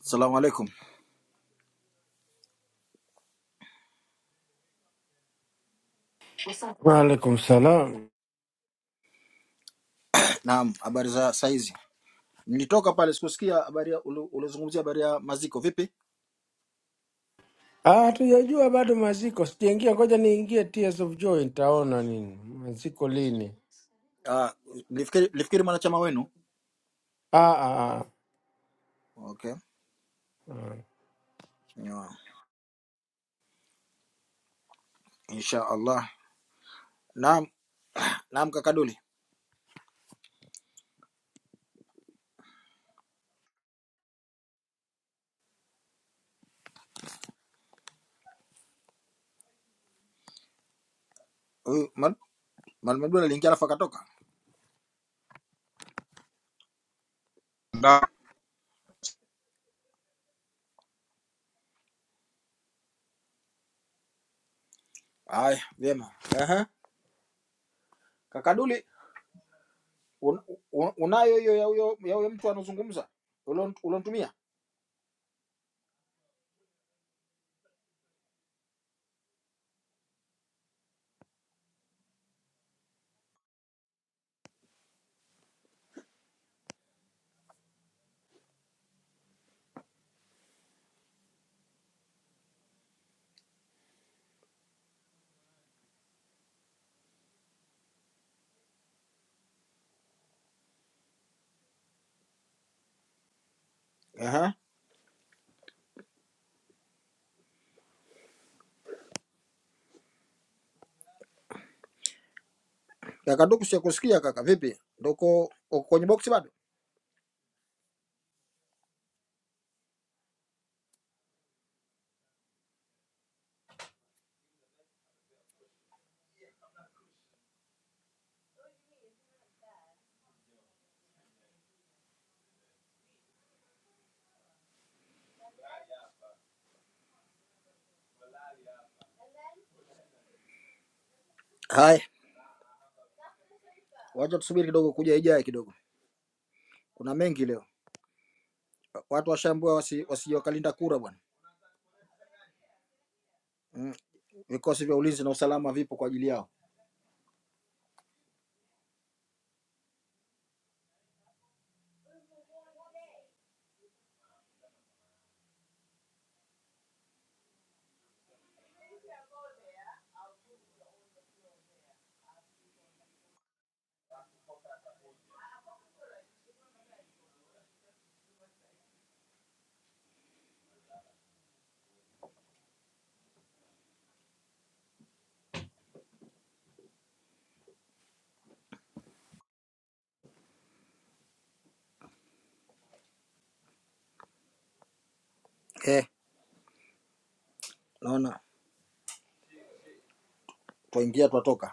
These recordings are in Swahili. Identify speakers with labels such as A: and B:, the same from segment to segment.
A: Salamu alaikum.
B: Waalaikum salam.
A: Naam, habari za saizi. Nilitoka pale sikusikia habari ya- uli- ulizungumzia habari ya maziko vipi?
B: Ah, Hatujajua bado maziko, sijaingia. Ngoja niingie Tears of Joy, nitaona nini maziko lini.
A: Ah, nilifikiri nilifikiri mwanachama wenu.
B: Ah, ah, ah.
A: Okay. Yeah. Insha Allah. Naam, naam kakaduli. Huyu Mal- Mwalimu Abdul aliingia alafu akatoka.
C: now
A: Haya, vyema. Aha. Kakaduli un, un, unayo hiyo ya huyo ya huyo mtu anazungumza ulontumia? Aha. Kakaduli sikusikia kaka vipi? Ndoko uko kwenye box bado? Haya, wacha tusubiri kidogo kuja ijaye kidogo. Kuna mengi leo. watu washambua wasi, wasiwakalinda kura bwana mm. Vikosi vya ulinzi na usalama vipo kwa ajili yao eh, naona twaingia twatoka.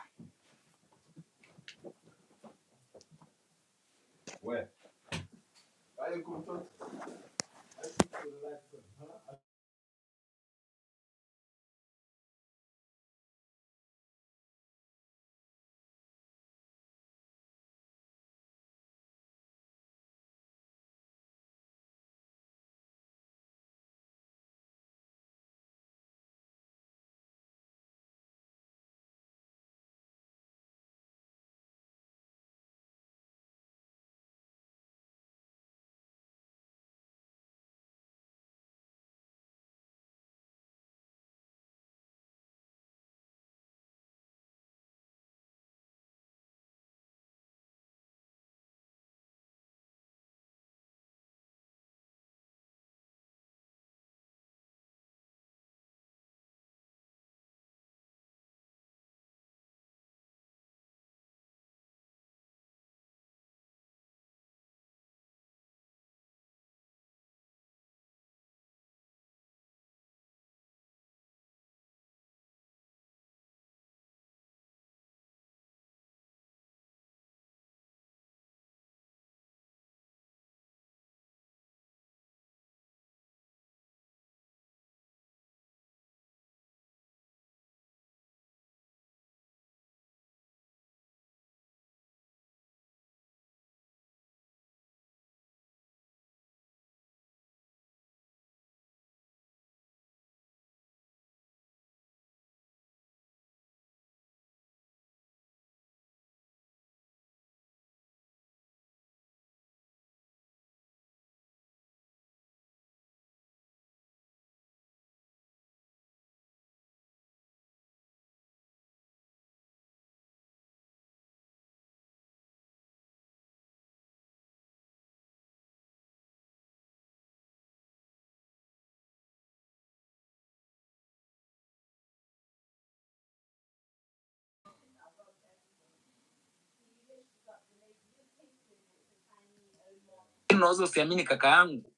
A: Lakini unaweza usiamini kaka yangu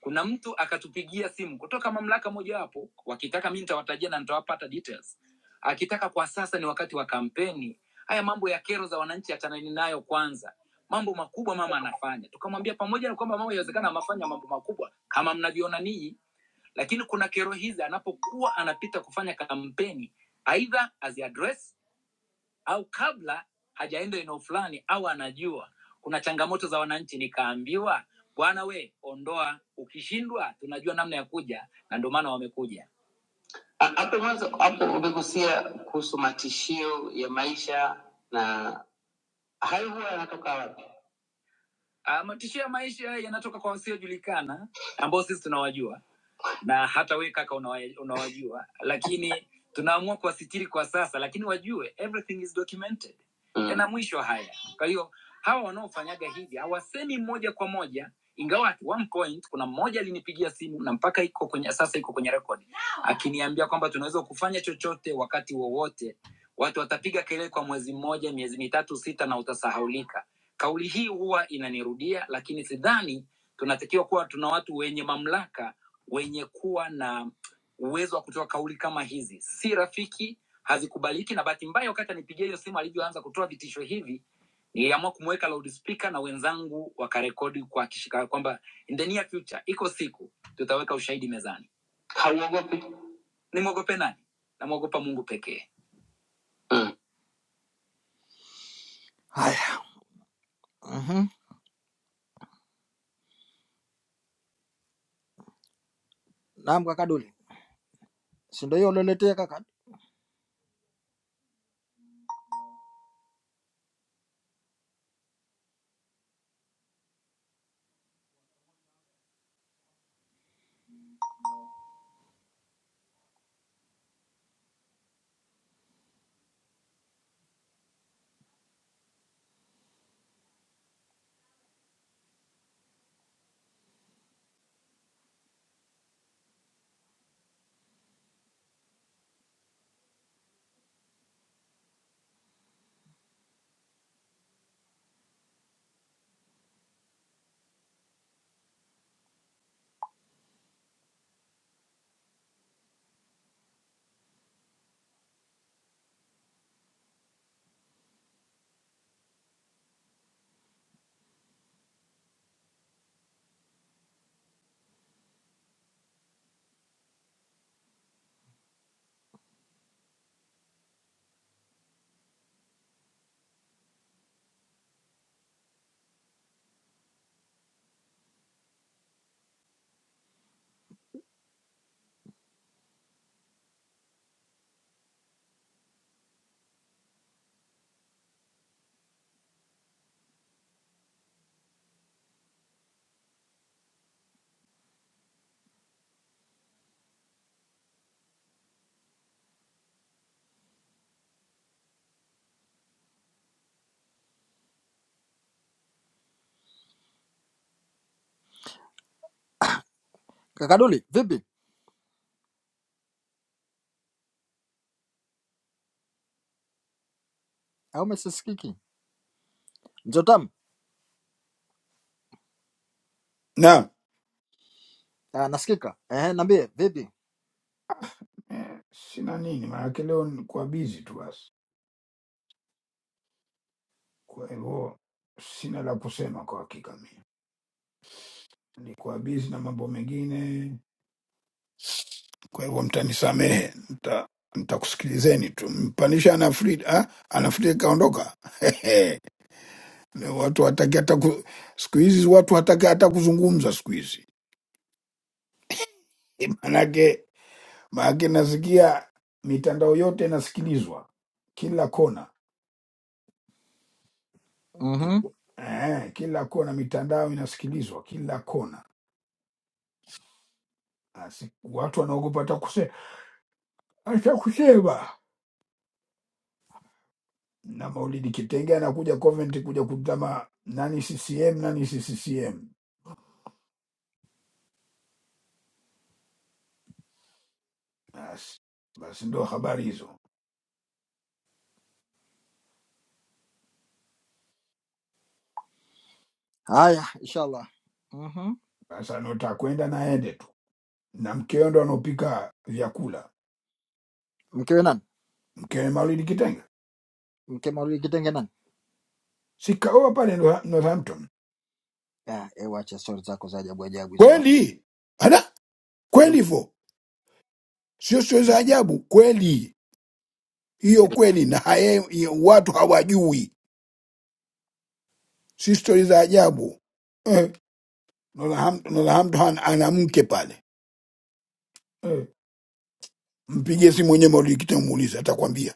A: kuna mtu akatupigia simu kutoka mamlaka mojawapo wakitaka mi nitawatajia na nitawapata details akitaka kwa sasa ni wakati wa kampeni haya mambo ya kero za wananchi achanani nayo kwanza mambo makubwa mama anafanya tukamwambia pamoja na kwamba mama yawezekana amafanya mambo makubwa kama mnavyoona ninyi lakini kuna kero hizi anapokuwa anapita kufanya kampeni aidha aziadres au kabla hajaenda eneo fulani au anajua kuna changamoto za wananchi nikaambiwa bwana we ondoa ukishindwa tunajua namna ya kuja na ndio maana wamekuja Ha- hapo mwanzo hapo umegusia kuhusu matishio ya maisha na hayo huwa yanatoka wapi Ah, matishio ya maisha yanatoka kwa wasiojulikana ambao sisi tunawajua na hata we kaka unawa- unawajua lakini tunaamua kuwasitiri kwa sasa lakini wajue everything is documented mm. yana mwisho haya kwa hiyo hawa wanaofanyaga hivi hawasemi moja kwa moja ingawa at one point kuna mmoja alinipigia simu na mpaka iko kwenye sasa iko kwenye rekodi akiniambia kwamba tunaweza kufanya chochote wakati wowote watu watapiga kelele kwa mwezi mmoja miezi mitatu sita na utasahaulika kauli hii huwa inanirudia lakini sidhani tunatakiwa kuwa tuna watu wenye mamlaka wenye kuwa na uwezo wa kutoa kauli kama hizi si rafiki hazikubaliki na bahati mbaya wakati anipigia hiyo simu alivyoanza kutoa vitisho hivi niliamua kumweka loudspeaker na wenzangu wakarekodi kuhakikisha kwamba in the near future iko siku tutaweka ushahidi mezani hauogopi nimwogope nani namwogopa mungu pekee mm. haya mm-hmm. naam kakaduli sindo hiyo ulioletea kaka kakaduli vipi au umesikiki mzotam
D: na
A: ah, nasikika Ehe, nambie vipi
D: eh, sina nini, maanake leo nilikuwa bizi tu basi. Kwa hivyo sina la kusema kwa hakika, mimi nilikuwa bizi na mambo mengine, kwa hivyo mtanisamehe, mta mtakusikilizeni tu. Mpanisha anafrida ah, anafrida kaondoka. Leo watu hataki hata ku- siku hizi watu hataki hata kuzungumza siku hizi, Eh, maanake maanake nasikia mitandao yote inasikilizwa kila kona. Iko- Eh, kila kona mitandao inasikilizwa kila kona. Asi, watu wanaogopa hata kuse- hata kusema. Na Maulidi Kitenge anakuja Coventry kuja kutama nani CCM nani si CCM. Basi, basi ndo habari hizo.
A: Haya, inshallah. Mhm.
D: Sasa anaotaka kwenda na aende tu, na mkeo ndo anaopika vyakula,
A: Mkewe nani?
D: mkewe Maulidi Kitenge
A: Mke Maulidi Kitenge nani?
D: sikaoa pale North- Northampton.
A: Ah, ewe acha stori zako za ajabu ajabu hizo bwana.
D: kweli ana kweli
A: Hebu
D: hivyo sio sio za ajabu kweli hiyo
A: endelea.
D: kweli na haye hiyo watu hawajui si stori za ajabu eh. Nolaham- Nolhampton ana mke pale eh. Mpigie simu mwenyewe Maulidi Kita muulize, atakwambia.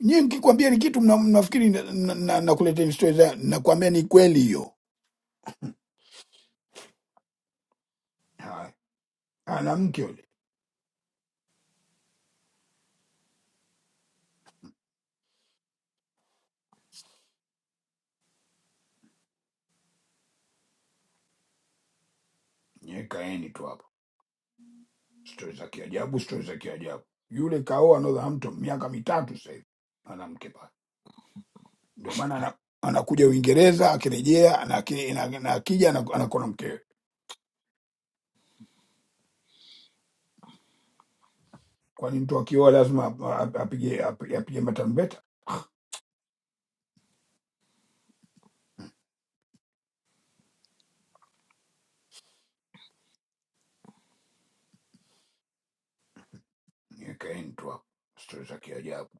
D: Nyie nikikwambia ni kitu mna- mnafikiri na- na- na- nakuletea ni stori za, nakwambia ni kweli hiyo. Haya, Ana mke yule, nyie kaeni tu hapo, stori za kiajabu, stori za kiajabu. Yule kaoa Northampton miaka mitatu sasa hivi, ana mke pale, ndio maana ana- anakuja Uingereza, akirejea na aki- na- na akija anakuwa na mkewe kwani mtu akioa lazima ap- ap- apige ap- apige matambeta Niweke intro stori za kiajabu.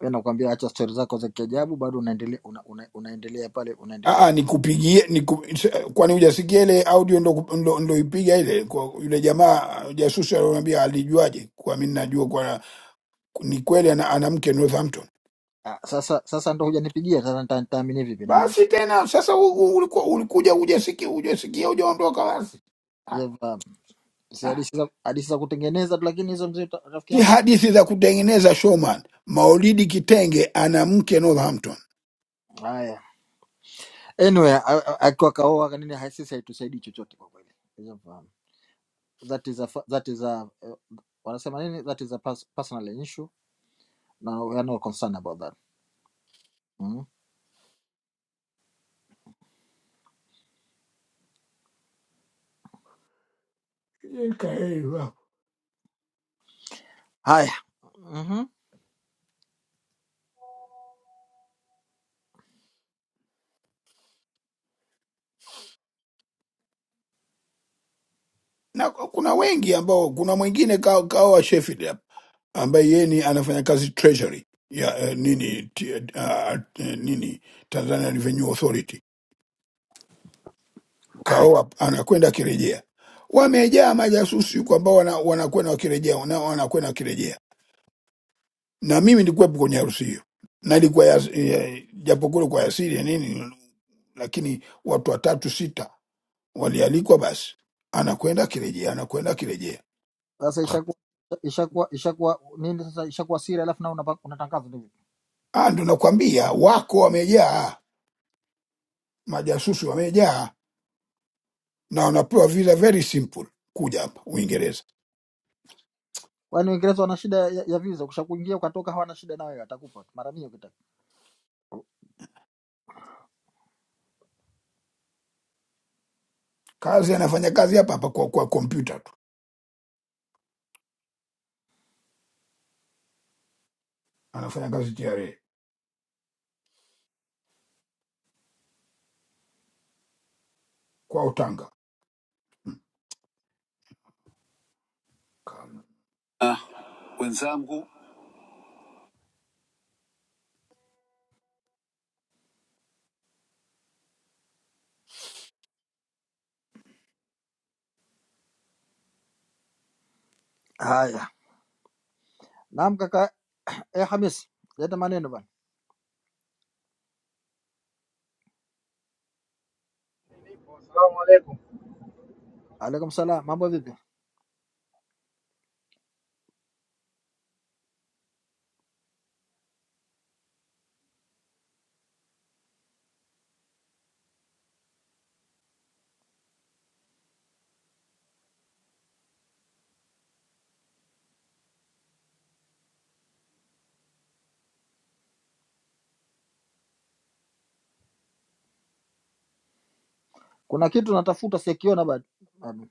A: Wewe nakwambia acha stori zako za kiajabu bado unaendelea una, una, unaendelea pale unaendelea.
D: Ah, nikupigie niku, kwani hujasikia ile audio ndo, ndo, ndo ipiga ile kwa yule jamaa uh, jasusi alioniambia alijuaje? Kwa mimi najua kwa ni kweli ana, ana mke Northampton.
A: Ah, sasa sasa ndo hujanipigia sasa nita- nitaamini vipi na maana.
D: Basi tena sasa u- u- ulikuwa ulikuja hujasikia hujasikia hujaondoka basi. Ah,
A: Zeva Si
D: ah.
A: hadithi za hadithi za kutengeneza tu lakini hizo mzee ta- rafiki
D: Si
A: yangu. si-
D: hadithi za kutengeneza showman. Maulidi Kitenge ana mke Northampton.
A: Haya. Anyway, a- a- akiwa kaoa kanini hai- sisi haitusaidii chochote kwa kweli. Unavyofahamu. That is a fa- that is a eh, wanasema nini? That is a pers- personal issue na yani were concerned about that mm. haya mm-hmm.
D: na kuna wengi ambao kuna mwingine kawa, kawa Sheffield hapa ambaye yeye ni anafanya kazi treasury ya eh, nini ti, uh, nini Tanzania Revenue Authority kaoa anakwenda akirejea, wamejaa majasusi huko ambao wana- wanakwenda wakirejea wana- wanakwenda wakirejea, na mimi nilikuwepo kwenye harusi hiyo na ilikuwa ya, ya, japokuwa kwa asili ya nini, lakini watu watatu sita walialikwa, basi anakwenda akirejea, anakwenda akirejea
A: sasa ishakuwa ishakuwa ishakuwa nini sasa ishakuwa siri alafu nao unapa- unatangaza hivi
D: Ah, ndo nakwambia wako wamejaa, majasusi wamejaa na wanapewa visa very simple kuja hapa Uingereza.
A: kwani uingereza wana shida ya, ya visa ukishakuingia ukatoka hawana shida nawe atakupa tu mara mia ukitaka
D: Kazi anafanya kazi hapa hapa kwa, kwa kompyuta tu, anafanya kazi TRA kwa utanga.
A: wenzangu haya naam kaka eh, hamis leta maneno bana
E: Assalamu alaikum.
A: alaikum salam mambo vipi kuna kitu natafuta sikiona bado bado.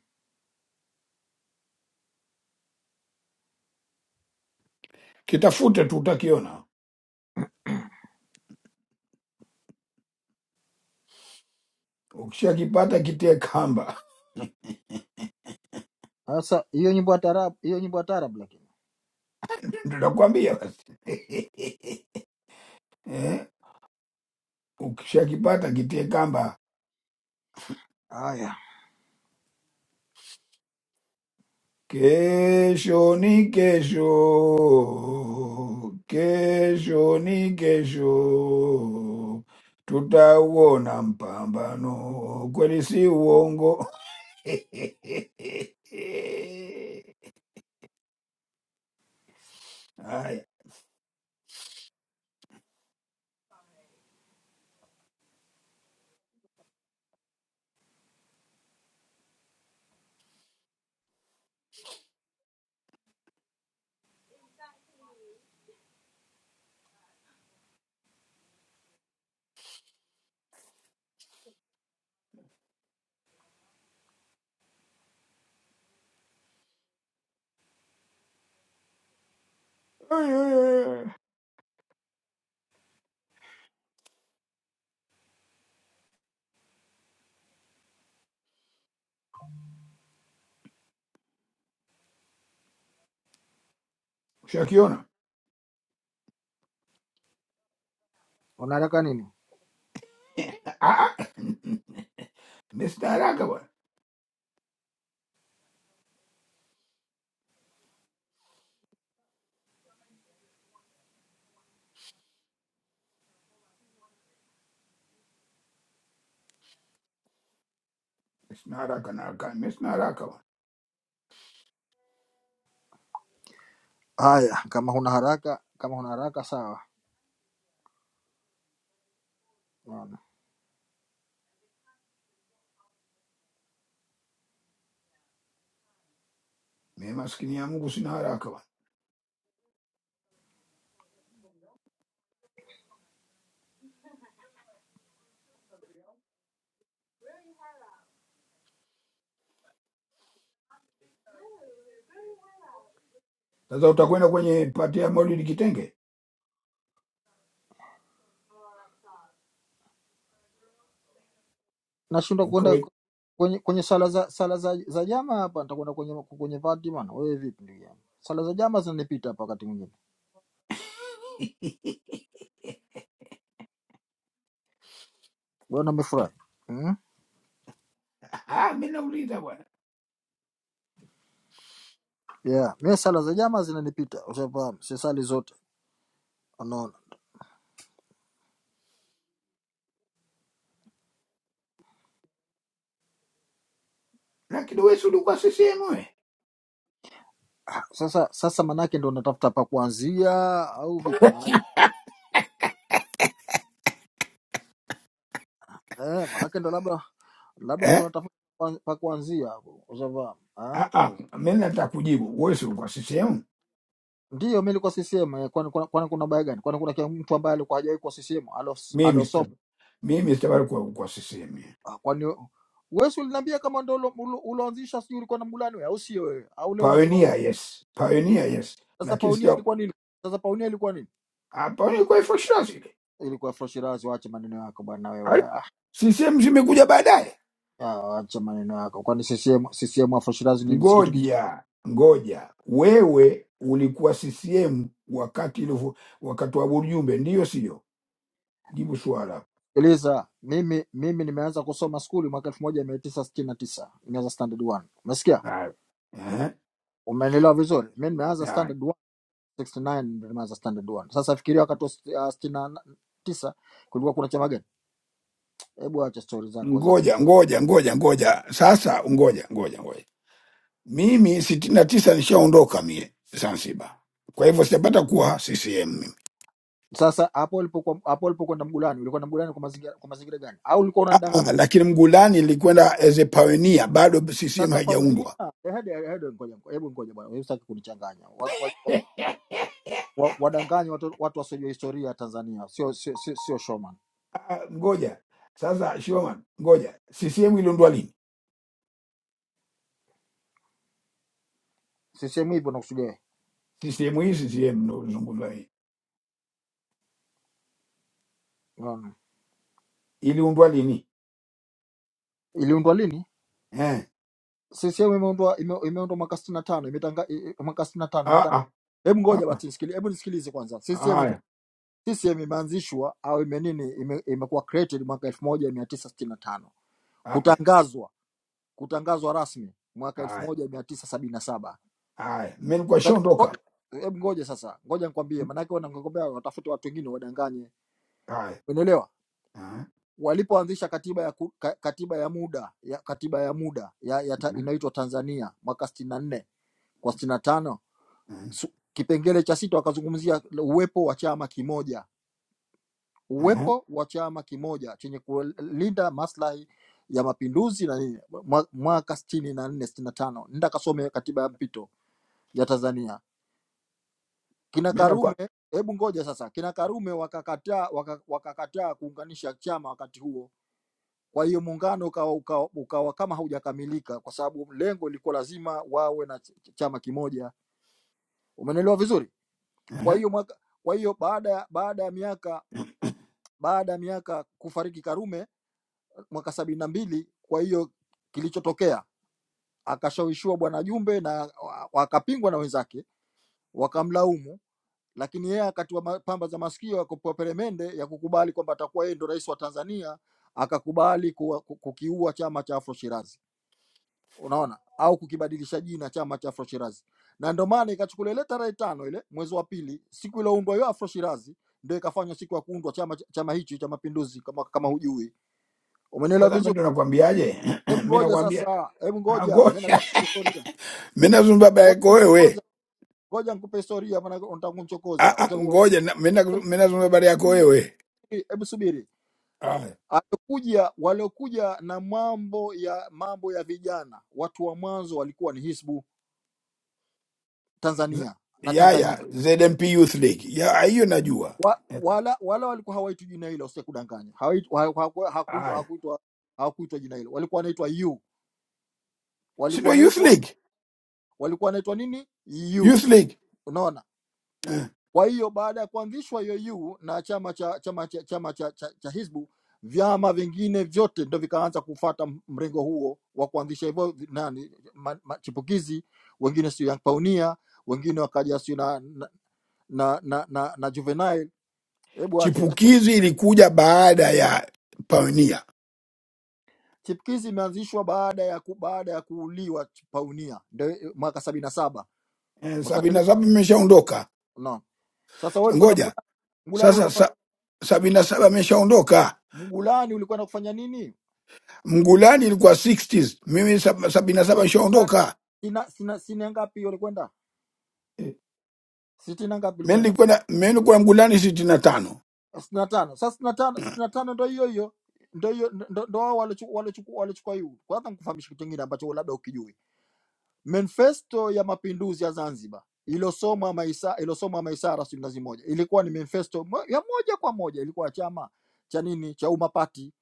D: Kitafute tu utakiona, ukishakipata kitie kamba.
A: sasa hiyo nyimbo ya taarab hiyo nyimbo ya taarab lakini
D: Ndo nakwambia basi eh? Ukishakipata kitie kamba
A: haya
D: Kesho ni kesho, kesho ni kesho, tutauona mpambano, kweli si uongo. Haya, ushakiona?
A: unataka nini
D: Ah, ah. Mimi sina haraka bwana, sina haraka na haraka, mimi sina haraka bwana,
A: haya kama huna haraka kama huna haraka sawa
D: mimi maskini ya Mungu sina haraka bwana. Sasa utakwenda kwenye pati ya Maulidi Kitenge
A: nashindwa kuenda
D: ukae
A: kwenye, kwenye sala za sala za, za jama hapa, nitakwenda kwenye kwenye vati bana. Wewe vipi ndugu yangu? Sala za jama zinanipita hapa wakati mwingine. Bwana umefurahi? Hmm?
D: Ah, mi nauliza bwana,
A: Yeah, mimi sala za jama zinanipita, ushafahamu, si sali zote, unaona.
D: lakini wewe si ulikuwa CCM wewe
A: Sasa sasa manake ndo natafuta pa kuanzia au vipi? Manake eh, manake ndo labda labda ndo
D: eh?
A: natafuta pa pa kuanzia hapo, ushafahamu. Ah?
D: Ah, ah, mi nataka kujibu, wewe si ulikuwa CCM?
A: Ndiyo, mimi nilikuwa CCM, eh, kwani kwani kwani kuna baya gani? Kwani kuna kia mtu ambaye alikuwa hajawahi kuwa
D: Mimi
A: CCM,
D: sio- mimi sitabari kuwa kwa CCM.
A: Ah, kwani we- wewe si uliniambia kama ndo ulo- ulo- uloanzisha sijui ulikuwa na Mgulani wewe au sio wewe au leo unasema uongo
D: Pioneer yes, pioneer yes,
A: sasa
D: lakini
A: paunia
D: sio
A: ilikuwa nini sasa paunia ilikuwa nini
D: ah, pioneer kwa for sure zile
A: ilikuwa Afro Shirazi waache maneno yako bwana wewe
D: Ala,
A: ah
D: CCM zimekuja baadaye.
A: ya, waache maneno yako kwani CCM CCM Afro Shirazi nini si kitu
D: Ngoja ngoja, wewe ulikuwa CCM wakati ilivyo wakati wa Burjumbe, ndio sio? Jibu swala.
A: kijieleza mimi mimi nimeanza kusoma skuli mwaka 1969 nimeanza standard 1 umesikia
D: Haya.
A: umeelewa vizuri mimi nimeanza
D: Eh?
A: standard 1 69 ndio nimeanza standard 1 sasa fikiria wakati wa 69 kulikuwa kuna chama gani hebu acha stori zako za
D: ngoja ngoja ngoja ngoja sasa ngoja ngoja ngoja mimi sitini na tisa nishaondoka mie zanzibar kwa hivyo sijapata kuwa ccm mimi
A: Sasa hapo ulipokuwa hapo ulipokwenda Mgulani, ulikuwa na Mgulani kwa mazingira kwa mazingira gani? Au ulikuwa
D: Ah,
A: unadanganya?
D: ah, lakini mgulani nilikwenda as a pioneer bado ccm
A: Sasa Paunia,
D: haijaundwa
A: eh, hadi eh, hadi ngoja ngoja- hebu ngoja bwana, wewe usitaki kunichanganya. Wa- wa- wa- Wadanganye watu watu wasiojua historia ya Tanzania, sio sio sio sio showman.
D: Ah, ah, ngoja sasa shoman ngoja ccm iliundwa lini
A: CCM hivyo nakusudia wewe.
D: ccm hii ccm nozungumza hii
A: Unaona?
D: iliundwa lini
A: Iliundwa lini?
D: eh
A: CCM imeundwa ime- imeundwa mwaka 65, imetanga i- i- mwaka 65
D: ah
A: imetanga.
D: ah
A: Hebu
D: ah,
A: ngoja basi nisikilize, hebu nisikilize kwanza.
D: ah,
A: CCM ime-
D: haya
A: CCM imeanzishwa au ime nini ime- imekuwa created mwaka 1965.
D: haya
A: Kutangazwa kutangazwa rasmi mwaka elfu
D: haya
A: moja mia tisa sabini na saba.
D: haya mimi nilikuwa
A: Sasa, ngo-
D: nishaondoka
A: Hebu ngoja sasa, ngoja nikwambie, maanake wanagombea watafute watu wengine wadanganye,
D: haya
A: umeelewa?
D: Ah, ah,
A: Walipoanzisha katiba ya ku, ka, katiba ya muda ya katiba ya muda ya, ya ta, inaitwa Tanzania mwaka sitini na nne kwa sitini na tano su- kipengele cha sita wakazungumzia uwepo wa chama kimoja,
D: ah, ah,
A: uwepo wa chama kimoja chenye kulinda maslahi ya mapinduzi na nini, mwa- mwaka sitini na nne sitini na tano. Nenda kasome katiba ya mpito ya Tanzania kina
D: mimi
A: Karume,
D: nakuwa
A: hebu ngoja sasa, kina Karume wakakataa waka, wakakataa kuunganisha chama wakati huo. Kwa hiyo muungano ukawa, ukawa, ukawa kama haujakamilika, kwa sababu lengo lilikuwa lazima wawe na ch ch- chama kimoja. Umeelewa vizuri? Kwa hiyo mwaka, kwa hiyo baada ya baada ya miaka baada ya miaka kufariki Karume mwaka sabini na mbili, kwa hiyo kilichotokea akashawishiwa Bwana Jumbe na wa- wakapingwa na wenzake wakamlaumu lakini yeye akatiwa ma- pamba za masikio akapewa peremende ya kukubali kwamba atakuwa yeye ndo rais wa Tanzania, akakubali kuwa- ku- kukiua chama cha Afro Shirazi, unaona, au kukibadilisha jina chama cha Afro Shirazi, na ndio maana ikachukuliwa ile tarehe tano ile mwezi wa pili, siku iliyoundwa hiyo Afro Shirazi, ndio ikafanywa siku ya kuundwa chama chama hichi cha Mapinduzi, kama kama hujui, umenielewa
D: Sasa mimi
A: vizuri?
D: ndo nakwambiaje?
A: Hebu
D: Mimi
A: ngoja
D: nakwambia
A: sasa, hebu
D: ah,
A: ngoja, mimi
D: ngoja
A: nataka historia.
D: mimi nazungumza habari
A: Wewe
D: yako
A: umenichokoza,
D: wewe.
A: ngoja nikupe historia, maana unataka kunichokoza.
D: Ah, ah,
A: Usha-
D: ngoja na- mimi na- mimi nazungumza habari yako wewe.
A: Hebu subiri,
D: Ah,
A: Alikuja waliokuja na mambo ya mambo ya vijana, watu wa mwanzo walikuwa ni Hizbu
D: z-
A: Tanzania na
D: ya
A: Tanganyika
D: ya ZMP Youth League. Ya ah, hiyo najua.
A: wa, wala wala walikuwa hawaitwi jina hilo, usije kudanganya, hawaitwi- ha- hawaku- hawakuitwa
D: Ah,
A: hawakuitwa hawakuitwa jina hilo, walikuwa wanaitwa yu,
D: si
A: walikuwa
D: ndio Youth
A: wanaitwa
D: League?
A: walikuwa wanaitwa nini yu,
D: Youth League.
A: unaona
D: Eh,
A: Kwa hiyo baada ya kuanzishwa IOU na chama cha chama cha chama cha, cha, cha Hizbu, vyama vingine vyote ndo vikaanza kufata mrengo huo wa kuanzisha hivyo vi- nani ma, ma, chipukizi, wengine sio Young Pioneer, wengine wakaja sio na na, na, na, na, na Juvenile. Hebu ache hizo story.
D: Chipukizi ilikuja baada ya Pioneer.
A: Chipukizi imeanzishwa baada ya ku, baada ya kuuliwa Pioneer ndio eh, mwaka sabini na saba.
D: Eh, Sabini
A: Ushaelewa?
D: na saba imeshaondoka.
A: Naam. Sasa wewe
D: Sa-
A: ulikuwa na
D: Ngoja.
A: Mgulani, Mgulani
D: Sasa
A: unafanya
D: sa, sabini na saba ameshaondoka.
A: Mgulani ulikuwa na kufanya nini?
D: Mgulani ilikuwa 60s. Mimi sab- sabini na saba
A: sixty gani?
D: nishaondoka.
A: Sina sina sina ngapi ulikwenda? Sitini ngapi
D: mi
A: ulikwenda?
D: nilikuwa na- mi nilikuwa Mgulani sitini na tano.
A: Sitini na tano. Sasa sitini na tano, sitini na tano ndo hiyo hiyo. Ndo hiyo ndo ndo wao walichukua walichukua walichukua hiyo. Kwanza nikufahamisha kitu kingine ambacho labda ukijui. Manifesto ya Mapinduzi ya Zanzibar ilosomwa maisa ilosomwa Maisara sitini na zimoja. Ilikuwa ni manifesto mo- ya moja kwa moja ilikuwa ya chama cha nini? Cha Umma Party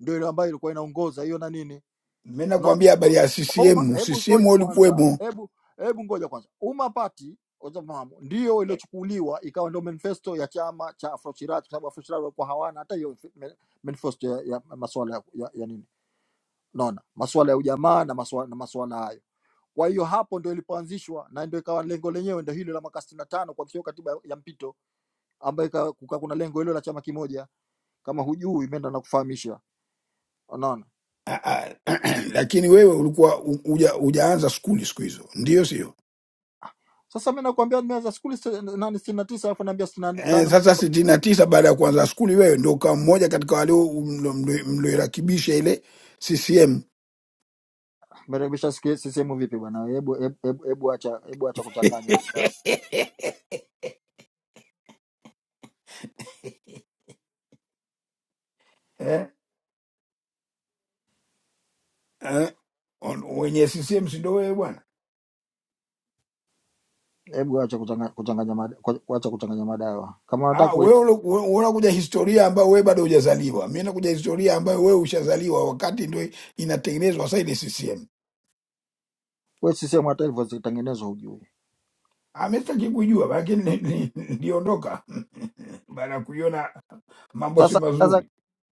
A: ndio ile ambayo ilikuwa inaongoza hiyo na nini?
D: Mi nakwambia habari ya
A: Uma,
D: CCM.
A: hebu
D: CCM
A: ngoja kwanza,
D: ulikuwemo
A: hebu hebu ngoja kwanza. Umma Party utafahamu ndio iliyochukuliwa ikawa ndio manifesto ya chama cha Afro Shirazi, kwa sababu Afro Shirazi walikuwa hawana hata hiyo ma- manifesto ya, ya masuala ya, ya, ya nini, unaona masuala ya ujamaa na masuala, na masuala hayo. Kwa hiyo hapo ndio ilipoanzishwa na ndio ikawa lengo lenyewe ndio hilo la mwaka 65 tano kuhakikisha katiba ya mpito ambayo ika- kuka kuna lengo hilo la chama kimoja, kama hujui imeenda na kufahamisha, unaona.
D: ah, ah, lakini wewe ulikuwa u- uja, hujaanza skuli siku hizo, ndio sio?
A: Sasa mimi nakwambia nimeanza skuli sita- nani 69 alafu naambia
D: Eh,
A: 65
D: sasa sitini na tisa baada ya kuanza skuli wewe ndo ukawa mmoja katika wale mlo- mlo- mlioirakibisha ile CCM
A: Mrekebisha siki- CCM vipi bwana? Hebu hebu hebu hebu acha hebu acha kuchanganya madawa,
D: eh, eh, on- wenye CCM si ndo wewe bwana?
A: hebu acha kuchanganya kuchanganya mada- ku- acha kuchanganya madawa. Kama unataka
D: Ah,
A: kuelewa
D: wewe ulu- we- unakuja historia ambayo wewe bado hujazaliwa. Mi nakuja historia ambayo wewe ushazaliwa, wakati ndo inatengenezwa sasa ile CCM
A: wewe, CCM hata hivyo zitengenezwa hujui.
D: amestaki kujua lakini ni- ni- niliondoka baada ya kuiona mambo si
A: Sasa sasa
D: mazuri.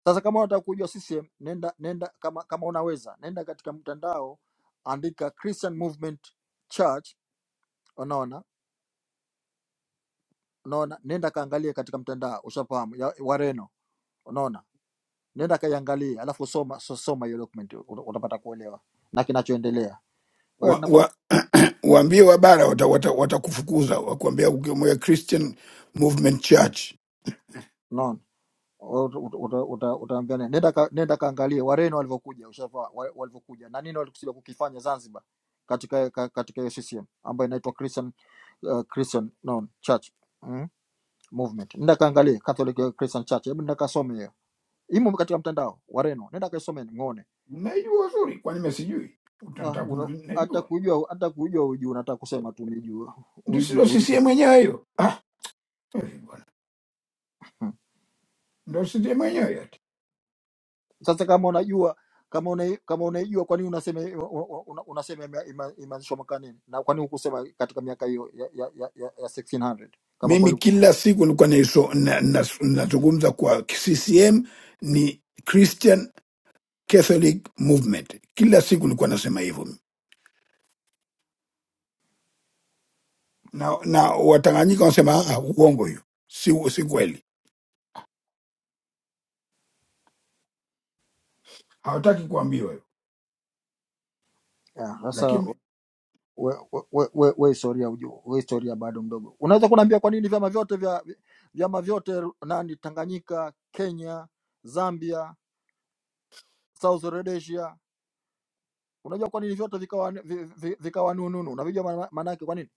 A: sasa, kama unataka kujua CCM, nenda nenda, kama kama unaweza nenda katika mtandao, andika Christian Movement Church, unaona unaona, nenda kaangalie katika mtandao, ushafahamu ya Wareno, unaona, nenda kaiangalie, alafu soma so- soma hiyo document, uta- utapata kuelewa na kinachoendelea. Wewe
D: Wa,
A: nakwambia,
D: wa, waambie wabara watakufukuza wata, wata watakufukuza, wakuambia ukiwa Christian Movement Church.
A: unaona. Uta- uta- uta- utaambia nini? nenda ka, nenda kaangalie Wareno walivyokuja ushafa walivyokuja na nini walikusudia kukifanya Zanzibar katika ka- katika hiyo CCM ambayo inaitwa Christian uh, Christian no, Church mm, movement. Nenda kaangalie Catholic uh, Christian Church, hebu nenda kasome hiyo, imo katika mtandao Wareno, nenda kaisomeni ngone.
D: Najua vizuri, kwani mimi sijui?
A: Ah,
D: Utataka
A: una-
D: kuniambia
A: hata
D: najua?
A: kujua hata kujua hujui, unataka kusema tu nijua
D: Ndio silo
A: hujui.
D: CCM mwenyewe hiyo. Ah, eh, bwana. Ndio CCM mwenyewe hiyo.
A: Sasa kama unajua kama una, kama unaijua kwa nini unasema una- unasema ime- ime- imeanzishwa mwaka nini na kwa nini hukusema katika miaka hiyo ya, ya, ya, ya, ya 1600 kama
D: Mimi
A: kweli
D: kila siku nilikuwa naiso- na- na- nazungumza kwa CCM ni Christian Catholic Movement. Kila siku nilikuwa nasema hivyo na, na Watanganyika wanasema "Ah, ah, uongo hiyo, si, si kweli, hawataki kuambiwa hiyo,
A: ya, sasa
D: lakini
A: we, we, we, we we historia ujua, we historia bado mdogo. Unaweza kuniambia kwa nini vyama vyote vya vyama vyote nani Tanganyika, Kenya, Zambia, South Rhodesia, unajua kwa nini vyote vikawa vi- vi- vikawa nununu? Unavijua maana maana yake kwa nini?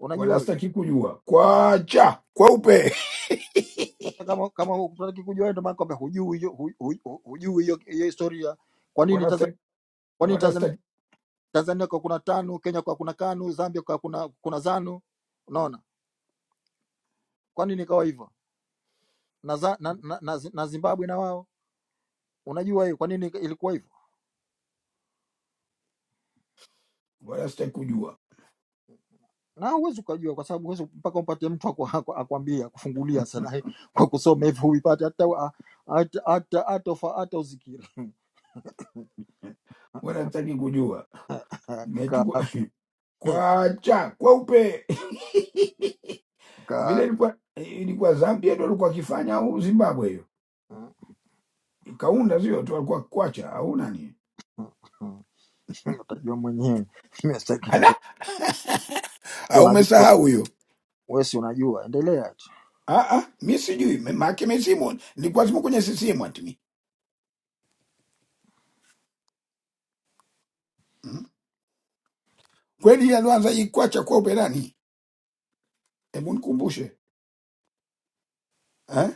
A: Unajua hiyo?
D: wanastaki kujua kwacha kweupe
A: Sasa kama kama hutaki kujua wewe, ndio maana kwamba hujui hiyo hu- hu- hu- hujui hiyo hiyo historia. Kwa nini Tanzania,
D: wanastaki
A: kwa nini Tanzania,
D: wanastaki
A: Tanzania kwa kuna tano, Kenya kwa kuna kanu, Zambia kwa kuna kuna zanu. Unaona, kwa nini ikawa hivyo na, za- na, na, na, Zi- na Zimbabwe na wao unajua hiyo kwa nini ilikuwa hivyo
D: wanastaki kujua
A: na huwezi ukajua, kwa sababu huwezi mpaka umpate mtu aku- aku- akuambie akufungulia sana eh, kwa kusoma hivyo huipate hata wa- hata hata hata ufa- hata uzikiri
D: wanastaki kujua
A: Ka-
D: nachukua kwacha kweupe vile
A: ka-
D: ilikuwa ilikuwa Zambia ndo alikuwa akifanya au Zimbabwe hiyo
A: mm,
D: kaunda sio tu alikuwa kwacha au nani
A: mm, mm. utajua mwenyewe Mimi sitaki-
D: ala
A: si
D: au
A: unajua
D: umesahau hiyo.
A: wewe si unajua endelea tu
D: Ah, ah, mi sijui make mizimu nilikuwa simu kwenye CCM atimi mm. Kweli yeye alianza ikwacha kwa uperani, hebu nikumbushe eh?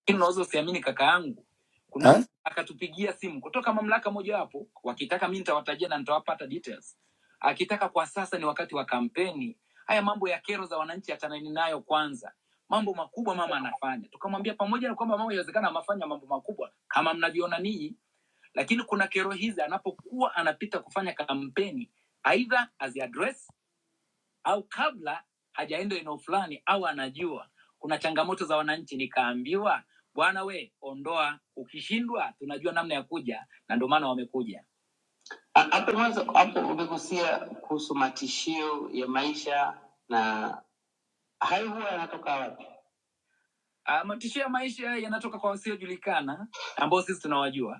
A: lakini unaweza usiamini kaka yangu kuna
D: Eh?
A: mtu akatupigia simu kutoka mamlaka mojawapo wakitaka mi nitawatajia na nitawapata details akitaka kwa sasa ni wakati wa kampeni haya mambo ya kero za wananchi achanani nayo kwanza mambo makubwa mama anafanya tukamwambia pamoja na kwamba mama inawezekana amafanya mambo makubwa kama mnavyoona ninyi lakini kuna kero hizi anapokuwa anapita kufanya kampeni aidha aziadres au kabla hajaenda eneo fulani au anajua kuna changamoto za wananchi, nikaambiwa bwana, we ondoa, ukishindwa tunajua namna ya kuja, na ndio maana wamekuja. Ha- Hapo mwanzo hapo umegusia kuhusu matishio ya maisha na hayo huwa yanatoka wapi? Ah, matishio ya maisha yanatoka kwa wasiojulikana ambao sisi tunawajua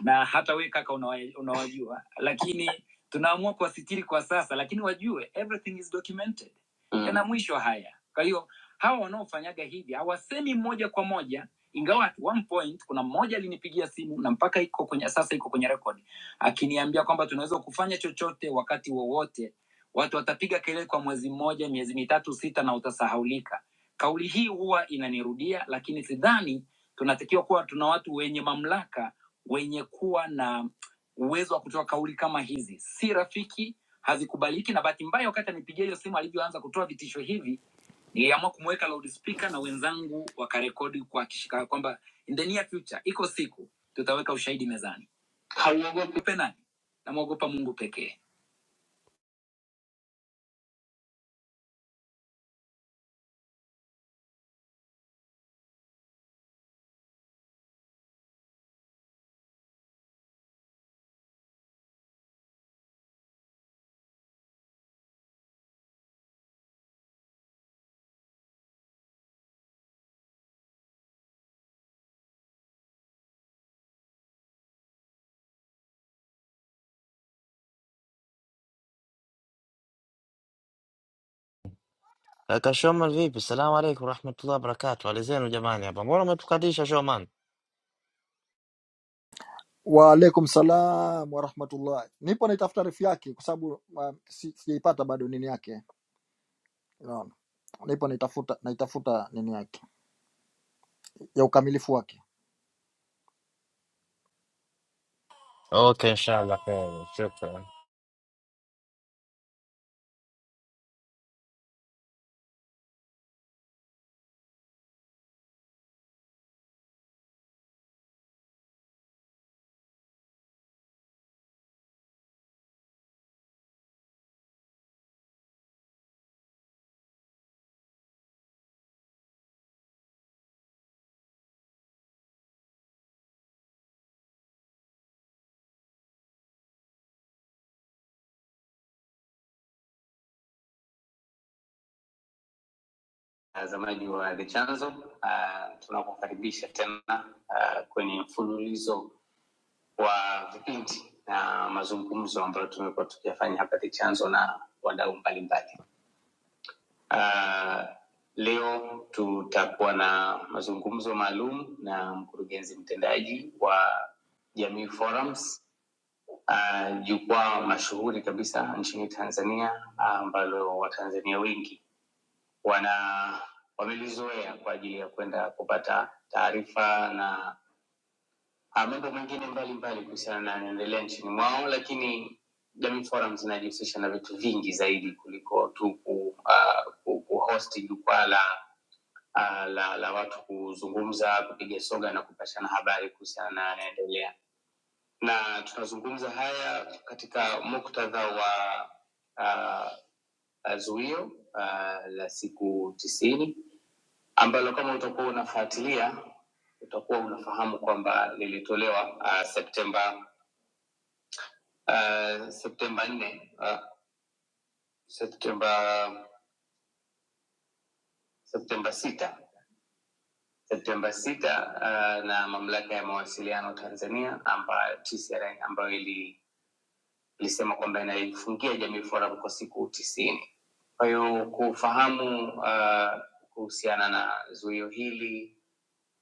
A: na hata we kaka unawa- unawajua lakini tunaamua kuwasitiri kwa sasa lakini wajue everything is documented mm. yana mwisho haya kwa hiyo hawa wanaofanyaga hivi hawasemi moja kwa moja ingawa at one point kuna mmoja alinipigia simu na mpaka iko kwenye sasa iko kwenye record akiniambia kwamba tunaweza kufanya chochote wakati wowote watu watapiga kelele kwa mwezi mmoja miezi mitatu sita na utasahaulika kauli hii huwa inanirudia lakini sidhani tunatakiwa kuwa tuna watu wenye mamlaka wenye kuwa na uwezo wa kutoa kauli kama hizi si rafiki, hazikubaliki. Na bahati mbaya, wakati anipigia hiyo simu, alivyoanza kutoa vitisho hivi, niliamua kumweka loudspeaker na wenzangu wakarekodi kwa kishika kwamba in the near future, iko siku tutaweka ushahidi mezani. Hauogopi nani? Namwogopa Mungu pekee.
F: Kaka Shoman vipi? Salamu alaikum warahmatullahi wabarakatuh. Hali zenu jamani hapa. Mbona umetukatisha Shoman?
A: Waalaikum salam warahmatullah. Nipo naitafuta refu yake kwa sababu um, si- sijaipata si bado nini yake, unaona, nipo naitafuta naitafuta nini yake ya ukamilifu wake.
F: Okay, inshallah kheri. Shukran.
A: Watazamaji wa The Chanzo, uh, tunakukaribisha tena uh, kwenye mfululizo wa vipindi na mazungumzo ambayo tumekuwa tukiyafanya hapa The Chanzo na wadau mbalimbali. Uh, leo tutakuwa na mazungumzo maalum na mkurugenzi mtendaji wa Jamii Forums uh, jukwaa uh, mashuhuri kabisa nchini Tanzania ah, ambalo uh, Watanzania wengi wana wamelizoea kwa ajili ya kwenda kupata taarifa na ah, mambo mengine mbalimbali kuhusiana na yanaendelea nchini mwao, lakini Jamii Forum zinajihusisha na vitu vingi zaidi kuliko tu ku, uh, ku, kuhosti jukwaa la, ah, la la watu kuzungumza, kupiga soga na kupashana habari kuhusiana na yanaendelea, na tunazungumza haya katika muktadha wa uh, zuio uh, la siku tisini ambalo kama utakuwa unafuatilia utakuwa unafahamu kwamba lilitolewa uh, Septemba uh, Septemba nne uh, Septemba Septemba sita Septemba sita uh, na mamlaka ya mawasiliano Tanzania ambayo TCRA ambayo ili- ilisema kwamba inaifungia Jamii Forum kwa siku tisini. Kwa hiyo kufahamu uh, kuhusiana na zuio hili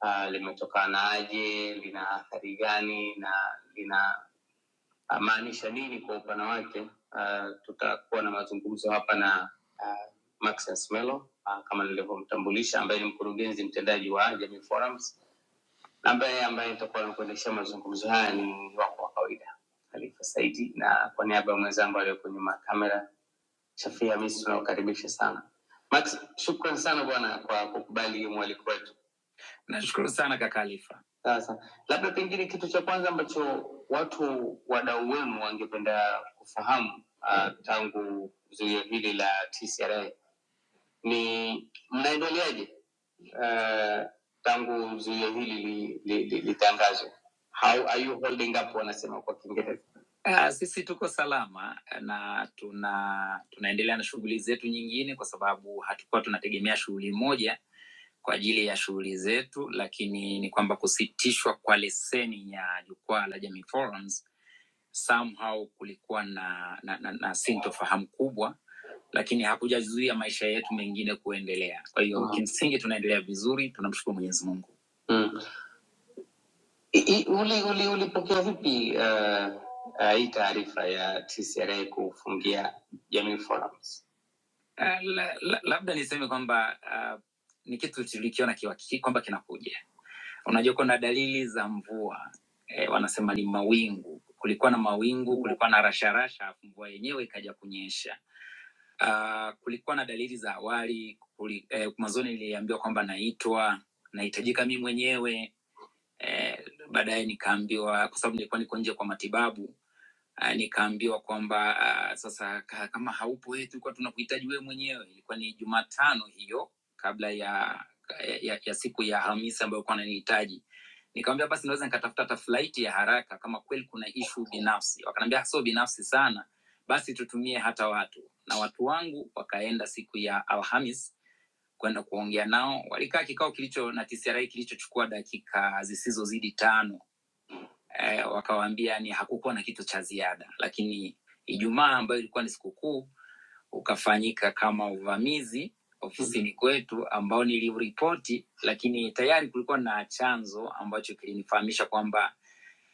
A: uh, limetokanaje, lina athari gani na lina amaanisha nini kwa upana wake. Uh, tutakuwa na mazungumzo hapa na uh, Maxence Melo uh, kama nilivyomtambulisha, ambaye ni mkurugenzi mtendaji wa Jamii Forums, na ambaye ambaye nitakuwa nakuendeshea mazungumzo haya ni wako wa kawaida Khalifa Saidi, na kwa niaba ya mwenzangu aliyoko nyuma ya kamera Shafia Hamisi, tunakukaribisha sana Max. Shukran sana bwana kwa kukubali mwaliko wetu. Nashukuru sana kaka Alifa. Sasa labda pengine kitu cha kwanza ambacho watu wadau wenu wangependa kufahamu uh, tangu zuio hili la TCRA ni mnaendeleaje uh, tangu zuio hili litangazwe li, li, li, litangazwe? How are you holding up wanasema kwa Kiingereza. Uh, sisi tuko salama na tuna tunaendelea na shughuli zetu nyingine, kwa sababu hatukuwa tunategemea shughuli moja kwa ajili ya shughuli zetu, lakini ni kwamba kusitishwa kwa leseni ya jukwaa la Jamii Forums somehow kulikuwa na, na, na, na sintofahamu kubwa, lakini hakujazuia maisha yetu mengine kuendelea. Kwa hiyo mm. kimsingi tunaendelea vizuri, tunamshukuru Mwenyezi Mungu. Mm. I- i- Uli, uli, ulipokea vipi uh, uh, hii taarifa ya TCRA kufungia Jamii Forums? Uh, la, la, labda niseme kwamba uh, ni kitu tulikiona kiwa- kwamba kinakuja Unajua kuna dalili za mvua e, wanasema ni mawingu. Kulikuwa na mawingu, kulikuwa na rasharasha, alafu mvua yenyewe ikaja kunyesha. Uh, kulikuwa na dalili za awali kuli, e, mwanzoni niliambiwa kwamba naitwa nahitajika mi mwenyewe e, baadaye nikaambiwa kwa sababu nilikuwa niko nje kwa matibabu Uh, nikaambiwa kwamba uh, sasa ka- kama haupo wewe tulikuwa tunakuhitaji wewe mwenyewe. Ilikuwa ni Jumatano hiyo kabla ya ya, ya siku ya Hamisi ambayo alikuwa ananihitaji. Nikamwambia basi naweza nikatafuta hata flight ya haraka kama kweli kuna issue binafsi. Wakaniambia "Ah, sio binafsi sana, basi tutumie hata watu. Na watu wangu wakaenda siku ya Alhamis kwenda kuongea nao. Walikaa kikao kilicho na TCRA kilichochukua dakika zisizozidi tano eh, wakawaambia ni hakukuwa na kitu cha ziada, lakini Ijumaa ambayo ilikuwa ni sikukuu ukafanyika kama uvamizi ofisini kwetu ambao niliripoti, lakini tayari kulikuwa na chanzo ambacho kilinifahamisha kwamba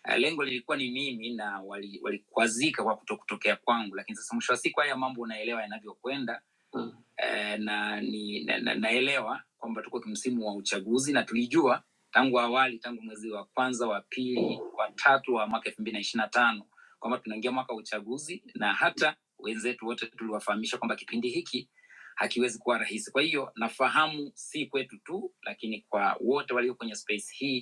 A: Uh, lengo lilikuwa ni mimi na wali- walikwazika wali kwa kuto kutokea kwangu, lakini sasa mwisho wa siku haya mambo unaelewa yanavyokwenda Mm. eh, na, ni, na, na naelewa kwamba tuko kimsimu wa uchaguzi na tulijua tangu awali tangu mwezi wa kwanza wa pili wa tatu wa mwaka elfu mbili na ishiri na tano kwamba tunaingia mwaka wa uchaguzi na hata wenzetu wote tuliwafahamisha kwamba kipindi hiki hakiwezi kuwa rahisi kwa hiyo nafahamu si kwetu tu lakini kwa wote walio kwenye space hii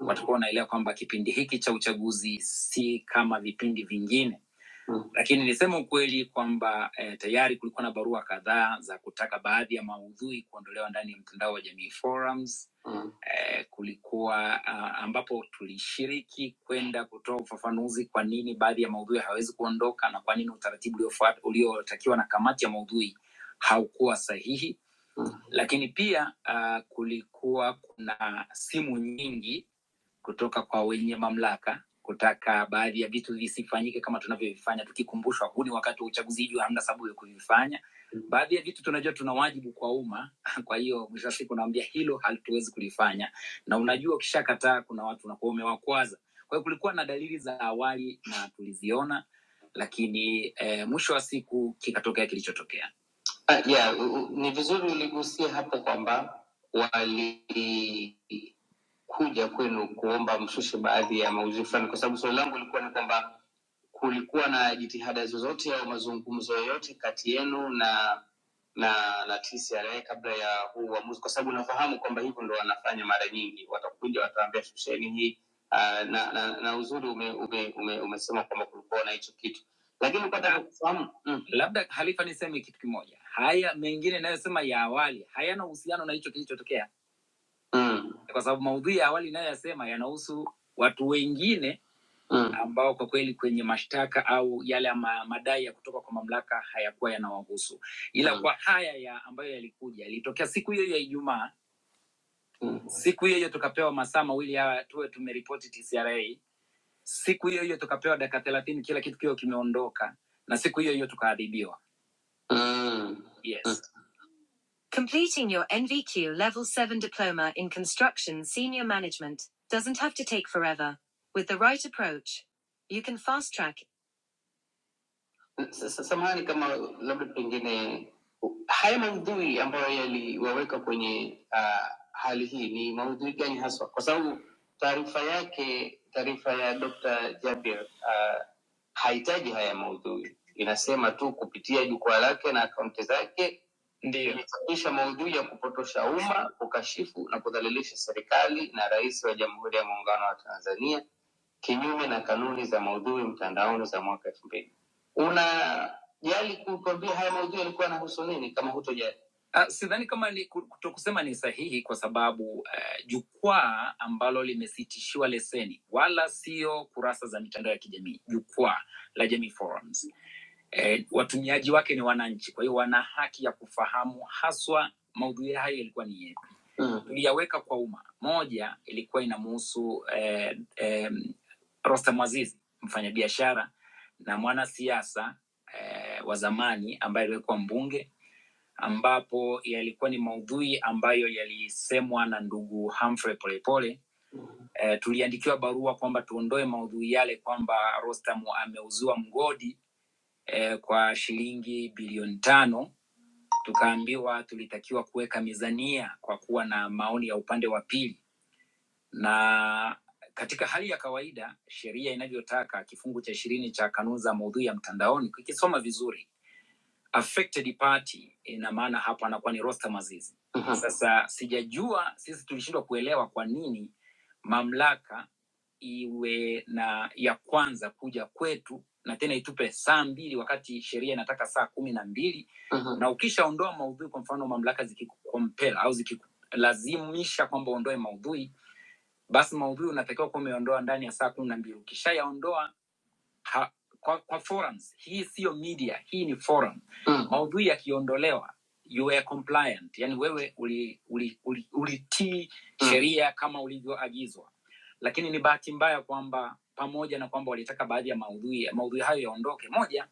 A: mm. watakuwa wanaelewa kwamba kipindi hiki cha uchaguzi si kama vipindi vingine mm. lakini niseme ukweli kwamba eh, tayari kulikuwa na barua kadhaa za kutaka baadhi ya maudhui kuondolewa ndani ya mtandao wa jamii forums mm. eh, kulikuwa ah, ambapo tulishiriki kwenda kutoa ufafanuzi kwa nini baadhi ya maudhui hawezi kuondoka na kwa nini utaratibu uliofuata- uliotakiwa na kamati ya maudhui haukuwa sahihi mm. lakini pia uh, kulikuwa kuna simu nyingi kutoka kwa wenye mamlaka kutaka baadhi ya vitu visifanyike kama tunavyovifanya tukikumbushwa huu ni wakati wa uchaguzi hivyo hamna sababu ya kuvifanya baadhi ya vitu tunajua tuna wajibu kwa umma kwa hiyo mwisho wa siku naambia hilo hatuwezi kulifanya na unajua ukishakataa kuna watu unakuwa umewakwaza kwa hiyo kulikuwa na dalili za awali na tuliziona lakini eh, mwisho wa siku kikatokea kilichotokea Ah, yeah, u- u- ni vizuri uligusia hapo kwamba wali kuja kwenu kuomba mshushe baadhi ya maudhui fulani, kwa sababu swali langu lilikuwa ni kwamba kulikuwa na jitihada zozote au mazungumzo yoyote kati yenu na na na TCRA kabla ya huu uamuzi, kwa sababu nafahamu kwamba hivyo ndo wanafanya mara nyingi, watakuja wataambia shusheni hii uh, na, na, na uzuri ume, ume, ume, umesema kwamba kulikuwa na hicho kitu, lakini kwa taka kufahamu mm. labda Halifa, niseme kitu kimoja, haya mengine inayosema ya awali hayana uhusiano na hicho kilichotokea mm, kwa sababu maudhui ya awali inayoyasema yanahusu watu wengine mm, ambao kwa kweli kwenye mashtaka au yale ma, madai ya kutoka kwa mamlaka hayakuwa yanawahusu, ila mm, kwa haya ya ambayo yalikuja yalitokea siku hiyo hiyo ya Ijumaa. mm, Siku hiyo hiyo tukapewa masaa mawili ya tuwe tumeripoti TCRA. Siku hiyo hiyo tukapewa dakika thelathini, kila kitu kiwe kimeondoka, na siku hiyo hiyo tukaadhibiwa. mm, Yes. Completing your NVQ Level 7 diploma in construction senior management doesn't have to take forever. With the right approach, you can fast track S- s- Samahani kama labda pengine haya maudhui ambayo yaliwaweka kwenye uh, hali hii ni maudhui gani haswa? Kwa sababu taarifa yake, taarifa ya Dr. Jabir uh, hahitaji haya maudhui, inasema tu kupitia jukwaa lake na akaunti zake Ndiyo. ilichapisha maudhui ya kupotosha umma, kukashifu na kudhalilisha serikali na rais wa Jamhuri ya Muungano wa Tanzania kinyume na kanuni za maudhui mtandaoni za mwaka elfu mbili unajali kutuambia haya maudhui yalikuwa yanahusu nini kama hutojali Ah, sidhani kama ni kutokusema ni sahihi kwa sababu uh, jukwaa ambalo limesitishiwa leseni wala sio kurasa za mitandao ya kijamii jukwaa la jamii forums eh, watumiaji wake ni wananchi, kwa hiyo wana haki ya kufahamu haswa maudhui hayo yalikuwa ni yepi. Mm. Tuliyaweka kwa umma, moja ilikuwa inamuhusu eh, eh, Rostam Aziz, mfanyabiashara na mwanasiasa eh, wa zamani ambaye aliwekwa mbunge, ambapo yalikuwa ni maudhui ambayo yalisemwa na ndugu Humphrey Polepole. Eh, tuliandikiwa barua kwamba tuondoe maudhui yale kwamba Rostam ameuziwa mgodi eh, kwa shilingi bilioni tano tukaambiwa tulitakiwa kuweka mizania kwa kuwa na maoni ya upande wa pili na katika hali ya kawaida sheria inavyotaka kifungu cha ishirini cha kanuni za maudhui ya mtandaoni kikisoma vizuri affected party ina maana hapo anakuwa ni Rostam Aziz. Mhm. Sasa sijajua, sisi tulishindwa kuelewa kwa nini mamlaka iwe na ya kwanza kuja kwetu na tena itupe saa mbili wakati sheria inataka saa kumi na mbili Mhm. na ukishaondoa maudhui, kwa mfano mamlaka zikikukompela au zikikulazimisha kwamba uondoe maudhui, basi maudhui unatakiwa kuwa umeondoa ndani ya saa kumi na mbili. Ukishayaondoa ha, kwa, kwa forums hii siyo media hii ni forum mm. maudhui yakiondolewa you were compliant yani wewe ulitii uli, uli, uli ulitii mm. sheria mm. kama ulivyoagizwa lakini ni bahati mbaya kwamba pamoja na kwamba walitaka baadhi ya maudhui maudhui hayo yaondoke moja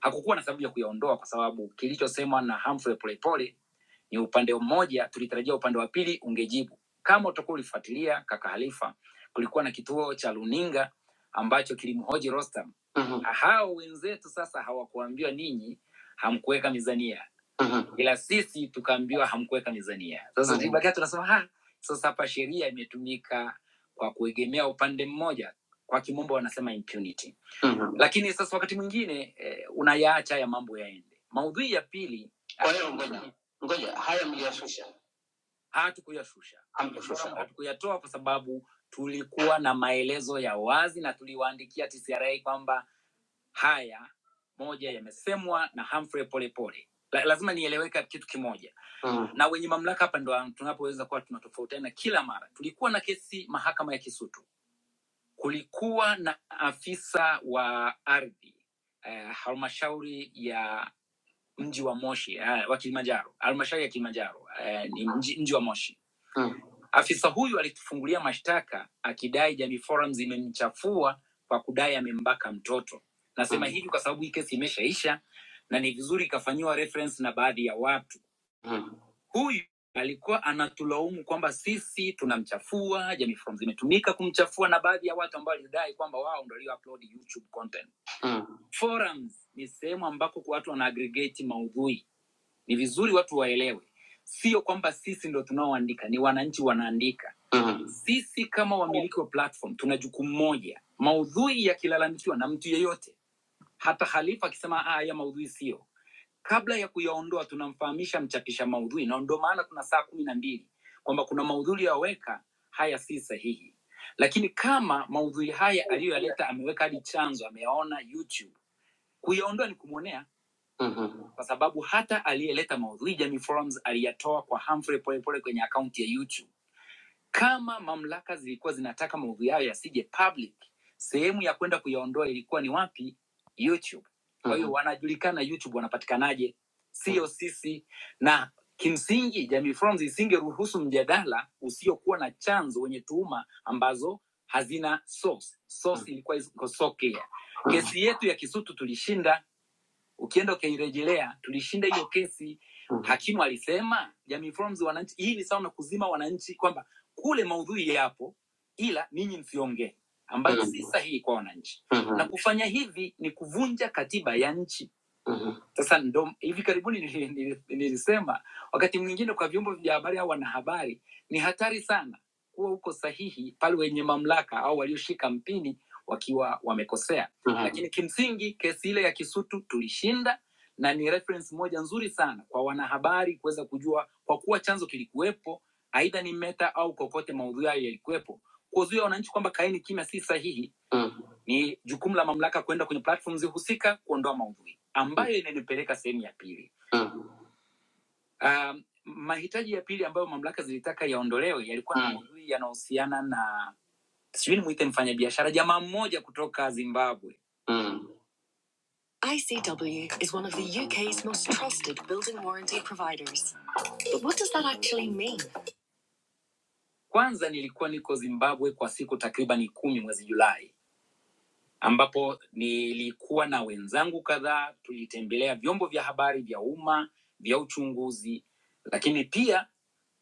A: hakukuwa na sababu ya kuyaondoa kwa sababu kilichosemwa na Humphrey polepole ni upande mmoja, tulitarajia upande wa pili ungejibu. Kama utakuwa ulifuatilia kaka Halifa, kulikuwa na kituo cha runinga ambacho kilimhoji Rostam. mm Hao wenzetu sasa hawakuambiwa ninyi hamkuweka mizania mm ila sisi tukaambiwa hamkuweka mizania. Sasa Mhm. tulibakia tunasema ha, sasa hapa sheria imetumika kwa kuegemea upande mmoja, kwa kimombo wanasema impunity. mm Lakini sasa wakati mwingine eh, unayaacha ya mambo yaende. Maudhui ya pili, Kwa hiyo Ah, ngoja Ngoja, haya mliyashusha, hatukuyashusha hamkushusha. hatukuyatoa kwa sababu tulikuwa na maelezo ya wazi na tuliwaandikia TCRA kwamba haya moja yamesemwa na Humphrey Polepole. La, lazima nieleweka kitu kimoja, Mm, na wenye mamlaka hapa ndo tunapoweza kuwa tunatofautiana kila mara. Tulikuwa na kesi mahakama ya Kisutu, kulikuwa na afisa wa ardhi eh, halmashauri ya mji wa Moshi eh, wa Kilimanjaro, halmashauri ya Kilimanjaro eh, ni mji, mji wa Moshi mm. Afisa huyu alitufungulia mashtaka akidai Jamii Forums imemchafua kwa kudai amembaka mtoto. Nasema mm. hivi kwa sababu hii kesi imeshaisha na ni vizuri ikafanyiwa reference na baadhi ya watu mm. Huyu alikuwa anatulaumu kwamba sisi tunamchafua, Jamii Forums imetumika kumchafua na baadhi ya watu ambao walidai kwamba wao ndio walio upload YouTube content mm Forums ni sehemu ambako watu wana aggregate maudhui. Ni vizuri watu waelewe, sio kwamba sisi ndo tunaoandika, ni wananchi wanaandika. Mhm. Sisi kama wamiliki wa platform tuna jukumu moja, maudhui yakilalamikiwa na mtu yeyote, hata Khalifa akisema "Ah, haya maudhui sio, kabla ya kuyaondoa tunamfahamisha mchapisha maudhui, na ndio maana tuna saa kumi na mbili kwamba kuna maudhui yaweka haya si sahihi, lakini kama maudhui haya aliyoyaleta ameweka hadi chanzo, ameyaona YouTube Kuyaondoa ni kumwonea, Mm-hmm. kwa sababu hata aliyeleta maudhui Jamii Forums aliyatoa kwa Humphrey Polepole kwenye akaunti ya YouTube. Kama mamlaka zilikuwa zinataka maudhui yayo yasije public, sehemu ya kwenda kuyaondoa ilikuwa ni wapi? YouTube. Kwa hiyo wanajulikana YouTube wanapatikanaje, sio sisi. Na kimsingi Jamii Forums isingeruhusu mjadala usiokuwa na chanzo wenye tuhuma ambazo hazina source. Source ilikuwa iko Songea. Kesi yetu ya Kisutu tulishinda ukienda ukairejelea tulishinda hiyo kesi mm-hmm. hakimu alisema jamii forums wananchi hii ni sawa na kuzima wananchi kwamba kule maudhui yapo ila ninyi msiongee ambayo mm-hmm. si sahihi kwa wananchi mm-hmm. na kufanya hivi ni kuvunja katiba ya nchi mm-hmm. sasa ndo hivi karibuni nili- nili- nilisema wakati mwingine kwa vyombo vya habari au wanahabari ni hatari sana kuwa uko sahihi pale wenye mamlaka au walioshika mpini wakiwa wamekosea Aha. lakini kimsingi kesi ile ya Kisutu tulishinda na ni reference moja nzuri sana kwa wanahabari kuweza kujua, kwa kuwa chanzo kilikuwepo, aidha ni Meta au kokote maudhui hayo yalikuwepo. Kuwazuia wananchi kwamba kaeni kimya si sahihi, Mm. ni jukumu la mamlaka kwenda kwenye platforms husika kuondoa maudhui, ambayo inanipeleka sehemu ya pili. Mm. Um, mahitaji ya pili ambayo mamlaka zilitaka yaondolewe yalikuwa na Mm. maudhui yanahusiana na sijui nimuite mfanyabiashara, jamaa mmoja kutoka Zimbabwe Mm. ICW is one of the UK's most trusted building warranty providers. But what does that actually mean? Kwanza nilikuwa niko Zimbabwe kwa siku takribani kumi mwezi Julai, ambapo nilikuwa na wenzangu kadhaa, tulitembelea vyombo vya habari vya umma vya uchunguzi, lakini pia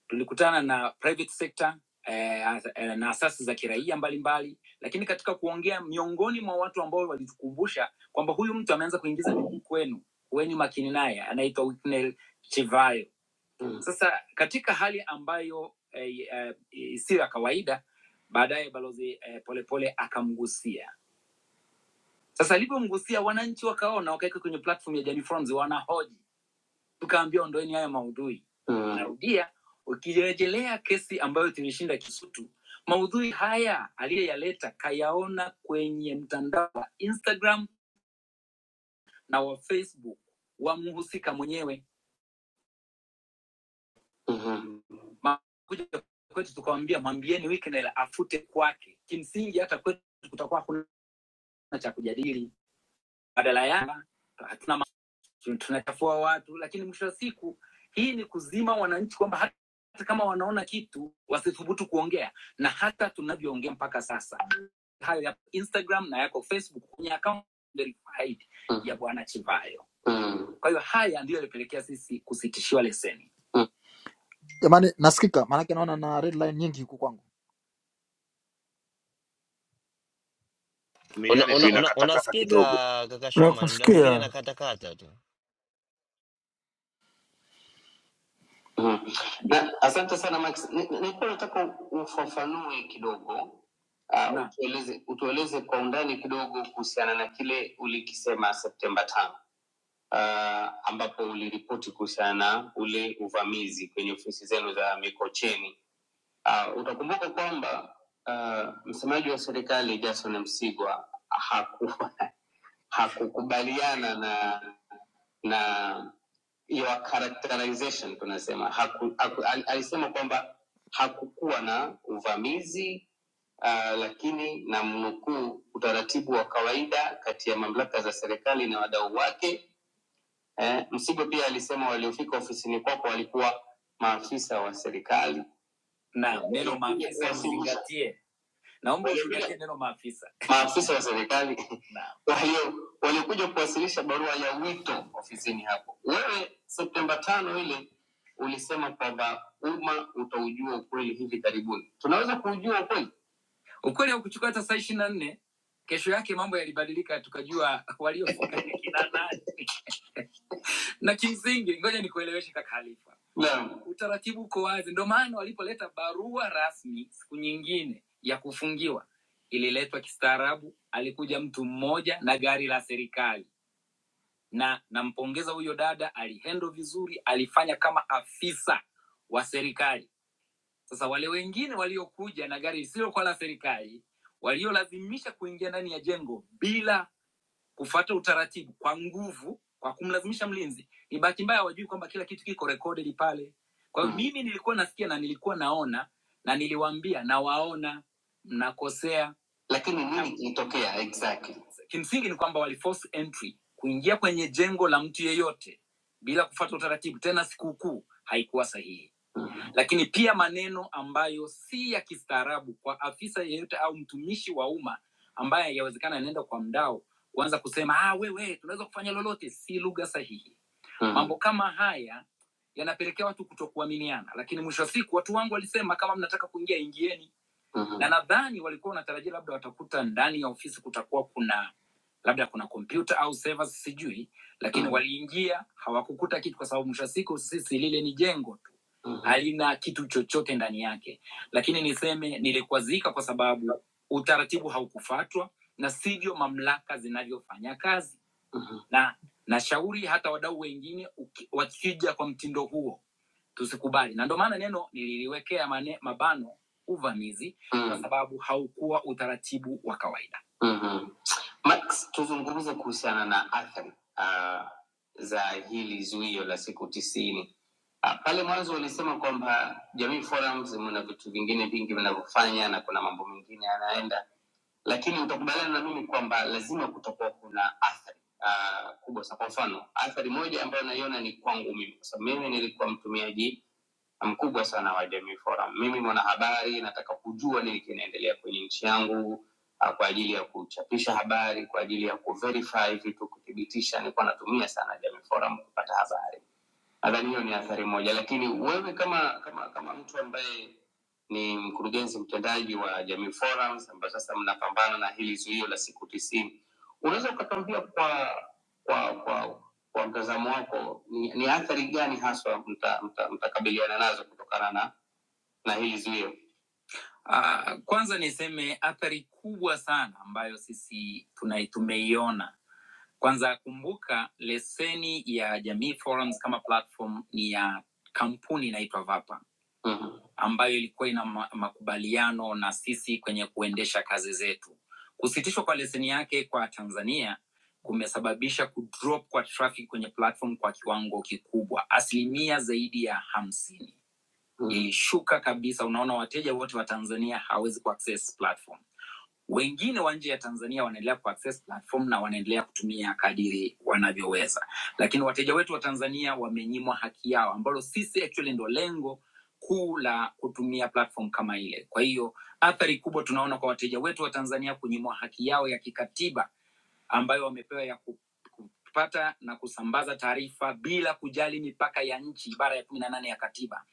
A: tulikutana na private sector eh, as- eh, na asasi za kiraia mbalimbali, lakini katika kuongea, miongoni mwa watu ambao walitukumbusha kwamba huyu mtu ameanza kuingiza miguu kwenu, kuweni makini naye, anaitwa Whitney Chivayo. Mm. Sasa katika hali ambayo eh, eh, isiyo ya kawaida, baadaye balozi eh, Polepole akamgusia. Sasa alivyomgusia, wananchi wakaona, wakaweka kwenye platform ya Jamii Forums, wanahoji tukaambia ondoeni haya maudhui mm, narudia ukirejelea kesi ambayo tulishinda kisutu maudhui haya aliyeyaleta kayaona kwenye mtandao wa instagram na wa facebook wa mhusika mwenyewe mhm, kuja kwetu tukawambia mwambieni Wicknell afute kwake kimsingi hata kwetu kutakuwa hakuna cha kujadili badala ya hatuna tunachafua watu, lakini mwisho wa siku hii ni kuzima wananchi kwamba hata kama wanaona kitu wasithubutu kuongea, na hata tunavyoongea mpaka sasa hayo ya Instagram na yako Facebook kwenye akaunti verified Mm. ya Bwana Chivayo. Mm. Kwa hiyo haya ndiyo yalipelekea sisi kusitishiwa leseni. Mm. Jamani, nasikika maanake naona na red line nyingi huku kwangu.
F: Una,
G: Umiliani tu
F: una, una,
G: inakatakata kidogo
F: unasikika kaka Shoman, muda mwingine
B: Nakusikia.
F: nakatakata tu.
A: Mm. Na, asante sana Max. Ni- ni- Nilikuwa nataka ufafanue kidogo uh, utueleze, utueleze kwa undani kidogo kuhusiana na kile ulikisema Septemba tano uh, ambapo uliripoti kuhusiana na ule uvamizi kwenye ofisi zenu za Mikocheni. Uh, utakumbuka kwamba uh, msemaji wa serikali Jason Msigwa haku, hakukubaliana na na your characterization tunasema haku, haku, al- alisema kwamba hakukuwa na uvamizi uh, lakini na mnukuu utaratibu wa kawaida kati ya mamlaka za serikali na wadau wake eh, msigo pia alisema waliofika ofisini kwako walikuwa maafisa wa serikali na neno maafisa Wasili- mzingatie Naomba uzingatie neno maafisa. maafisa wa serikali. Naam. Kwa hiyo walikuja kuwasilisha barua ya wito ofisini hapo. Wewe Septemba tano ile ulisema kwamba umma utaujua ukweli hivi karibuni. Tunaweza kuujua ukweli? Ukweli haukuchukua hata saa ishirini na nne. Kesho yake mambo yalibadilika, tukajua waliofunga ni kina nani na kimsingi ngoja nikueleweshe kaka halifa Naam. utaratibu uko wazi ndio maana walipoleta barua rasmi siku nyingine ya kufungiwa ililetwa kistaarabu alikuja mtu mmoja na gari la serikali na nampongeza huyo dada alihendo vizuri alifanya kama afisa wa serikali sasa wale wengine waliokuja na gari lisilokuwa la serikali waliolazimisha kuingia ndani ya jengo bila kufuata utaratibu kwa nguvu kwa kumlazimisha mlinzi ni bahati mbaya wajui kwamba kila kitu kiko recorded pale kwa hiyo mm. mimi nilikuwa nasikia na nilikuwa naona na niliwaambia nawaona mnakosea lakini nini kilitokea exactly kimsingi ni kwamba wali force entry kuingia kwenye jengo la mtu yeyote bila kufuata utaratibu tena sikukuu haikuwa sahihi mm. lakini pia maneno ambayo si ya kistaarabu kwa afisa yeyote au mtumishi wa umma ambaye yawezekana anaenda kwa mdao kuanza kusema ah, wewe tunaweza kufanya lolote, si lugha sahihi. mm. Mambo kama haya yanapelekea watu kutokuaminiana, lakini mwisho wa siku watu wangu walisema kama mnataka kuingia ingieni. mm-hmm. na nadhani walikuwa wanatarajia labda watakuta ndani ya ofisi kutakuwa kuna labda kuna kompyuta au servers sijui lakini mm. waliingia hawakukuta kitu kwa sababu mwisho wa siku sisi lile ni jengo tu mm. halina kitu chochote ndani yake lakini niseme nilikwazika kwa sababu utaratibu haukufatwa na sivyo mamlaka zinavyofanya kazi mm. na nashauri hata wadau wengine uki- wakija kwa mtindo huo tusikubali na ndio maana neno nililiwekea mane, mabano uvamizi mm. kwa sababu haukuwa utaratibu wa kawaida Mhm. Max, tuzungumze kuhusiana na athari uh, za hili zuio la siku tisini. Uh, pale mwanzo ulisema kwamba Jamii Forums mna vitu vingine vingi vinavyofanya na kuna mambo mengine yanaenda, lakini utakubaliana na mimi kwamba lazima kutakuwa kuna athari uh, kubwa sana. Kwa mfano, athari moja ambayo naiona ni kwangu mimi, kwa sababu mimi nilikuwa mtumiaji mkubwa sana wa Jamii Forum. Mimi mwanahabari, nataka kujua nini kinaendelea kwenye nchi yangu ah, kwa ajili ya kuchapisha habari, kwa ajili ya kuverify vitu, kuthibitisha. Nilikuwa natumia sana Jamii Forum kupata habari. Nadhani hiyo ni athari moja, lakini wewe kama kama kama mtu ambaye ni mkurugenzi mtendaji wa Jamii Forums ambayo sasa mnapambana na hili zuio la siku tisini, unaweza ukatuambia kwa kwa kwa kwa mtazamo wako ni, ni athari gani haswa mtakabiliana mta, mta mtakabiliana nazo kutokana na na hili zuio? Uh, kwanza niseme athari kubwa sana ambayo sisi tunai- tumeiona kwanza kumbuka, leseni ya Jamii Forums kama platform ni ya kampuni inaitwa Vapa mm-hmm. ambayo ilikuwa ina ma- makubaliano na sisi kwenye kuendesha kazi zetu. Kusitishwa kwa leseni yake kwa Tanzania kumesababisha kudrop kwa traffic kwenye platform kwa kiwango kikubwa, asilimia zaidi ya hamsini mm-hmm. ilishuka kabisa. Unaona, wateja wote wa Tanzania hawezi kuaccess platform wengine wa nje ya Tanzania wanaendelea kuaccess platform na wanaendelea kutumia kadiri wanavyoweza, lakini wateja wetu wa Tanzania wamenyimwa haki yao, ambalo sisi actually ndo lengo kuu la kutumia platform kama ile. Kwa hiyo athari kubwa tunaona kwa wateja wetu wa Tanzania kunyimwa haki yao ya kikatiba ambayo wamepewa ya ku- kupata na kusambaza taarifa bila kujali mipaka ya nchi, ibara ya kumi na nane ya katiba.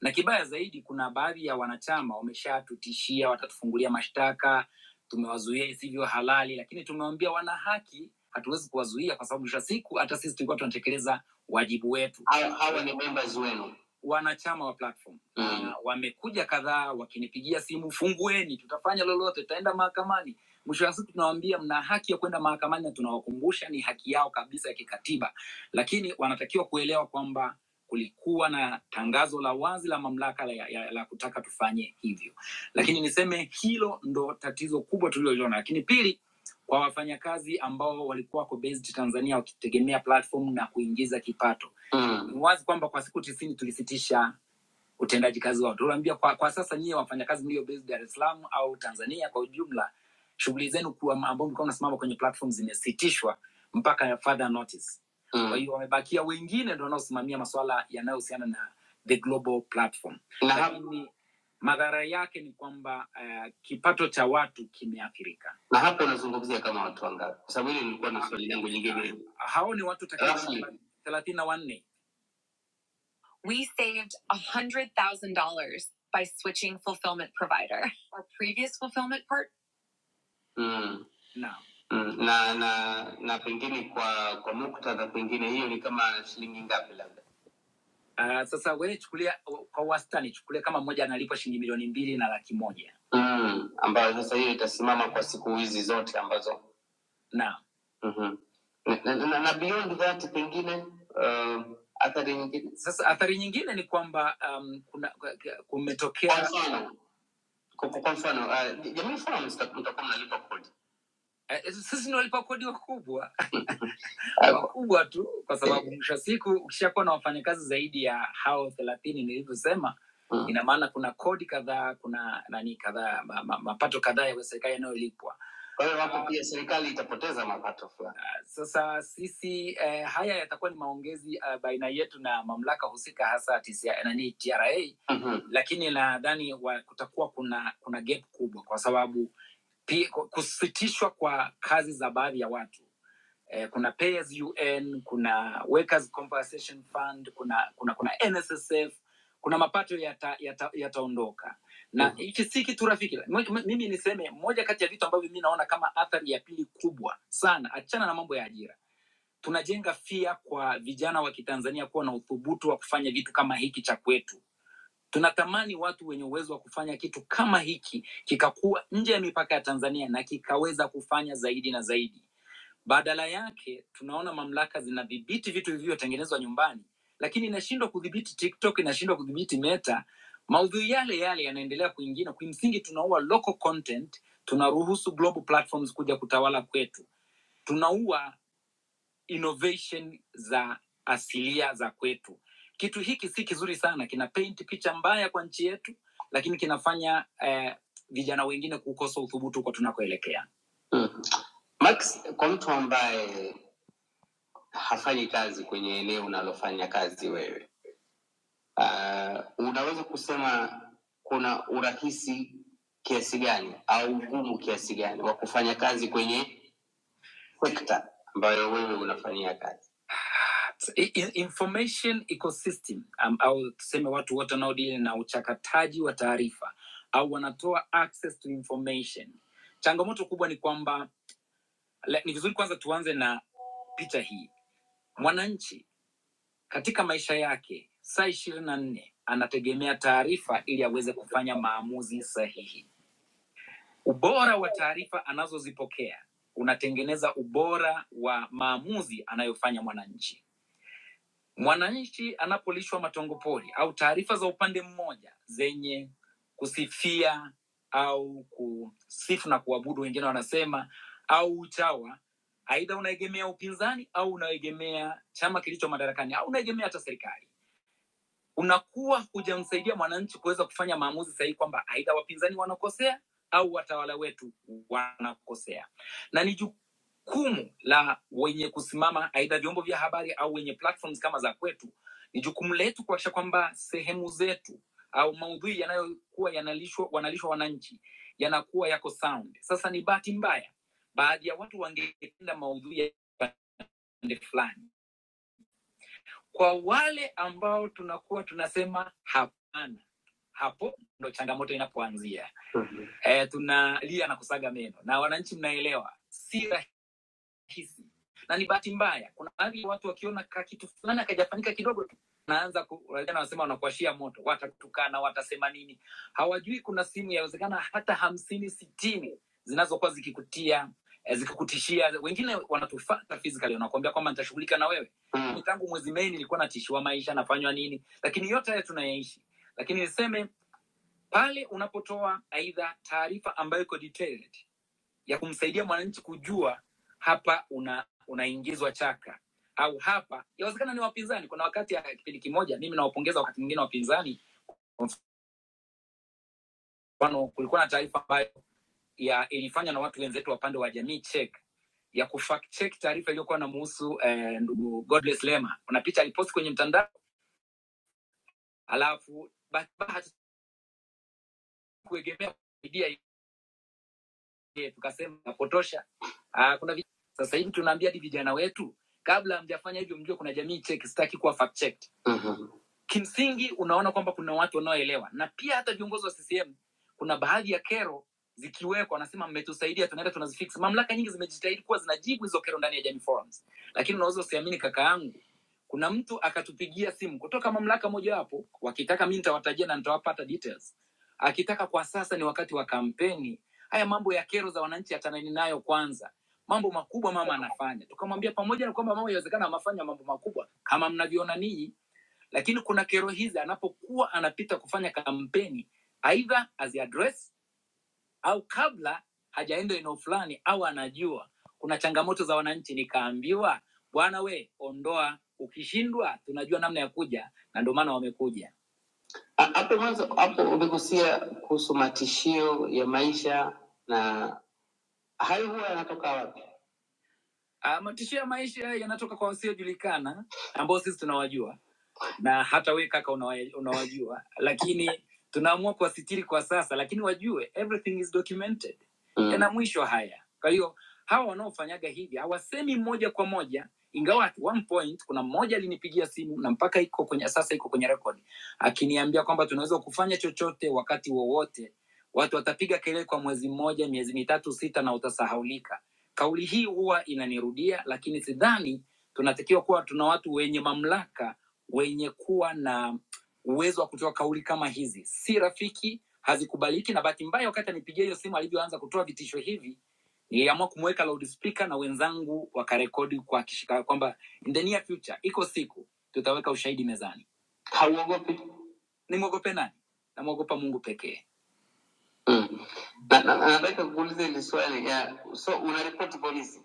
A: Na kibaya zaidi, kuna baadhi ya wanachama wameshatutishia watatufungulia mashtaka, tumewazuia isivyo halali, lakini tumewaambia wana haki, hatuwezi kuwazuia kwa sababu mwisho wa siku hata sisi tulikuwa tunatekeleza wajibu wetu. hawa hawa ni members wenu Wanachama wa platform Mm. na wamekuja kadhaa wakinipigia simu, fungueni, tutafanya lolote, tutaenda mahakamani Mwisho wa siku tunawaambia mna haki ya kwenda mahakamani na tunawakumbusha ni haki yao kabisa ya kikatiba, lakini wanatakiwa kuelewa kwamba kulikuwa na tangazo la wazi la mamlaka la, ya, la kutaka tufanye hivyo, lakini niseme hilo ndo tatizo kubwa tuliloliona. Lakini pili, kwa wafanyakazi ambao walikuwa wako based Tanzania wakitegemea platform na kuingiza kipato mm. Ni wazi kwamba kwa siku tisini tulisitisha utendaji kazi wao. Tunaambia kwa, kwa sasa nyie wafanyakazi mlio based Dar es Salaam au Tanzania kwa ujumla, shughuli zenu kuwa ambao mlikuwa mnasimama kwenye platform zimesitishwa mpaka further notice. Mm. Kwa hiyo wamebakia wengine ndio wanaosimamia masuala yanayohusiana na the global platform, na, hap, lakini madhara yake ni kwamba uh, kipato cha watu kimeathirika. na hapo unazungumzia kama watu wangapi? Kwa sababu hili lilikuwa na swali langu jingine Hao ni watu rasmi. takriban thelathini na wanne We saved $100,000 by switching fulfillment provider. Our previous fulfillment part? mm, No. mm, na na na pengine kwa kwa muktadha pengine hiyo ni kama shilingi ngapi labda Uh, sasa wewe chukulia kwa wastani, chukulia kama mmoja analipwa shilingi milioni mbili na laki moja mm, ambayo sasa hiyo itasimama kwa siku hizi zote ambazo Naam. Mhm. na, na, na, na beyond that pengine um, athari nyingine Sasa athari nyingine ni kwamba um, kuna kwa kumetokea mfano kwa kwa- kwa mfano uh, jamii fulani mtakuwa mnalipa kodi eh, sisi ni walipa kodi wakubwa kubwa tu kwa sababu mwisho wa siku ukishakuwa na wafanyakazi zaidi ya hao thelathini nilivyosema mm. ina maana kuna kodi kadhaa kuna nani kadhaa ma, ma, mapato kadhaa ya serikali yanayolipwa Kwa hiyo hapo pia serikali itapoteza mapato fulani. sasa sisi eh, haya yatakuwa ni maongezi eh, baina yetu na mamlaka husika hasa TCI, nani TRA Mhm. lakini nadhani wa- kutakuwa kuna kuna gap kubwa kwa sababu pi- kusitishwa kwa kazi za baadhi ya watu eh, kuna Payers UN, kuna Workers Compensation Fund, kuna kuna kuna NSSF, kuna mapato yataondoka yata, yataondoka. na Mhm. hichi mm -hmm. si kitu rafiki. M- m- Mimi niseme moja kati ya vitu ambavyo mimi naona kama athari ya pili kubwa sana, achana na mambo ya ajira, tunajenga fia kwa vijana wa Kitanzania kuwa na uthubutu wa kufanya vitu kama hiki cha kwetu. Tunatamani watu wenye uwezo wa kufanya kitu kama hiki kikakuwa nje ya mipaka ya Tanzania na kikaweza kufanya zaidi na zaidi. Badala yake tunaona mamlaka zinadhibiti vitu vilivyotengenezwa nyumbani, lakini inashindwa kudhibiti TikTok, inashindwa kudhibiti Meta. Maudhui yale yale yanaendelea kuingia. Kimsingi tunaua local content, tunaruhusu global platforms kuja kutawala kwetu, tunaua innovation za asilia za kwetu. Kitu hiki si kizuri sana, kina paint picha mbaya kwa nchi yetu, lakini kinafanya eh, vijana wengine kukosa uthubutu kwa tunakoelekea. Mm. Max, kwa mtu ambaye hafanyi kazi kwenye eneo unalofanya kazi wewe. Uh, unaweza kusema kuna urahisi kiasi gani au ugumu kiasi gani wa kufanya kazi kwenye sekta ambayo wewe unafanyia kazi? I- i- information ecosystem um, au tuseme watu wote wanaodili na uchakataji wa taarifa au wanatoa access to information changamoto kubwa ni kwamba le- ni vizuri kwanza tuanze na picha hii mwananchi Katika maisha yake saa ishirini na nne anategemea taarifa ili aweze kufanya maamuzi sahihi. Ubora wa taarifa anazozipokea unatengeneza ubora wa maamuzi anayofanya mwananchi. Mwananchi anapolishwa matongo pori au taarifa za upande mmoja zenye kusifia au kusifu na kuabudu, wengine wanasema, au uchawa, aidha unaegemea upinzani au unaegemea chama kilicho madarakani au unaegemea hata serikali unakuwa hujamsaidia mwananchi kuweza kufanya maamuzi sahihi kwamba aidha wapinzani wanakosea au watawala wetu wanakosea na ni jukumu la wenye kusimama aidha vyombo vya habari au wenye platforms kama za kwetu ni jukumu letu kuakisha kwamba sehemu zetu au maudhui yanayokuwa yanalishwa wanalishwa wananchi yanakuwa yako sound sasa ni bahati mbaya baadhi ya watu wangependa maudhui yaende fulani kwa wale ambao tunakuwa tunasema hapana, hapo ndo changamoto inapoanzia. Mhm. Eh, tunalia na kusaga meno, na wananchi mnaelewa, si rahisi hisi na ni bahati mbaya, kuna baadhi ya watu wakiona ka kitu fulani akajafanyika kidogo tu naanza ku- wengine wanasema wanakuashia moto, watatukana, watasema nini, hawajui kuna simu yawezekana hata hamsini sitini zinazokuwa zikikutia eh, zikikutishia. Wengine wanatufata physically, wanakuambia kwamba nitashughulika na wewe mm. Tangu mwezi Mei nilikuwa natishiwa maisha, nafanywa nini, lakini yote haya tunayaishi. Lakini niseme pale unapotoa aidha taarifa ambayo iko detailed ya kumsaidia mwananchi kujua hapa una unaingizwa chaka au hapa yawezekana ni wapinzani. Kuna wakati ya kipindi kimoja, mimi nawapongeza wakati mwingine wapinzani. Kwa mfano, kulikuwa na taarifa ambayo ya ilifanywa na watu wenzetu wa pande wa jamii Czech ya kufact check taarifa iliyokuwa namuhusu eh, ndugu Godless Lema. Kuna picha aliposti kwenye mtandao, alafu bahati mbaya hatukuegemea media Eh, tukasema napotosha. Ah, kuna vijana, sasa hivi tunaambia hadi vijana wetu kabla hamjafanya hivyo mjue kuna jamii cheki sitaki kuwa fact checked. Mhm. Kimsingi unaona kwamba kuna watu wanaoelewa na pia hata viongozi wa CCM kuna baadhi ya kero zikiwekwa wanasema mmetusaidia tunaenda tunazifix. Mamlaka nyingi zimejitahidi kuwa zinajibu hizo kero ndani ya Jamii Forums. Lakini unaweza usiamini kaka yangu kuna mtu akatupigia simu kutoka mamlaka mojawapo wakitaka mimi nitawatajia na nitawapata details. Akitaka kwa sasa ni wakati wa kampeni Haya mambo ya kero za wananchi ataneni nayo kwanza. Mambo makubwa mama anafanya. Tukamwambia pamoja na kwamba mama inawezekana amefanya mambo makubwa kama mnavyoona ninyi, lakini kuna kero hizi anapokuwa anapita kufanya kampeni, aidha aziaddress au kabla hajaenda eneo fulani au anajua kuna changamoto za wananchi. Nikaambiwa bwana, we ondoa, ukishindwa tunajua namna ya kuja, na ndio maana wamekuja. Ha- hapo mwanzo hapo umegusia kuhusu matishio ya maisha na hayo huwa yanatoka wapi? Ah, matishio ya maisha yanatoka kwa wasiojulikana ambao sisi tunawajua na hata we kaka unawa- unawajua lakini tunaamua kuwasitiri kwa sasa lakini wajue everything is documented Mm. yana mwisho haya kwa hiyo hawa wanaofanyaga hivi hawasemi moja kwa moja ingawa at one point kuna mmoja alinipigia simu na mpaka iko kwenye sasa iko kwenye record akiniambia kwamba tunaweza kufanya chochote wakati wowote watu watapiga kelele kwa mwezi mmoja miezi mitatu sita na utasahaulika kauli hii huwa inanirudia lakini sidhani tunatakiwa kuwa tuna watu wenye mamlaka wenye kuwa na uwezo wa kutoa kauli kama hizi si rafiki, hazikubaliki. Na bahati mbaya, wakati anipigia hiyo simu, alivyoanza kutoa vitisho hivi, niliamua kumweka loudspeaker na wenzangu wakarekodi kwa kishika kwamba in the near future, iko siku tutaweka ushahidi mezani. Hauogopi? Nimwogope nani? Namwogopa Mungu pekee. Mm. Na- na- na- Nataka kuuliza hili swali ya so unaripoti polisi,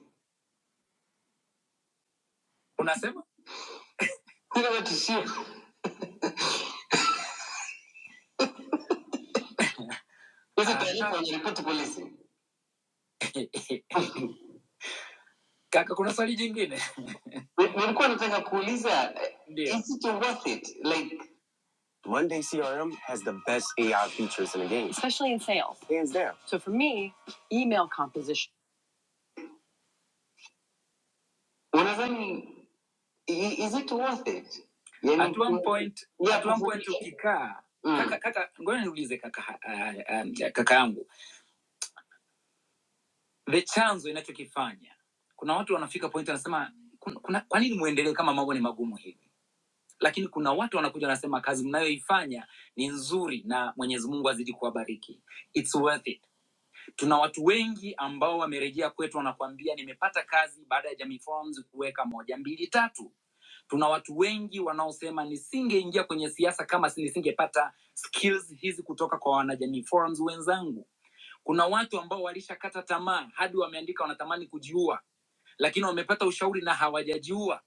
A: unasema Hilo ni tishio. Hizi taarifa unaripoti polisi. Kaka, kuna swali jingine Ni- nilikuwa nataka kuuliza eh, Ndio. is it worth it like Monday CRM has the best AI features in the game. Hands down. unadhani i- is it worth it yani at one point yeah, at one point ukikaa Mm. kaka kaka ngoja niulize kaka uh, kaka yangu the chanzo inachokifanya kuna watu wanafika point wanasema kuna, kuna, kwa nini muendelee kama mambo ni magumu hivi lakini kuna watu wanakuja wanasema kazi mnayoifanya ni nzuri na mwenyezi mungu azidi kuwabariki It's worth it tuna watu wengi ambao wamerejea kwetu wanakuambia nimepata kazi baada ya Jamii Forums kuweka moja mbili tatu. Tuna watu wengi wanaosema nisingeingia kwenye siasa kama si- nisingepata skills hizi kutoka kwa wanajamii Forums wenzangu. Kuna watu ambao walishakata tamaa hadi wameandika wanatamani kujiua, lakini wamepata ushauri na hawajajiua.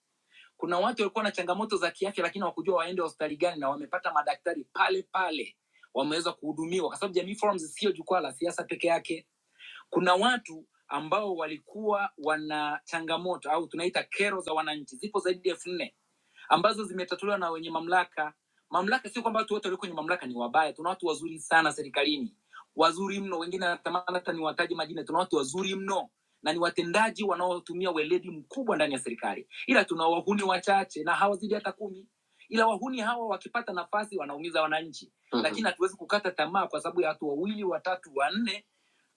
A: Kuna watu walikuwa na changamoto za kiafya, lakini hawakujua waende hospitali gani, na wamepata madaktari pale pale, wameweza kuhudumiwa, kwa sababu Jamii Forums sio jukwaa la siasa peke yake kuna watu ambao walikuwa wana changamoto au tunaita kero za wananchi zipo zaidi ya elfu nne ambazo zimetatuliwa na wenye mamlaka mamlaka sio kwamba watu wote walio kwenye mamlaka ni wabaya tuna watu wazuri sana serikalini wazuri mno wengine natamani hata niwataje majina tuna watu wazuri mno na ni watendaji wanaotumia weledi mkubwa ndani ya serikali ila tuna wahuni wachache na hawazidi hata kumi ila wahuni hawa wakipata nafasi wanaumiza wananchi mm-hmm. lakini hatuwezi kukata tamaa kwa sababu ya watu wawili watatu wanne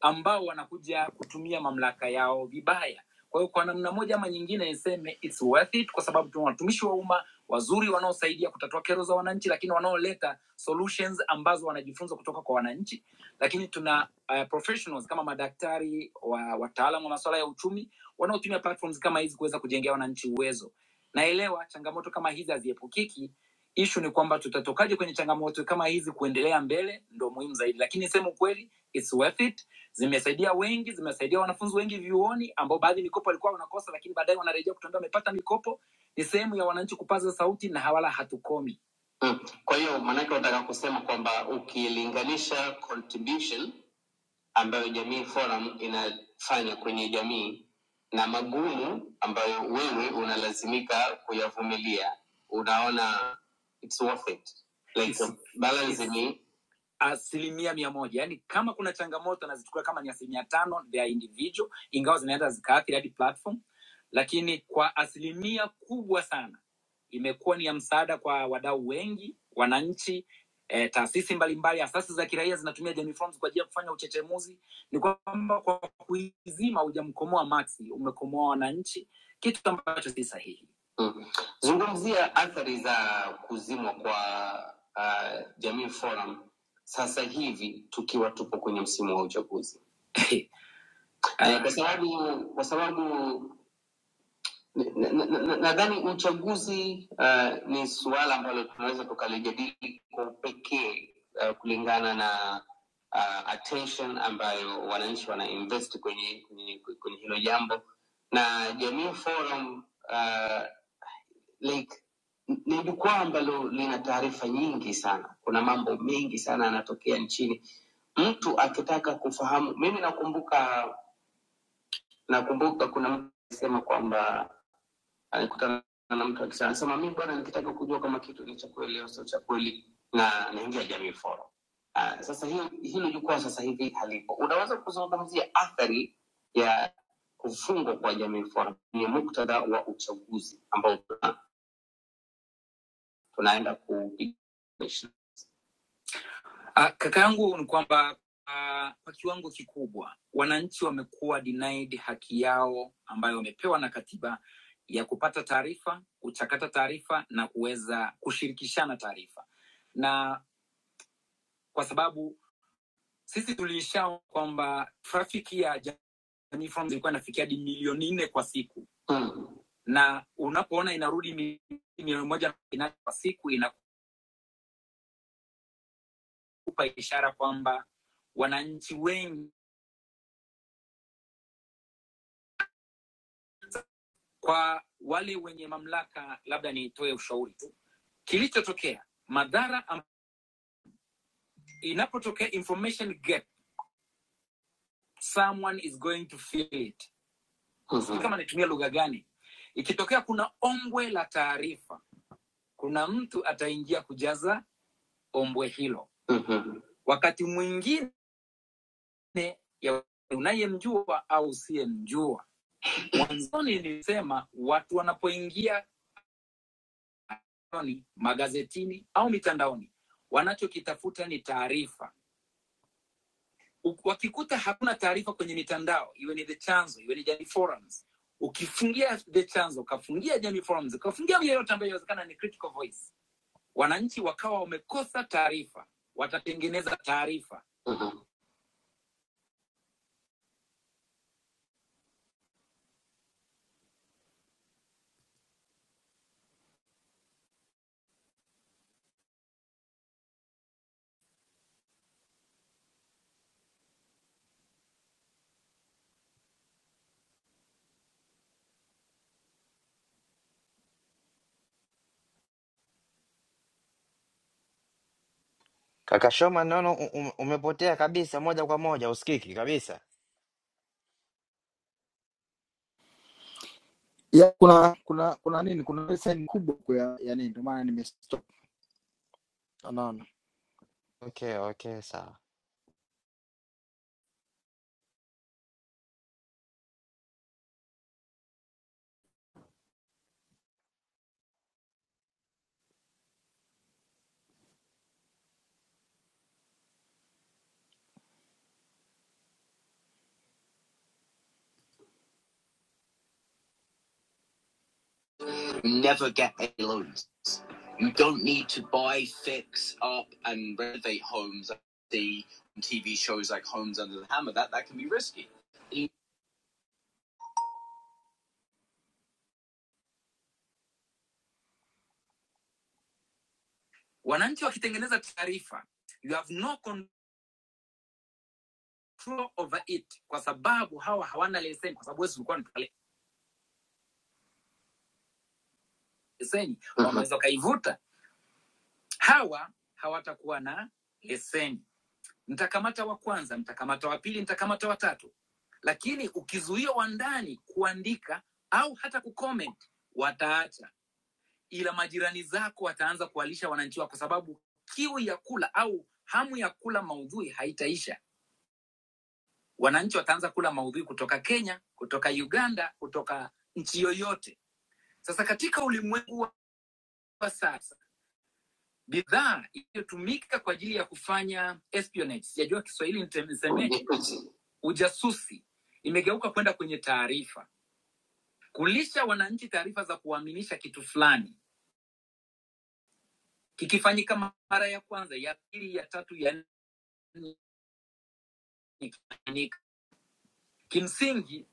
A: ambao wanakuja kutumia mamlaka yao vibaya kwa hiyo kwa namna moja ama nyingine niseme it's worth it kwa sababu tuna watumishi wa umma wazuri wanaosaidia kutatua kero za wananchi lakini wanaoleta solutions ambazo wanajifunza kutoka kwa wananchi lakini tuna uh, professionals kama madaktari wa wataalam wa masuala ya uchumi wanaotumia platforms kama hizi kuweza kujengea wananchi uwezo naelewa changamoto kama hizi haziepukiki ishu ni kwamba tutatokaje kwenye changamoto kama hizi kuendelea mbele ndo muhimu zaidi lakini sema ukweli it's worth it zimesaidia wengi, zimesaidia wanafunzi wengi vyuoni ambao baadhi mikopo walikuwa wanakosa, lakini baadaye wanarejea kutuambia wamepata mikopo. Ni sehemu ya wananchi kupaza sauti na hawala hatukomi. Mm. Kwa hiyo maanake unataka kusema kwamba ukilinganisha contribution ambayo Jamii Forum inafanya kwenye jamii na magumu ambayo wewe unalazimika kuyavumilia, unaona it's worth it. Like It's- balancing asilimia mia moja yaani kama kuna changamoto nazichukua kama ni asilimia tano vya individual ingawa zinaenda zikaathiri hadi platform lakini kwa asilimia kubwa sana imekuwa ni ya msaada kwa wadau wengi wananchi eh, taasisi mbalimbali asasi za kiraia zinatumia jamii forms kwa ajili ya kufanya uchechemuzi ni kwamba kwa kuizima hujamkomoa maxi umekomoa wananchi kitu ambacho si sahihi mm. zungumzia athari za kuzimwa kwa uh, jamii forum sasa hivi tukiwa tupo kwenye msimu wa uchaguzi Eh, kwa sababu kwa sababu na- na- na- na- nadhani uchaguzi uh, ni suala ambalo tunaweza tukalijadili kwa upekee uh, kulingana na uh, attention ambayo wananchi wanainvest kwenye, kwenye, kwenye hilo jambo na Jamii Forum uh, like n- ni jukwaa ambalo lina taarifa nyingi sana. Kuna mambo mengi sana yanatokea nchini. Mtu akitaka kufahamu, mimi nakumbuka nakumbuka kuna mtu alisema kwamba alikutana na mtu akisema, anasema mimi bwana, nikitaka kujua kama kitu ni cha kweli au sio cha kweli, na naingia Jamii Forum. Ah, sasa hiyo hilo jukwaa sasa hivi halipo. Unaweza kuzungumzia athari ya kufungwa kwa Jamii Forum kwenye muktadha wa uchaguzi ambao tunaenda kupiganisha. Ah, kaka yangu ni kwamba ah, kwa kiwango kikubwa wananchi wamekuwa denied haki yao ambayo wamepewa na katiba ya kupata taarifa, kuchakata taarifa na kuweza kushirikishana taarifa, na kwa sababu sisi tuliisha kwamba trafiki ya Jamii Forums ilikuwa inafikia hadi milioni nne kwa siku mm. na unapoona inarudi mi- milioni moja na nane kwa siku inakupa ishara kwamba wananchi wengi Kwa wale wenye mamlaka, labda nitoe ushauri tu, kilichotokea madhara am- inapotokea information gap, someone is going to feel it. Sijui kama nitumia lugha gani, ikitokea kuna ombwe la taarifa, kuna mtu ataingia kujaza ombwe hilo. Mhm. Wakati mwingine ya unayemjua au usiyemjua. Mwanzoni nilisema watu wanapoingia ni magazetini au mitandaoni, wanachokitafuta ni taarifa. U- Wakikuta hakuna taarifa kwenye mitandao, iwe ni The Chanzo, iwe ni Jamii Forums, ukifungia The Chanzo, ukafungia Jamii Forums, ukafungia yeyote ambayo inawezekana ni critical voice, wananchi wakawa wamekosa taarifa, watatengeneza taarifa.
F: Kaka Shoman, naona u- u- umepotea kabisa moja kwa moja, usikiki kabisa.
A: ya kuna kuna kuna nini kuna leseni kubwa huko ya, ya nini ndio maana nimestop Unaona
F: Okay, okay, sawa.
A: You never get any loans. You don't need to buy, fix up, and renovate homes. I see on TV shows like Homes Under the Hammer that that can be risky. Wananchi wakitengeneza taarifa, you have no control over it, kwa sababu hawa hawana leseni, kwa sababu wezi ulikuwa unataka leseni, Mhm. wanaweza wakaivuta. Hawa hawatakuwa na leseni. mtakamata wa kwanza, mtakamata wa pili, mtakamata wa tatu. Lakini ukizuia wa ndani kuandika au hata kucomment, wataacha, ila majirani zako wataanza kuwalisha wananchi wako, kwa sababu kiu ya kula au hamu ya kula maudhui haitaisha. Wananchi wataanza kula maudhui kutoka Kenya, kutoka Uganda, kutoka nchi yoyote. Sasa katika ulimwengu wa sasa bidhaa iliyotumika kwa ajili ya kufanya espionage, sijajua Kiswahili nitemesemeje, ujasusi, imegeuka kwenda kwenye taarifa, kulisha wananchi taarifa za kuwaaminisha kitu fulani. Kikifanyika mara ya kwanza, ya pili, ya tatu, ya nne, kikifanyika kimsingi,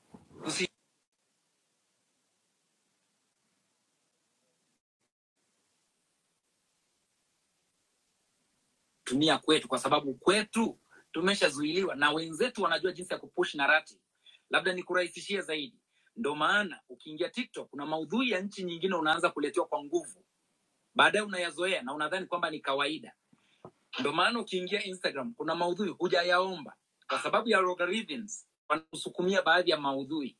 A: tumia kwetu, kwa sababu kwetu tumeshazuiliwa na wenzetu wanajua jinsi ya kupush narrative. Labda nikurahisishie zaidi, ndo maana ukiingia TikTok kuna maudhui ya nchi nyingine unaanza kuletewa kwa nguvu baadaye unayazoea na unadhani kwamba ni kawaida ndio maana ukiingia instagram kuna maudhui hujayaomba kwa sababu ya algorithms wanakusukumia baadhi ya maudhui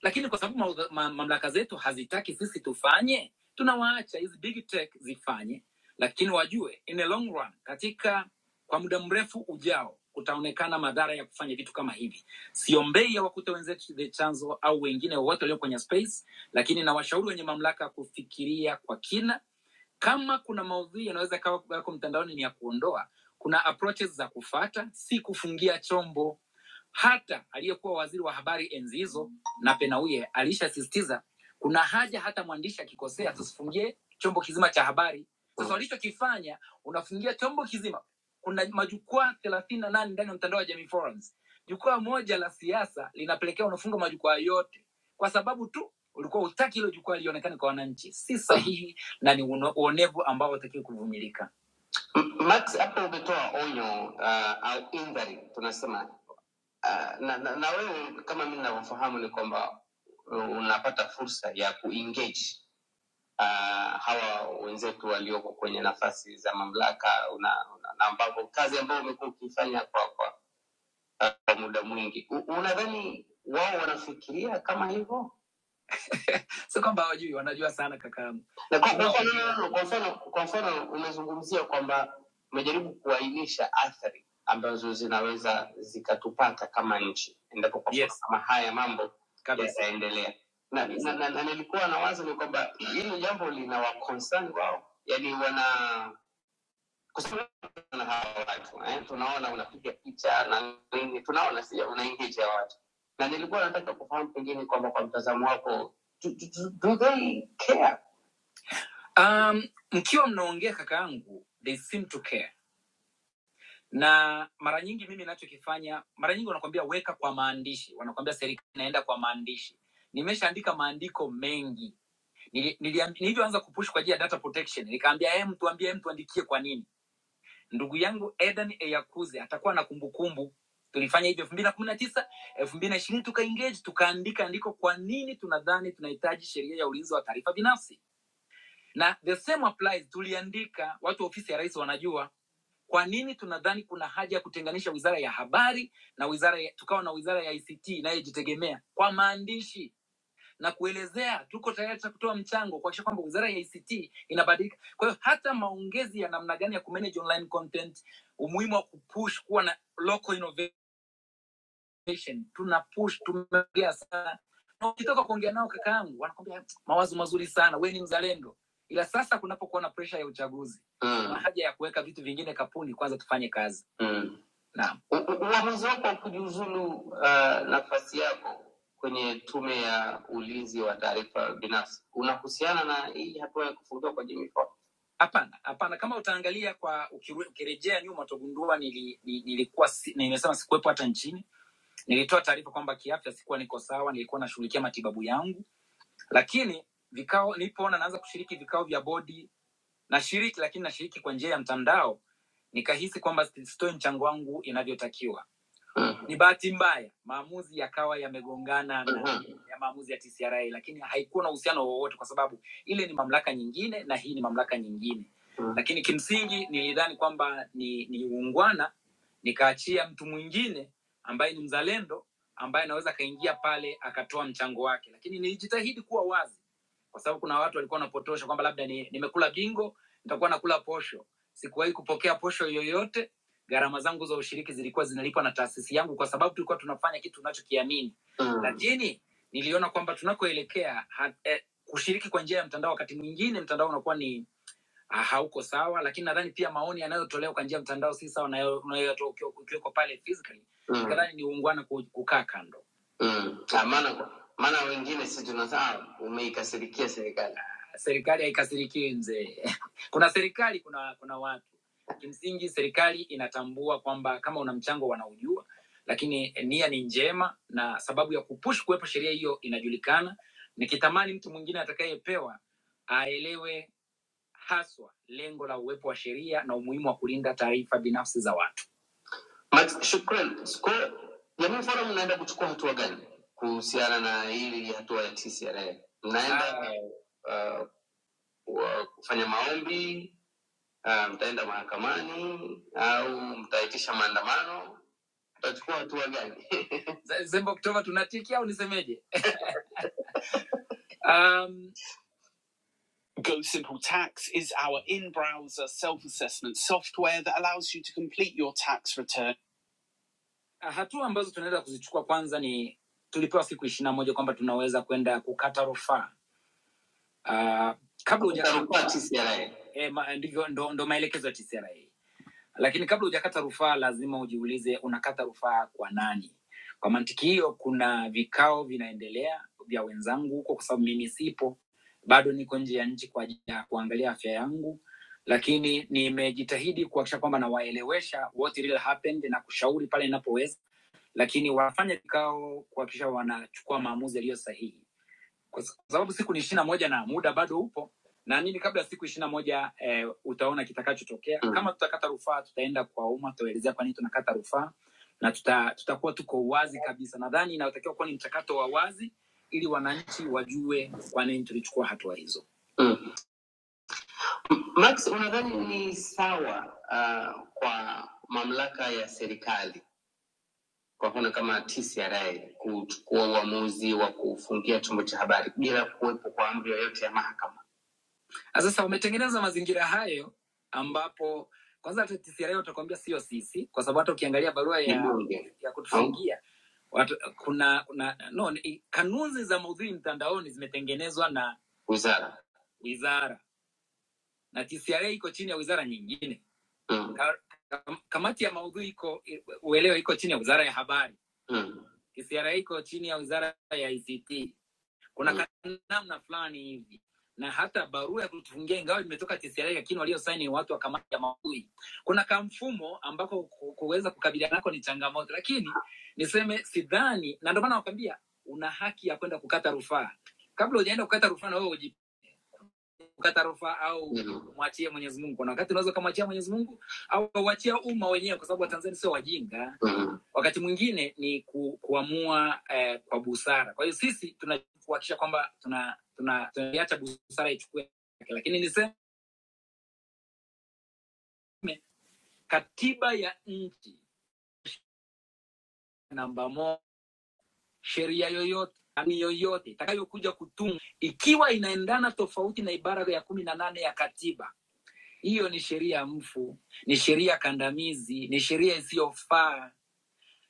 A: lakini kwa sababu maudha- ma, mamlaka zetu hazitaki sisi tufanye tunawaacha hizi big tech zifanye lakini wajue in the long run katika kwa muda mrefu ujao kutaonekana madhara ya kufanya vitu kama hivi siombei awakute wenzetu the chanzo au wengine wowote walio kwenye space lakini na washauri wenye mamlaka kufikiria kwa kina kama kuna maudhui yanaweza kawa yako mtandaoni ni ya kuondoa kuna approaches za kufata si kufungia chombo hata aliyekuwa waziri wa habari enzi hizo na penauye alishasisitiza kuna haja hata mwandishi akikosea tusifungie chombo kizima cha habari sasa walichokifanya unafungia chombo kizima kuna majukwaa thelathini na nane ndani ya mtandao wa jamii forums jukwaa moja la siasa linapelekea unafunga majukwaa yote kwa sababu tu ulikuwa utaki hilo jukwaa lionekane kwa wananchi si sahihi na ni uno- uonevu ambao hutakiwi kuvumilika. M- Max, hapo umetoa onyo uh, au indhari tunasema uh, na, na, na wewe kama mimi ninavyofahamu ni kwamba uh, unapata fursa ya kuengage uh, hawa wenzetu walioko kwenye nafasi za mamlaka una, una, na ambavyo kazi ambayo umekuwa ukiifanya kwa, kwa, uh, kwa muda mwingi U, unadhani wao wanafikiria kama hivyo? sio kwamba hawajui wanajua sana kakaangu na kwa, Lakini na kwa, hawajui. no, no, no, kwa mfano kwa mfano umezungumzia kwamba umejaribu kuainisha athari ambazo zinaweza zikatupata kama nchi endapo kwa mfano Yes. kama haya mambo kabisa yataendelea na, nilikuwa na, na, na nilikuwa na wazo ni kwamba hili jambo lina wa concern wao yani wana kwa sababu na hawa watu eh? tunaona unapiga picha na nini, tunaona si unaingia watu, na nilikuwa nataka kufahamu pengine kwamba kwa mtazamo wako do, do, do they care? Um, mkiwa mnaongea kaka yangu, they seem to care na mara nyingi mimi nachokifanya mara nyingi wanakwambia weka kwa maandishi wanakwambia serikali inaenda kwa maandishi nimeshaandika maandiko mengi Nilianza Nili- niliam- nilivyoanza kupush kwa ajili ya data protection nikaambia hey, mtuambie mtuandikie kwa nini ndugu yangu Eden Eyakuze atakuwa na kumbukumbu. Tulifanya hivyo elfu mbili na kumi na tisa elfu mbili na ishirini tuka engage tukaandika andiko, kwa nini tunadhani tunahitaji sheria ya ulinzi wa taarifa binafsi, na the same applies. Tuliandika, watu wa ofisi ya rais wanajua kwa nini tunadhani kuna haja ya kutenganisha wizara ya habari na wizara ya, tukawa na wizara ya ICT inayojitegemea kwa maandishi na kuelezea tuko tayari ta kutoa mchango kuakisha kwamba wizara ya ICT inabadilika. Kwa hiyo hata maongezi ya namna gani ya kumanage online content, umuhimu wa kupush kuwa na local innovation tuna push, tumeongea sana na ukitoka kuongea nao kaka yangu wanakwambia mawazo mazuri sana, we ni mzalendo. Ila sasa kunapokuwa na presha ya uchaguzi Mm, kuna haja ya kuweka vitu vingine kapuni, kwanza tufanye kazi. mm. Naam, U- u- Uamuzi wako wa kujiuzulu uh, nafasi yako kwenye tume ya ulinzi wa taarifa binafsi unahusiana na hii hatua ya kufungiwa kwa Jimmy Ford? hapana, hapana. Kama utaangalia kwa ukiru- ukirejea nyuma utagundua nili, ni- nilikuwa si, nimesema sikuwepo hata nchini Nilitoa taarifa kwamba kiafya sikuwa niko sawa, nilikuwa nashughulikia matibabu yangu, lakini vikao nilipoona naanza kushiriki vikao vya bodi, nashiriki lakini nashiriki kwa njia ya mtandao, nikahisi kwamba si- sitoi mchango wangu inavyotakiwa. Ni bahati mbaya maamuzi yakawa yamegongana na ya maamuzi ya TCRA, lakini haikuwa na uhusiano wowote, kwa sababu ile ni mamlaka nyingine na hii ni mamlaka nyingine. Lakini kimsingi nilidhani kwamba ni, ni uungwana, nikaachia mtu mwingine ambaye ni mzalendo, ambaye anaweza akaingia pale akatoa mchango wake, lakini nilijitahidi kuwa wazi kwa sababu kuna watu walikuwa wanapotosha kwamba labda ni, nimekula bingo nitakuwa nakula posho. Sikuwahi kupokea posho yoyote. Gharama zangu za ushiriki zilikuwa zinalipwa na taasisi yangu, kwa sababu tulikuwa tunafanya kitu tunachokiamini mm. Lakini niliona kwamba tunakoelekea ha- eh, kushiriki kwa njia ya mtandao, wakati mwingine mtandao unakuwa ni ah, hauko sawa lakini nadhani pia maoni yanayotolewa kwa njia ya mtandao si sawa na yale unayoyatoa ukiwa- ukiweko pale physically Mm, nadhani ni uungwana ku- kukaa kando mm. Ah, maana maana wengine si tunasahau umeikasirikia serikali. serikali haikasirikiwi mzee kuna serikali kuna kuna watu kimsingi serikali inatambua kwamba kama una mchango wanaujua lakini nia ni njema na sababu ya kupush kuwepo sheria hiyo inajulikana nikitamani mtu mwingine atakayepewa aelewe haswa lengo la uwepo wa sheria na umuhimu wa kulinda taarifa binafsi za watu. Max, shukran. Kwa Jamii Forum mnaenda kuchukua hatua gani kuhusiana na hili hatua ya TCRA? Mnaenda uh, wa- kufanya maombi uh, mtaenda mahakamani au mtaitisha maandamano? Mtachukua hatua gani? Ze- Zembe Oktoba tunatikia au nisemeje? Um, Go Simple Tax is our in browser self assessment software that allows you to complete your tax return. Hatua ambazo tunaweza kuzichukua kwanza ni tulipewa siku ishirini na moja kwamba tunaweza kwenda kukata rufaa uh, kabla huja Utarufaa TCRA. eh, ma- ndivyo ndo, ndo maelekezo ya TCRA lakini kabla hujakata rufaa, lazima ujiulize unakata rufaa kwa nani? Kwa mantiki hiyo, kuna vikao vinaendelea vya wenzangu huko, kwa sababu mimi sipo, bado niko nje ya nchi kwa ajili ya kuangalia afya yangu, lakini nimejitahidi kuhakikisha kwamba nawaelewesha what really happened na kushauri pale inapoweza, lakini wanafanya vikao kuhakikisha wanachukua maamuzi yaliyo sahihi kwa sababu siku ni ishirini na moja na muda bado upo naamini kabla ya siku ishirini na moja eh, utaona kitakachotokea mm. kama tutakata rufaa tutaenda kwa umma tutaelezea kwa nini tunakata rufaa na tuta, tutakuwa tuko wazi kabisa nadhani inayotakiwa kuwa ni mchakato wa wazi ili wananchi wajue kwa nini tulichukua hatua hizo Mm. Max, unadhani ni sawa uh, kwa mamlaka ya serikali kwa mfano kama TCRA kuchukua uamuzi wa kufungia chombo cha habari bila kuwepo kwa amri yoyote ya mahakama? Na Sasa wametengeneza mazingira hayo ambapo kwanza hata TCRA watakwambia sio sisi, kwa sababu hata ukiangalia barua ya, Mbunge. ya kutufungia watu, kuna, kuna no, ni- kanuni za maudhui mtandaoni zimetengenezwa na wizara wizara na TCRA iko chini ya wizara nyingine mm. Ka- kam- Kamati ya maudhui iko uelewa, iko chini ya wizara ya habari mm. TCRA iko chini ya wizara ya ICT kuna mm. namna fulani hivi na hata barua ya kutufungia ingawa imetoka TCRA lakini waliosaini ni watu wa kamati ya maudhui. Kuna kamfumo ambako ku- kuweza kukabiliana nako ni changamoto, lakini niseme sidhani, na ndio maana nakwambia una haki ya kwenda kukata rufaa. Kabla hujaenda kukata rufaa, na wewe kukata rufaa au mwachie Mwenyezi Mungu. Kuna wakati unaweza ukamwachia Mwenyezi Mungu au uachia umma wenyewe, kwa sababu Watanzania sio wajinga. Wakati mwingine ni ku, kuamua eh, kwa busara. Kwa hiyo sisi tunakuhakikisha kwamba tunaiacha tuna, tuna, tuna busara ichukue, lakini niseme katiba ya nchi namba moja, sheria yoyote ani yoyote itakayokuja kutumwa ikiwa inaendana tofauti na ibara ya kumi na nane ya katiba Hiyo ni sheria ya mfu, ni sheria kandamizi, ni sheria isiyofaa.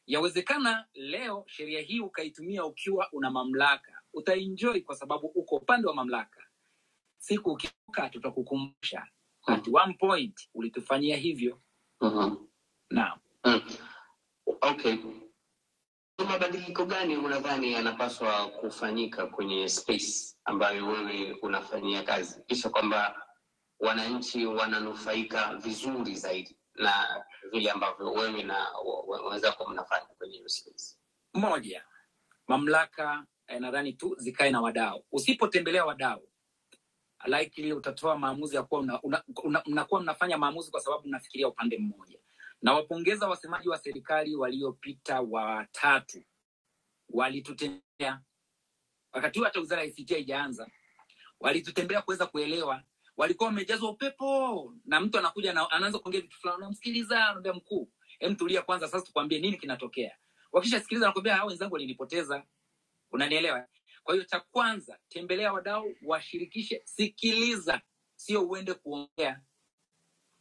A: Yawezekana leo sheria hii ukaitumia ukiwa una mamlaka, utaenjoy kwa sababu uko upande wa mamlaka. Siku ukiuka, tutakukumbusha at one point ulitufanyia hivyo. Mhm. Uh-huh. Naam, Mm. Okay. Mabadiliko gani unadhani yanapaswa kufanyika kwenye space ambayo wewe unafanyia kazi, kisha kwamba wananchi wananufaika vizuri zaidi na vile ambavyo wewe na wenzako mnafanya kwenye hiyo space? Moja, mamlaka eh, nadhani tu zikae na wadau. Usipotembelea wadau likely utatoa maamuzi ya kuwa una, una, una, mnakuwa mnafanya maamuzi kwa sababu mnafikiria upande mmoja. Nawapongeza wasemaji wa serikali waliopita watatu walitutembea wakati huu hata wizara ya ICT haijaanza, walitutembea kuweza kuelewa. Walikuwa wamejazwa upepo, na mtu anakuja na anaanza kuongea vitu fulani, unamsikiliza, anaambia mkuu, hem, tulia kwanza, sasa tukwambie nini kinatokea. Wakishasikiliza nakwambia, hao wenzangu walinipoteza, unanielewa? Kwa hiyo cha kwanza, tembelea wadau, washirikishe, sikiliza, sio uende kuongea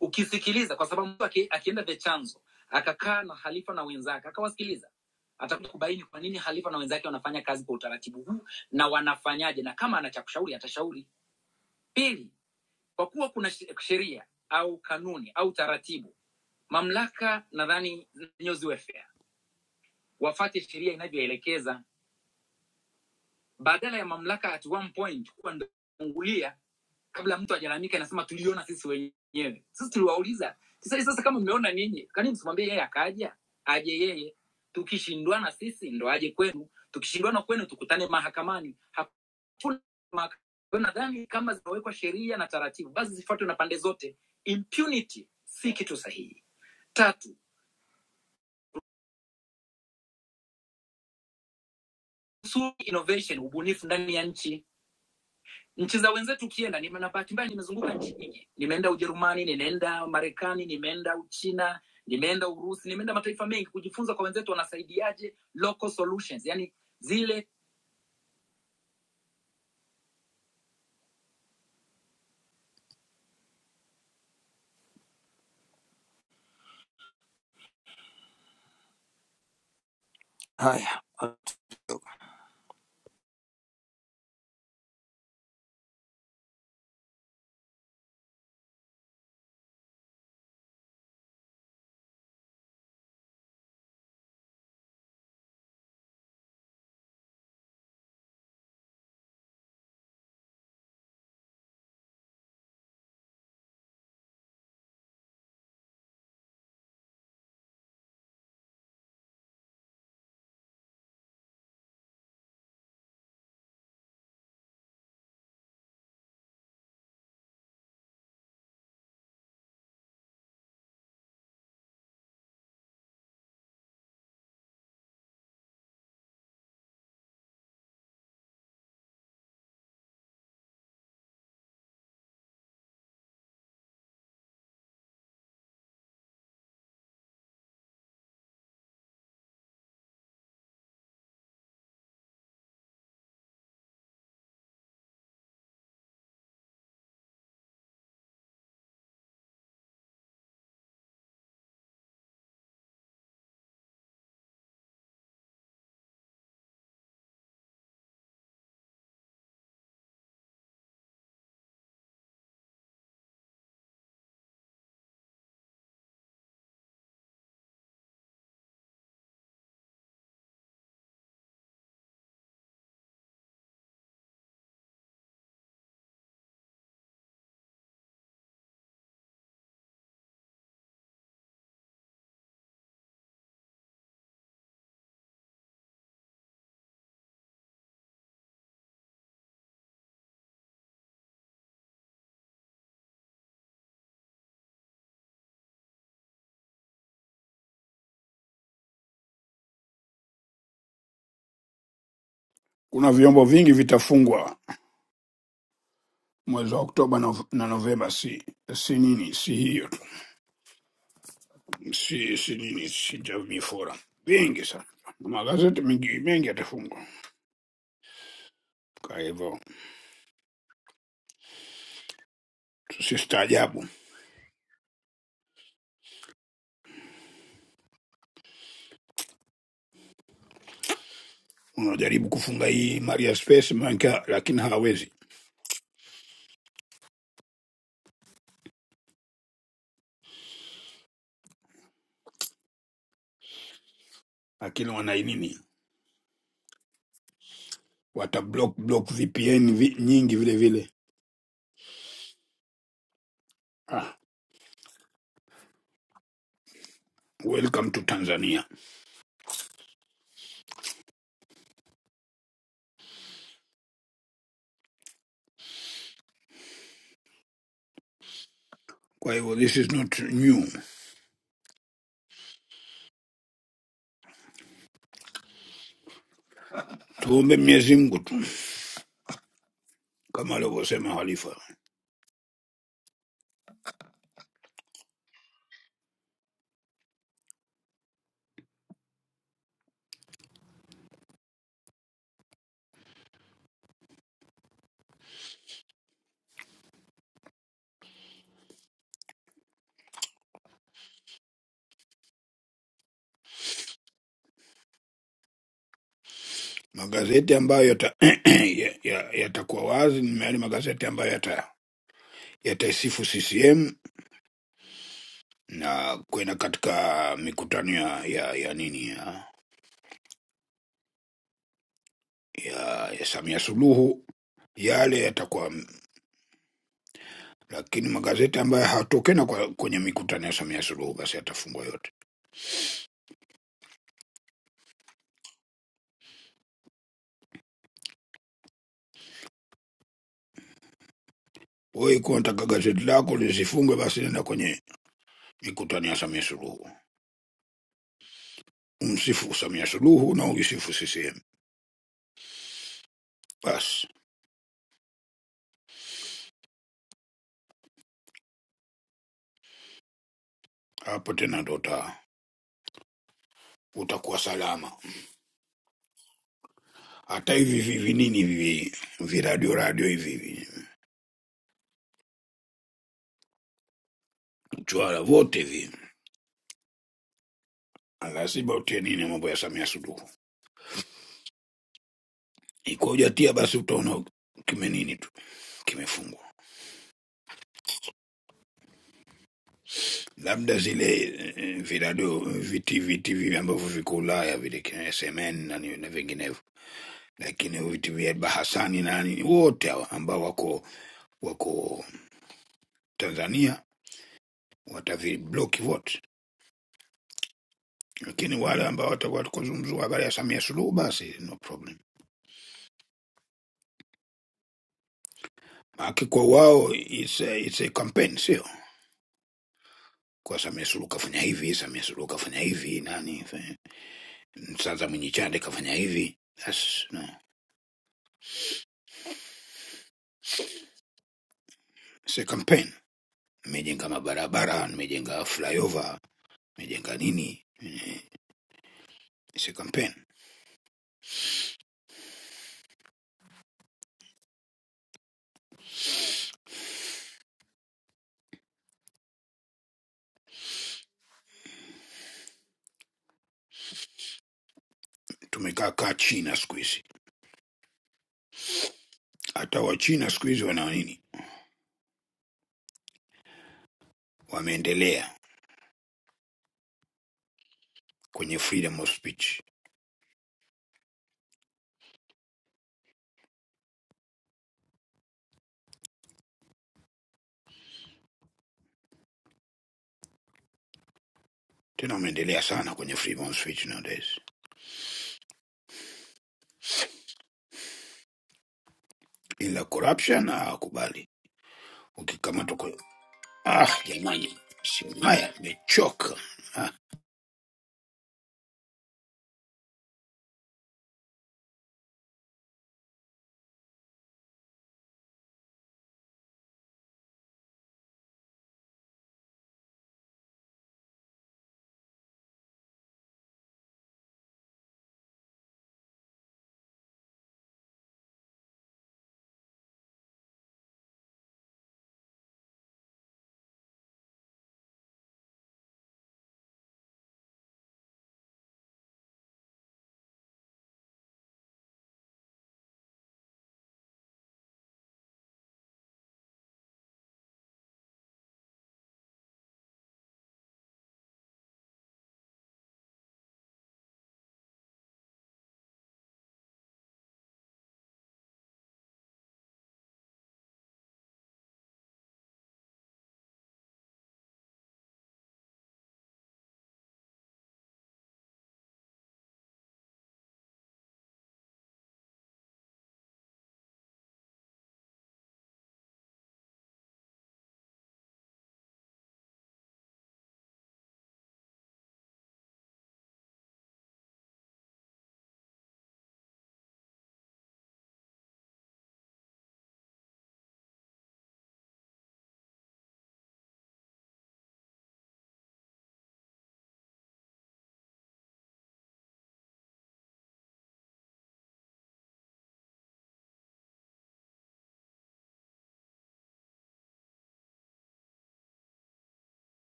A: ukisikiliza, kwa sababu mtu aki- akienda the chanzo akakaa na Halifa na wenzake akawasikiliza, atakuja kubaini kwa nini Halifa na wenzake wanafanya kazi kwa utaratibu huu na wanafanyaje, na kama ana cha kushauri atashauri. Pili, kwa kuwa kuna she- sheria au kanuni au taratibu, mamlaka nadhani zenyewe ziwe fair, wafate sheria inavyoelekeza, badala ya mamlaka at one point kuwa ndio kufungulia kabla mtu ajalalamika inasema tuliona sisi wenyewe sisi tuliwauliza sasa eh, sasa kama mmeona ninyi kani msimwambie yeye akaja aje yeye tukishindwana sisi ndo aje kwenu tukishindwana kwenu tukutane mahakamani hakuna mahakama Kwa hiyo nadhani kama zimewekwa sheria na taratibu basi zifuatwe na pande zote impunity si kitu sahihi tatu kusudi innovation ubunifu ndani ya nchi nchi za wenzetu ukienda, nime- na bahati mbaya nimezunguka nchi nyingi, nimeenda Ujerumani, nimeenda Marekani, nimeenda Uchina, nimeenda Urusi, nimeenda mataifa mengi kujifunza kwa wenzetu wanasaidiaje local solutions, yani zile Haya,
D: Kuna vyombo vingi vitafungwa mwezi wa Oktoba na, na Novemba, si si nini si hiyo tu. si si nini si Jamii Forum, vingi sana Na magazeti mengi mengi yatafungwa. Kwa hivyo tusistaajabu, unajaribu kufunga hii Maria Space manka, lakini hawawezi, lakini wana nini, wata block block VPN vi, nyingi vile vile Ah, welcome to Tanzania. Kwa hivyo this is not new, tuombe Mwenyezi Mungu tu kama alivyosema Halifa. Magazeti ambayo yatakuwa ya, ya, yatakuwa wazi ni yale magazeti ambayo yata yataisifu CCM na kwenda katika mikutano ya, ya, ya nini ya, ya, ya Samia Suluhu, yale yatakuwa lakini magazeti ambayo hatokena kwa, kwenye mikutano ya Samia Suluhu basi yatafungwa yote. Wewe ikiwa unataka gazeti lako lisifungwe, basi nenda kwenye mikutano ya Samia Suluhu. umsifu Samia Suluhu na uisifu CCM, basi hapo tena ndo uta, utakuwa salama. Hata hivi hivi nini hivi viradio radio hivi hivi mchwara vote hivi lazima utie nini mambo ya Samia Suluhu, iko ujatia basi utaona kime nini tu kimefungwa, labda zile eh, viradio viti viti vile ambavyo viko Ulaya vile kina SMN na ni- na vinginevyo, lakini viti vya Bahasani na nini wote hawa ambao wako wako Tanzania watavibloki vote, lakini wale ambao watakuwa tukuzungumzua habari ya Samia Suluhu basi no problem, maake kwa wao it's a, it's a campaign, sio kwa Samia Suluhu kafanya hivi, Samia Suluhu kafanya hivi, nani fa- sasa Mwenye Chande kafanya hivi. That's, no. It's a campaign. Nimejenga mabarabara, nimejenga flyover, nimejenga nini, eh, it's a campaign. Tumekaa kaa China siku hizi, hata Wachina siku hizi wana nini, wameendelea kwenye freedom of speech Tena wameendelea sana kwenye freedom of speech nowadays, ila corruption hawakubali. Ukikamatwa kwa ah, jamani, Simaya nimechoka. Ah,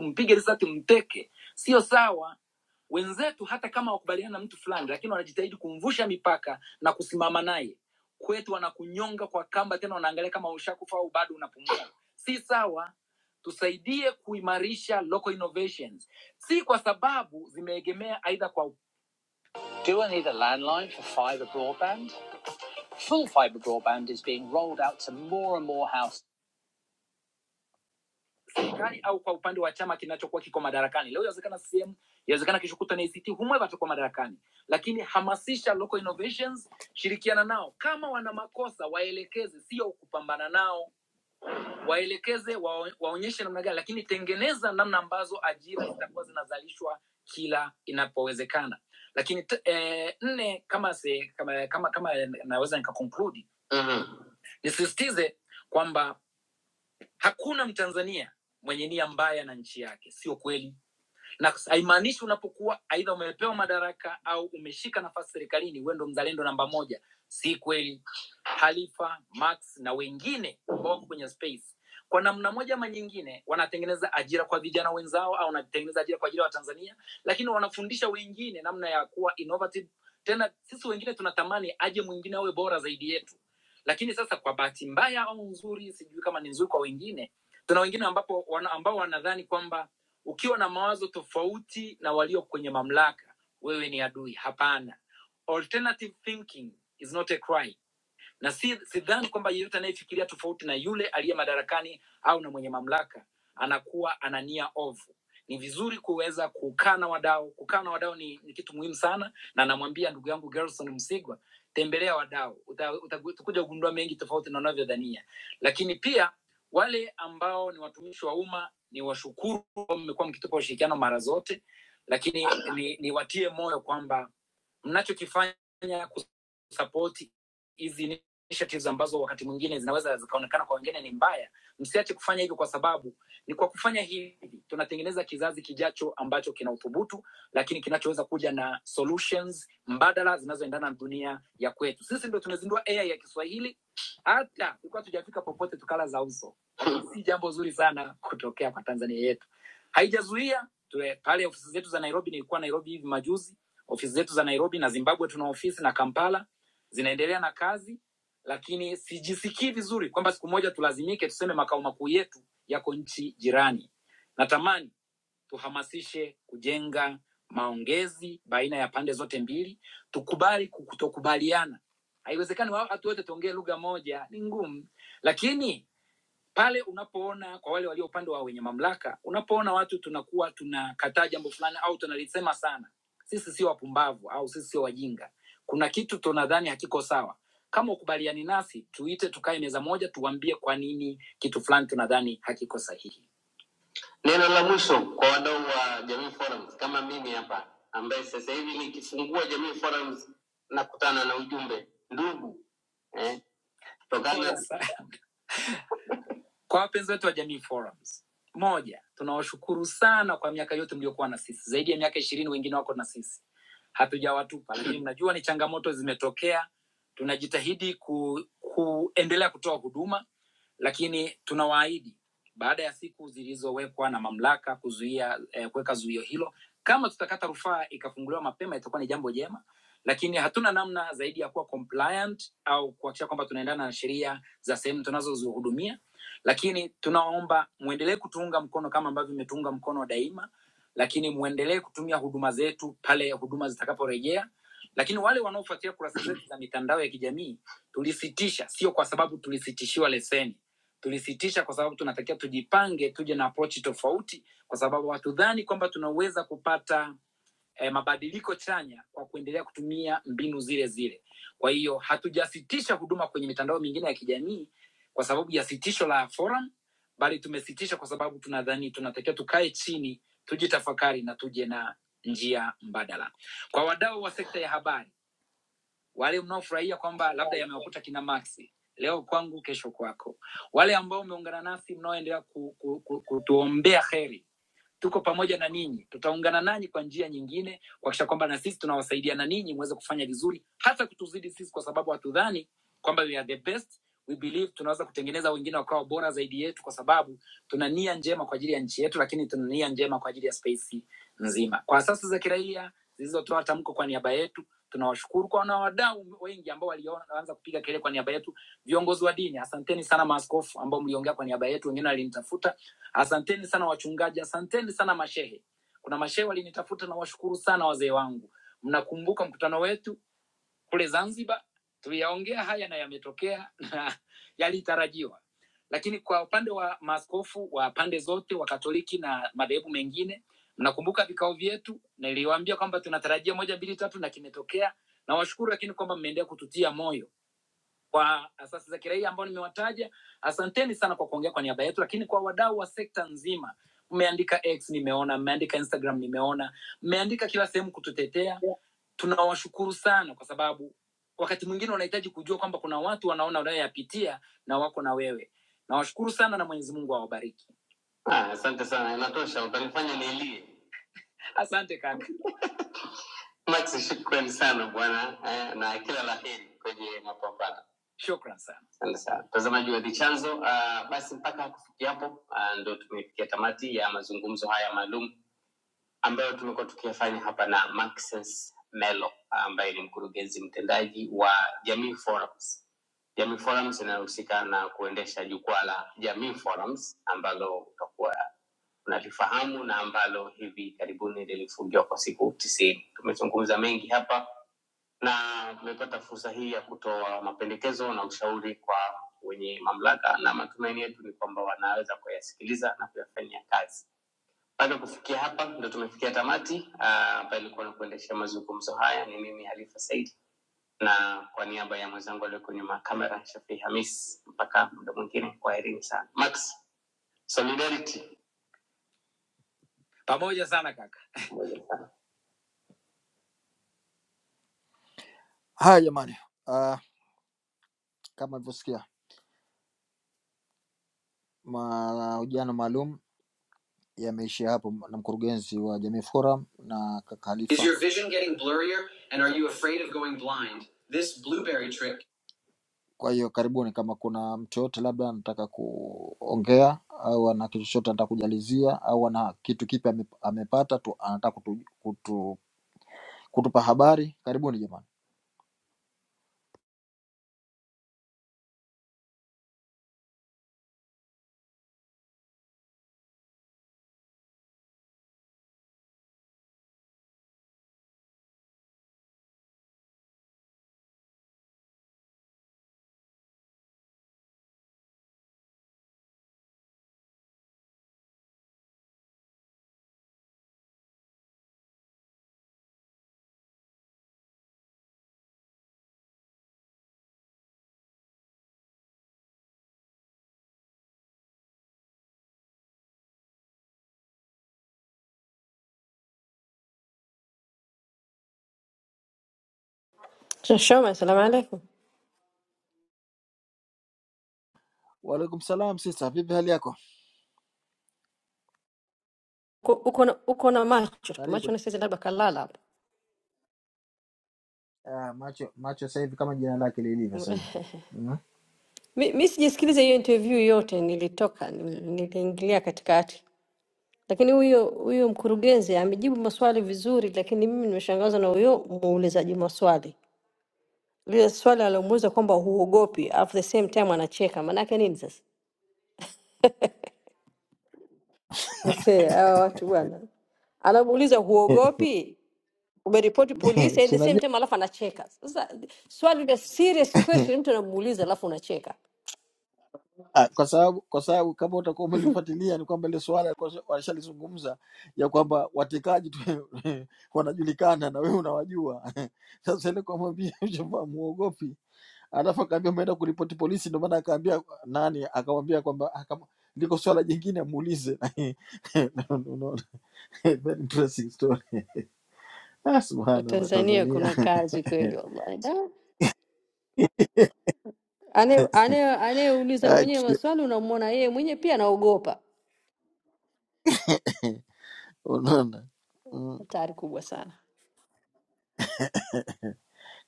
A: mpige risasi mteke, sio sawa wenzetu hata kama wakubaliana na mtu fulani lakini wanajitahidi kumvusha mipaka na kusimama naye kwetu wanakunyonga kwa kamba tena wanaangalia kama ushakufa au bado unapumua si sawa tusaidie kuimarisha local innovations si kwa sababu zimeegemea aidha kwa Tewa- serikali au kwa upande wa chama kinachokuwa kiko madarakani leo inawezekana sehemu inawezekana kesho kuta na ACT humwe watakuwa madarakani lakini hamasisha local innovations shirikiana nao kama wana makosa waelekeze sio kupambana nao waelekeze wa, waonyeshe namna gani lakini tengeneza namna ambazo ajira zitakuwa zinazalishwa kila inapowezekana lakini t- eh, nne kama se, kama kama, kama naweza nikakonkludi mm-hmm. nisisitize kwamba hakuna mtanzania mwenye nia mbaya na nchi yake sio kweli na kus- haimaanishi unapokuwa aidha umepewa madaraka au umeshika nafasi serikalini huwe ndo mzalendo namba moja si kweli halifa max na wengine ambao wako kwenye space kwa namna moja ama nyingine wanatengeneza ajira kwa vijana wenzao au wanatengeneza ajira kwa ajili ya watanzania lakini wanafundisha wengine namna ya kuwa innovative tena sisi wengine tunatamani aje mwingine awe bora zaidi yetu lakini sasa kwa bahati mbaya au nzuri sijui kama ni nzuri kwa wengine tuna wengine ambapo wana, ambao wanadhani kwamba ukiwa na mawazo tofauti na walio kwenye mamlaka wewe ni adui hapana alternative thinking is not a crime na si sidhani kwamba yeyote anayefikiria tofauti na yule aliye madarakani au na mwenye mamlaka anakuwa ana nia ovu. Ni vizuri kuweza kukaa na wadau. Kukaa na wadau ni, ni kitu muhimu sana, na namwambia ndugu yangu Gerson Msigwa, tembelea wadau, utakuja uta, uta- utakuja kugundua mengi tofauti na unavyodhania. Lakini pia wale ambao ni watumishi wa umma, ni washukuru, mmekuwa mkitupa ushirikiano mara zote, lakini ni, ni watie moyo kwamba mnachokifanya kusapoti hizi initiatives ambazo wakati mwingine zinaweza zikaonekana kwa wengine ni mbaya msiache kufanya hivyo kwa sababu ni kwa kufanya hivi tunatengeneza kizazi kijacho ambacho kina uthubutu lakini kinachoweza kuja na solutions mbadala zinazoendana na dunia ya kwetu sisi ndo tunazindua ai ya kiswahili hata tulikuwa tujafika popote tukala za uso si jambo zuri sana kutokea kwa Tanzania yetu. Haijazuia tule- pale ofisi zetu za Nairobi, nilikuwa Nairobi hivi majuzi, ofisi zetu za Nairobi na Zimbabwe tuna ofisi na Kampala zinaendelea na kazi, lakini sijisikii vizuri kwamba siku moja tulazimike tuseme makao makuu yetu yako nchi jirani. Natamani tuhamasishe kujenga maongezi baina ya pande zote mbili, tukubali kutokubaliana. Haiwezekani wa- watu wote tuongee lugha moja, ni ngumu, lakini pale unapoona kwa wale walio upande wa wenye mamlaka unapoona watu tunakuwa tunakataa jambo fulani au tunalisema sana sisi sio wapumbavu au sisi sio wajinga kuna kitu tunadhani hakiko sawa kama ukubaliani nasi tuite tukae meza moja tuwambie kwa nini kitu fulani tunadhani hakiko sahihi Neno la mwisho kwa wadau wa Jamii Forums kama mimi hapa ambaye sasa hivi nikifungua Jamii Forums nakutana na ujumbe ndugu eh, tokana kwa wapenzi wetu wa Jamii Forums, moja, tunawashukuru sana kwa miaka yote mliokuwa na sisi, zaidi ya miaka ishirini, wengine wako na sisi, hatujawatupa lakini najua ni changamoto zimetokea. Tunajitahidi ku, kuendelea kutoa huduma, lakini tunawaahidi baada ya siku zilizowekwa na mamlaka kuzuia eh, kuweka zuio hilo, kama tutakata rufaa ikafunguliwa mapema, itakuwa ni jambo jema, lakini hatuna namna zaidi ya kuwa compliant au kuhakikisha kwamba tunaendana na sheria za sehemu tunazozihudumia lakini tunaomba mwendelee kutuunga mkono kama ambavyo mmetuunga mkono daima, lakini mwendelee kutumia huduma zetu pale huduma zitakaporejea. Lakini wale wanaofuatia kurasa zetu za mitandao ya kijamii tulisitisha, sio kwa sababu tulisitishiwa leseni, tulisitisha kwa sababu tunatakiwa tujipange, tuje na approach tofauti, kwa sababu hatudhani kwamba tunaweza kupata eh, mabadiliko chanya kwa kuendelea kutumia mbinu zile zile. Kwa hiyo hatujasitisha huduma kwenye mitandao mingine ya kijamii kwa sababu ya sitisho la forum, bali tumesitisha kwa sababu tunadhani tunatakiwa tukae chini, tujitafakari na tuje na njia mbadala. Kwa wadau wa sekta ya habari, wale mnaofurahia kwamba labda yamewakuta kina Maxi leo kwangu, kesho kwako, wale ambao umeungana nasi mnaoendelea kutuombea ku, ku, ku, kutuombea heri tuko pamoja na ninyi tutaungana nanyi kwa njia nyingine kuhakikisha kwamba na sisi tunawasaidiana ninyi muweze kufanya vizuri hata kutuzidi sisi kwa sababu hatudhani kwamba we are the best we believe tunaweza kutengeneza wengine wakawa bora zaidi yetu kwa sababu tuna nia njema kwa ajili ya nchi yetu lakini tuna nia njema kwa ajili ya space nzima kwa asasi za kiraia zilizotoa tamko kwa niaba yetu tunawashukuru kwa na wadau wengi ambao walianza kupiga kelele kwa niaba yetu viongozi wa dini asanteni sana maaskofu ambao mliongea kwa niaba yetu wengine walinitafuta Asanteni sana wachungaji, asanteni sana mashehe. Kuna mashehe walinitafuta, na washukuru sana wazee wangu. Mnakumbuka mkutano wetu kule Zanzibar, tuliyaongea haya na yametokea na yalitarajiwa. Lakini kwa upande wa maaskofu wa pande zote wa Katoliki na madhehebu mengine, mnakumbuka vikao vyetu, niliwaambia kwamba tunatarajia moja, mbili, tatu na kimetokea. Nawashukuru lakini kwamba mmeendelea kututia moyo kwa asasi za kiraia ambao nimewataja. Asanteni sana kwa kuongea kwa niaba yetu, lakini kwa wadau wa sekta nzima, mmeandika X nimeona, mmeandika Instagram nimeona, mmeandika kila sehemu kututetea. Tunawashukuru sana kwa sababu wakati mwingine unahitaji kujua kwamba kuna watu wanaona unayoyapitia na wako na wewe. Nawashukuru sana na Mwenyezi Mungu awabariki. Ah, Asante sana, inatosha, utanifanya nilie. Asante kaka. Max, shukrani sana bwana eh, na kila la heri kwenye mapambano. Shukran sana asante sana mtazamaji wa The Chanzo. Uh, basi mpaka kufikia hapo uh, ndo tumefikia tamati ya mazungumzo haya maalum ambayo tumekuwa tukiyafanya hapa na Maxens Melo ah, ambaye ni mkurugenzi mtendaji wa Jamii Forums. Jamii Forums inayohusika na kuendesha jukwaa la Jamii Forums ambalo utakuwa unalifahamu na ambalo hivi karibuni lilifungiwa kwa siku tisini. Tumezungumza mengi hapa na tumepata fursa hii ya kutoa mapendekezo na ushauri kwa wenye mamlaka, na matumaini yetu ni kwamba wanaweza kuyasikiliza na kuyafanyia kazi. Baada ya kufikia hapa, ndo tumefikia tamati. Ah, Ambaye ilikuwa na kuendesha mazungumzo haya ni mimi Halifa Said, na kwa niaba ya mwenzangu aliyo kwenye makamera Shafii Hamis, mpaka muda mwingine, kwaherini sana. Max, solidarity Pamoja sana kaka. Moja. Haya jamani, uh, kama alivyosikia mahojiano maalum yameishia hapo na mkurugenzi wa Jamii Forum na kaka Is Halifa. your vision trick? Kwa hiyo karibuni, kama kuna mtu yoyote labda anataka kuongea au ana kitu chochote anataka kujalizia au ana kitu kipi ame- amepata tu anataka kutu, kutu, kutupa habari, karibuni jamani.
H: Shoma, salamu alaikum.
A: Waalaikum salam sisa, vipi hali yako?
H: Uko uko na uko na macho
A: Karibu.
H: macho, nasikia labda kalala hapo.
A: Ah, macho macho sasa hivi kama jina lake lilivyo sasa hivi mm?
H: Mi, mi sijasikiliza hiyo interview yote, nilitoka nil- niliingilia katikati, lakini huyo huyo mkurugenzi amejibu maswali vizuri, lakini mimi nimeshangazwa na huyo muulizaji maswali, lile swali alomuuliza kwamba huogopi, at the same time anacheka. Maanake nini sasa? Asee, hawa watu bwana, anamuuliza huogopi, umeripoti polisi and
A: si
H: the same
A: unajua
H: time alafu anacheka sasa swali la serious question mtu anamuuliza alafu unacheka
A: Ah, kwa sababu kwa sababu kama utakuwa umelifuatilia ni kwamba ile suala alikuwa walishalizungumza ya kwamba watekaji tu wanajulikana na wewe unawajua. Sasa ile kumwambia chumba muogopi, alafu akaambia umeenda kuripoti polisi, ndio maana akaambia nani, akamwambia kwamba "Ah, kama liko swala jingine muulize. No, no, no. Very interesting story. Ah, subhanallah
H: tanzania
A: Tanzania.
H: kuna kazi kweli wallahi Da. Anaye- anaye- anayeuliza mwenyewe maswali unamwona yeye mwenyewe pia anaogopa
A: Okay. Unaona Mm,
H: hatari kubwa sana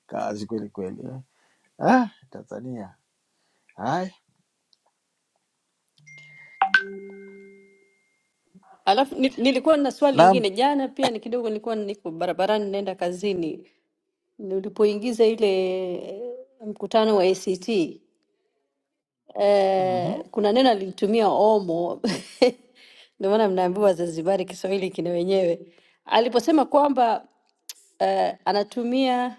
A: kazi kweli kweli eh. Ah, Tanzania Haya,
H: alafu ni, nilikuwa na swali
A: Naam,
H: lingine jana pia ni kidogo nilikuwa niko barabarani naenda kazini ulipoingiza ile eh, mkutano wa act
A: mhm.
H: Eh, kuna neno alilitumia omo, ndio maana mnaambiwa Wazanzibari Kiswahili kina wenyewe, aliposema kwamba eh, anatumia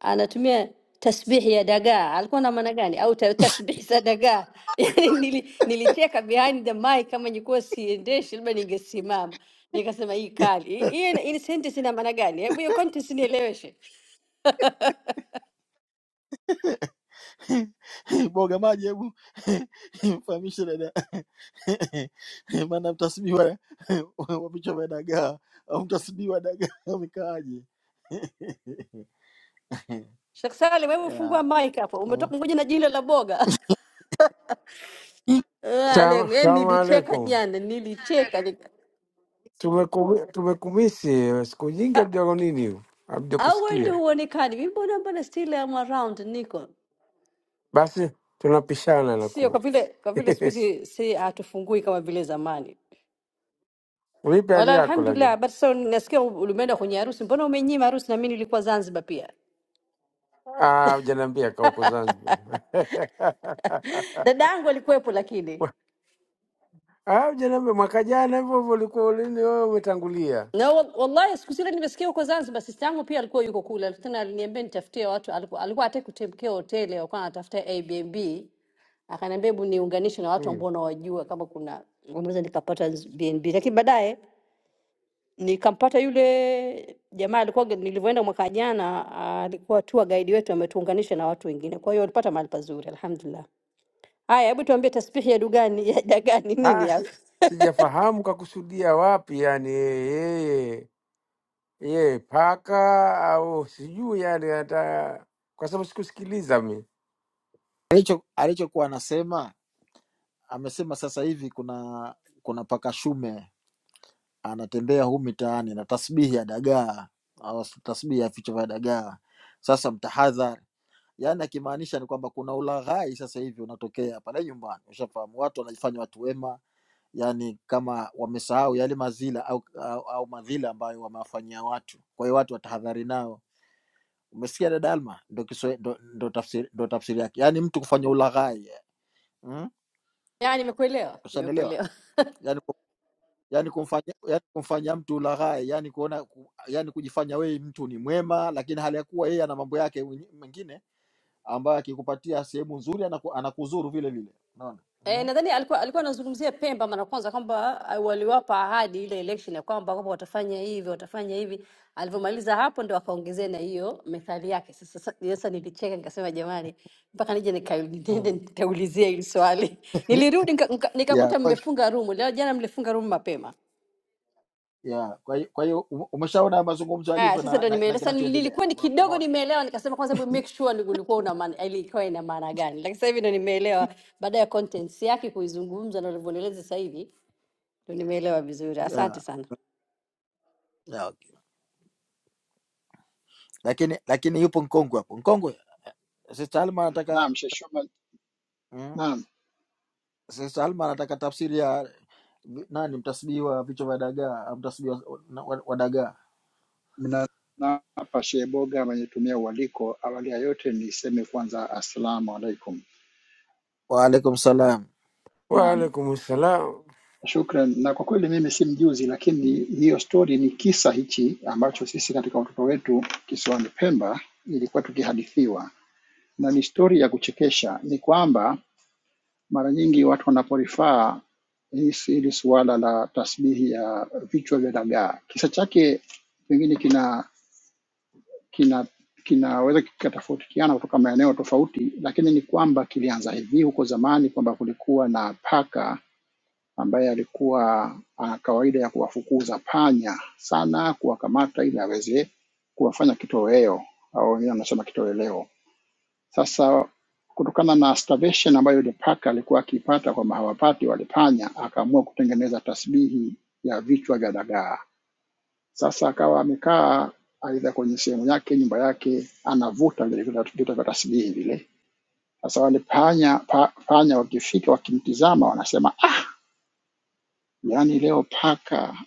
H: anatumia tasbihi ya dagaa, alikuwa na maana gani? Au ta- tasbihi za dagaa? Yani nili, nilicheka behind the mic, kama nilikuwa siendeshi, labda ningesimama nikasema hii kali hii, hii hii sentence ina maana gani? Hebu hiyo context nieleweshe.
A: boga maji, hebu mfahamishe dada, maana mtasibiwa wapichwa vya dagaa au mtasibiwa dagaa wamekaaje?
H: Sheikh Salim, hebu fungua
A: Ya,
H: mic hapo,
A: mm.
H: umetoka kuja na jino la boga. Ah, le-
B: Sama-
H: le
B: Salamu
H: nilicheka
B: alaikum.
H: jana, nilicheka nika-
B: Tumeku- Tumekumisi siku nyingi,
H: Ah,
B: hatuja nini, hatuja
H: au wewe ndio
B: kusikia.
H: huonekani, mi mbona mbona still am around, niko
B: Basi tunapishana
H: sio
B: nakuwa
H: kwa vile kwa vile siku hizi si hatufungui kama vile zamani.
B: vipi hali
H: Wala
B: yako
H: alhamdulillah,
B: lakini?
H: habari sasa nasikia u- ulimeenda kwenye harusi, mbona umenyima harusi? Na mimi nilikuwa Zanzibar pia,
B: Ah, hujaniambia kaa huko Zanzibar.
H: dada yangu alikuwepo lakini
B: Ah, hujaniambia mwaka jana hivyo hivyo ulikuwa ulini wewe umetangulia.
H: na wa- wallahi siku zile nimesikia huko Zanzibar, sista yangu pia alikuwa yuko kule, tena aliniambia nitafutie watu, alikuwa alikuwa hataki kutemkea hoteli, alikuwa anatafuta Airbnb, akaniambia hebu niunganishe na watu
B: Hmm.
H: ambao nawajua kama kuna unaweza nikapata z- BNB, lakini baadaye nikampata yule jamaa alikuwa nilivyoenda mwaka jana, ah, alikuwa tour guide wetu, ametuunganisha na watu wengine, kwa hiyo alipata mahali pazuri, alhamdulillah. Haya, hebu tuambie tasbihi ya dugani ya dagani nini
B: Ah,
H: hapa?
B: si, sijafahamu kakusudia wapi, yani yeye yeye paka au sijui, yani hata kwa sababu sikusikiliza mi.
A: Alicho- alichokuwa anasema amesema sasa hivi kuna kuna paka shume anatembea huu mitaani na tasbihi ya dagaa au tasbihi ya vichwa vya dagaa. Sasa mtahadhari, yaani akimaanisha ni kwamba kuna ulaghai sasa hivi unatokea pale nyumbani, ushafahamu, watu wanajifanya watu wema, yaani kama wamesahau yale mazila au, au, au madhila ambayo wamewafanyia watu. Kwa hiyo watu watahadhari nao. Umesikia dada Alma? Ndo, kiswa- ndo, ndo, tafsiri, ndo tafsiri yake, yaani mtu kufanya ulaghai mm?
H: Ya, nimekuelewa,
A: Ushanielewa?
H: nimekuelewa.
A: yani kumfanya, yani kumfanya mtu ulaghai, yani kuona ku, yani kujifanya wewe mtu ni mwema, lakini hali ya kuwa yeye ana mambo yake mwenye- mengine ambayo akikupatia sehemu nzuri anaku, anakuzuru vile vile, unaona
H: Eh,
A: mm.
H: nadhani alikuwa alikuwa anazungumzia Pemba mara kwanza kwamba ah, waliwapa ahadi ile election ya kwamba kwamba watafanya hivi watafanya hivi. Alivyomaliza hapo ndo akaongezea na hiyo methali yake. Sasa sasa sasa nilicheka nikasema, jamani, mpaka nije nika- niende
A: Mm.
H: nikaulizie hili swali. Nilirudi nika- nika-
A: Yeah,
H: nikakuta
A: kwa,
H: mmefunga room leo, jana mlifunga room mapema.
A: yeah. Kwa hiyo kwa hiyo ume- umeshaona mazungumzo
H: Haya,
A: yalivyo
H: sasa
A: na,
H: ndo
A: na, na
H: nimeelewa. Sasa
A: kinachoendelea
H: nilikuwa ni
A: Ume-
H: kidogo
A: umeona
H: nimeelewa, nikasema kwanza hebu make sure ni- ulikuwa una maana ilikuwa ina maana gani, lakini sasa hivi ndo nimeelewa baada ya contents yake kuizungumza na ulivyonieleza sasa hivi Nimeelewa vizuri, asante
A: yeah,
H: sana.
A: yeah, okay. Lakini lakini yupo mkongwe hapo, mkongwe Sister Alma anataka
I: Naam, Sheshoma,
A: mm,
I: naam,
A: Sister Alma anataka tafsiri ya vi- nani mtasbii wa vichwa vya dagaa, au mtasbii wa, na- wa, wa dagaa
I: Mna, naam, hapa Sheikh Boga amenitumia ualiko. Awali ya yote niseme kwanza assalamu alaikum
A: Waalaikum salam.
I: na
B: Waalaikum salam.
I: shukran. Na kwa kweli mimi si mjuzi, lakini hiyo story ni kisa hichi ambacho sisi katika watoto wetu kisiwani Pemba ilikuwa tukihadithiwa, na ni stori ya kuchekesha. Ni kwamba mara nyingi watu wanaporifaa hili hili suala la tasbihi ya vichwa vya dagaa, kisa chake pengine kina kinaweza kikatofautiana kutoka maeneo tofauti, lakini ni kwamba kilianza hivi huko zamani kwamba kulikuwa na paka ambaye alikuwa ana kawaida ya kuwafukuza panya sana, kuwakamata ili aweze kuwafanya kitoweo au wengine wanasema kitoweleo. Sasa kutokana na starvation ambayo yule paka alikuwa akiipata kwamba hawapati wale panya, akaamua kutengeneza tasbihi ya vichwa vya dagaa sasa akawa amekaa aidha kwenye sehemu yake, nyumba yake, anavuta vile vitu vitu vya tasbihi vile. Sasa wale panya pa, panya wakifika wakimtizama, wanasema ah, yaani leo paka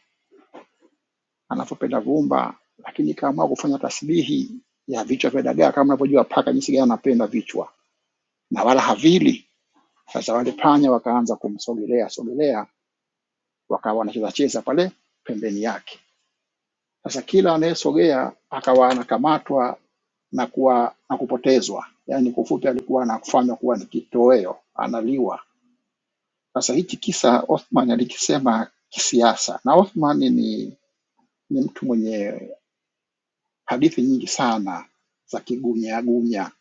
I: anavyopenda vumba, lakini kaamua kufanya tasbihi ya vichwa vya dagaa. Kama unavyojua paka jinsi gani anapenda vichwa na wala havili. Sasa wale panya wakaanza kumsogelea sogelea, wakawa wanacheza cheza pale pembeni yake. Sasa kila anayesogea akawa anakamatwa na kuwa na kupotezwa, yaani kwa ufupi alikuwa anafanywa kuwa ni kitoweo, analiwa. Sasa hichi kisa Othman alikisema kisiasa, na Othman ni, ni mtu mwenye hadithi nyingi sana za kigumiagunya.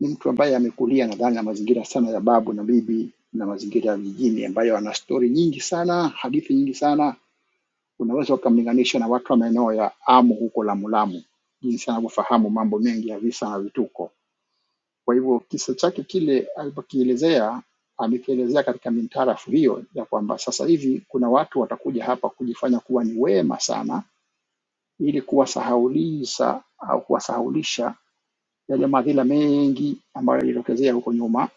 I: Ni mtu ambaye amekulia nadhani na mazingira sana ya babu na bibi na mazingira ya vijijini, ambayo ana stori nyingi sana, hadithi nyingi sana unaweza ukamlinganisha na watu wa maeneo ya Amu huko Lamu Lamu, jinsi anavyofahamu mambo mengi ya visa na vituko. Kwa hivyo kisa chake kile alipokielezea, amekielezea katika mintarafu hiyo ya kwamba sasa hivi kuna watu watakuja hapa kujifanya kuwa ni wema sana, ili kuwasahaulisha au kuwasahaulisha yale madhila mengi ambayo yalijitokezea huko nyuma.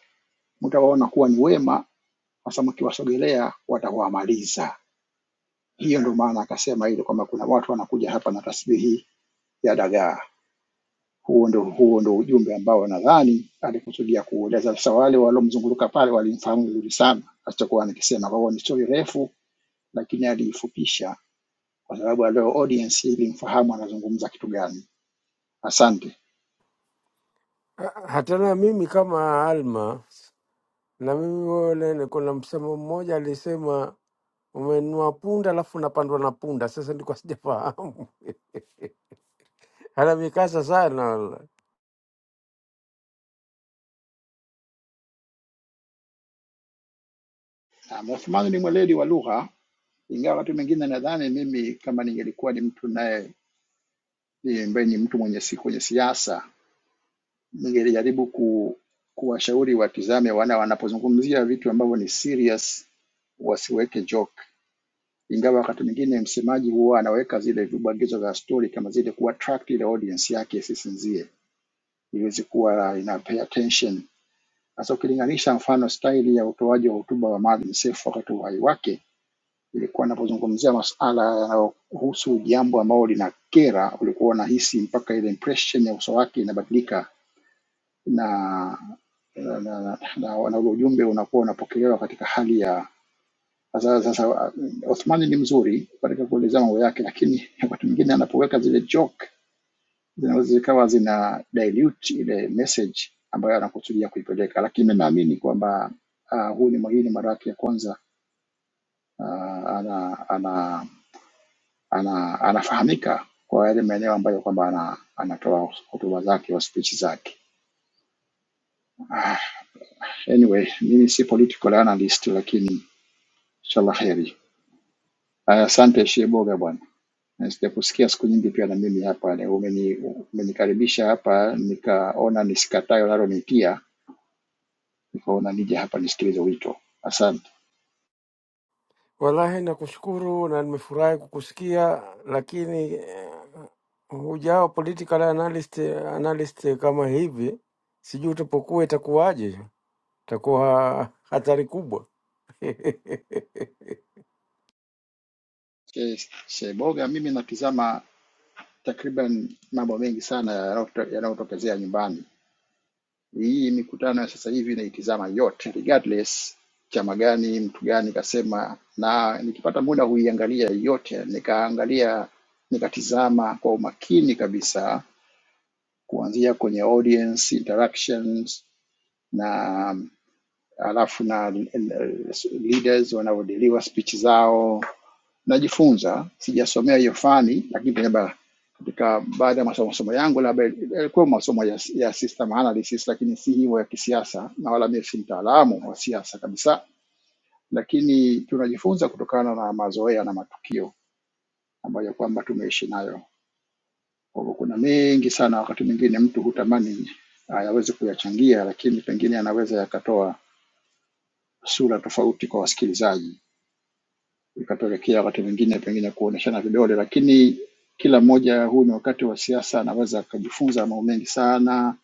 I: Mtawaona kuwa ni wema, hasa mkiwasogelea watawamaliza. Hiyo ndio maana akasema ile kwamba kuna watu wanakuja hapa na tasbihi ya dagaa. Huo ndo, huo ndo ujumbe ambao nadhani alikusudia kuueleza. Sasa wale waliomzunguka pale walimfahamu vizuri sana alichokuwa anakisema. Kwa hiyo ni stori refu, lakini aliifupisha kwa sababu alio audience ilimfahamu anazungumza kitu gani. Asante.
B: Ha- Hata na mimi kama Alma, na mimi wale, kuna msemo mmoja alisema umenunua punda alafu unapandwa na punda. Sasa ndiko sijafahamu, anamikasa sana wala.
I: Na Othmani ni mweledi wa lugha, ingawa wakati mwingine nadhani mimi kama ningelikuwa ni mtu naye ni- ambaye ni mtu mwenye si kwenye siasa, ningelijaribu ku, kuwashauri watizame wana wanapozungumzia vitu ambavyo ni serious wasiweke joke ingawa wakati mwingine msemaji huwa anaweka zile vibwagizo za story kama zile kuattract ile audience yake isisinzie, iweze kuwa ina pay attention. Sasa ukilinganisha mfano staili ya utoaji wa hotuba wa Maalim Seif wakati wa uhai wake, ilikuwa anapozungumzia masuala yanayohusu jambo ambalo lina kera, ulikuwa unahisi mpaka ile impression ya uso wake inabadilika na na, na, na, na, na ule ujumbe unakuwa unapokelewa katika hali ya sasa, sasa uh, Othmani ni mzuri katika kuelezea mambo yake, lakini wakati mwingine anapoweka zile joke zinaweza zikawa zina dilute ile message ambayo anakusudia kuipeleka, lakini mimi naamini kwamba uh, huu ni hii ni mara yake ya kwanza uh, ana, ana, ana, anafahamika kwa yale maeneo ambayo kwamba ana, anatoa hotuba zake au speech zake. Ah, anyway, mimi si political analyst, lakini inshallah heri. Aya, Asante Sheboga bwana. na sijakusikia siku nyingi pia na mimi hapa ni- umeni- umenikaribisha hapa nikaona nisikatae unalonitia nikaona nije hapa nisikilize wito asante
B: Wallahi nakushukuru na nimefurahi kukusikia, lakini eh, hujao political analyst, analyst kama hivi, sijui utapokuwa itakuwaje, itakuwa hatari kubwa
I: Yes, sheboga mimi natizama takriban mambo mengi sana yanayoto- yanayotokezea nyumbani hii mikutano ya sasa hivi naitizama yote regardless chama gani mtu gani kasema na nikipata muda huiangalia yote nikaangalia nikatizama kwa umakini kabisa kuanzia kwenye audience interactions na alafu na eh, leaders wanavyodiliwa speech zao najifunza sijasomea hiyo fani lakini kwenye ba- katika baada ya masomo masomo yangu labda yalikuwa masomo ya, ya system analysis lakini si hiyo ya kisiasa na wala mimi si mtaalamu wa siasa kabisa lakini tunajifunza kutokana na mazoea na matukio ambayo kwamba tumeishi nayo kwa hivyo kuna mengi sana, wakati mwingine mtu hutamani ayaweze kuyachangia, lakini pengine anaweza yakatoa sura tofauti kwa wasikilizaji, ikapelekea wakati mwingine pengine kuoneshana vidole, lakini kila mmoja, huu ni wakati wa siasa, anaweza akajifunza mambo mengi sana.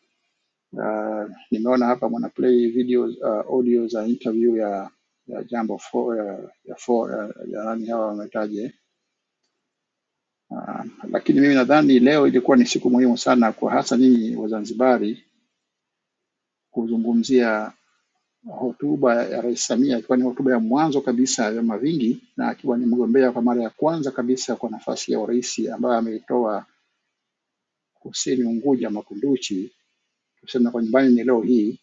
I: Uh, nimeona hapa mwana play video uh, audio za interview ya ya jambo fo, ya, ya, fo, ya, ya nani hawa wametaje, uh, lakini mimi nadhani leo ilikuwa ni siku muhimu sana kwa hasa nyinyi Wazanzibari kuzungumzia hotuba ya Rais Samia, ikiwa ni hotuba ya mwanzo kabisa ya vyama vingi na akiwa ni mgombea kwa mara ya kwanza kabisa kwa nafasi ya urais ambayo ameitoa kusini Unguja Makunduchi, tuseme kwa nyumbani ni leo hii,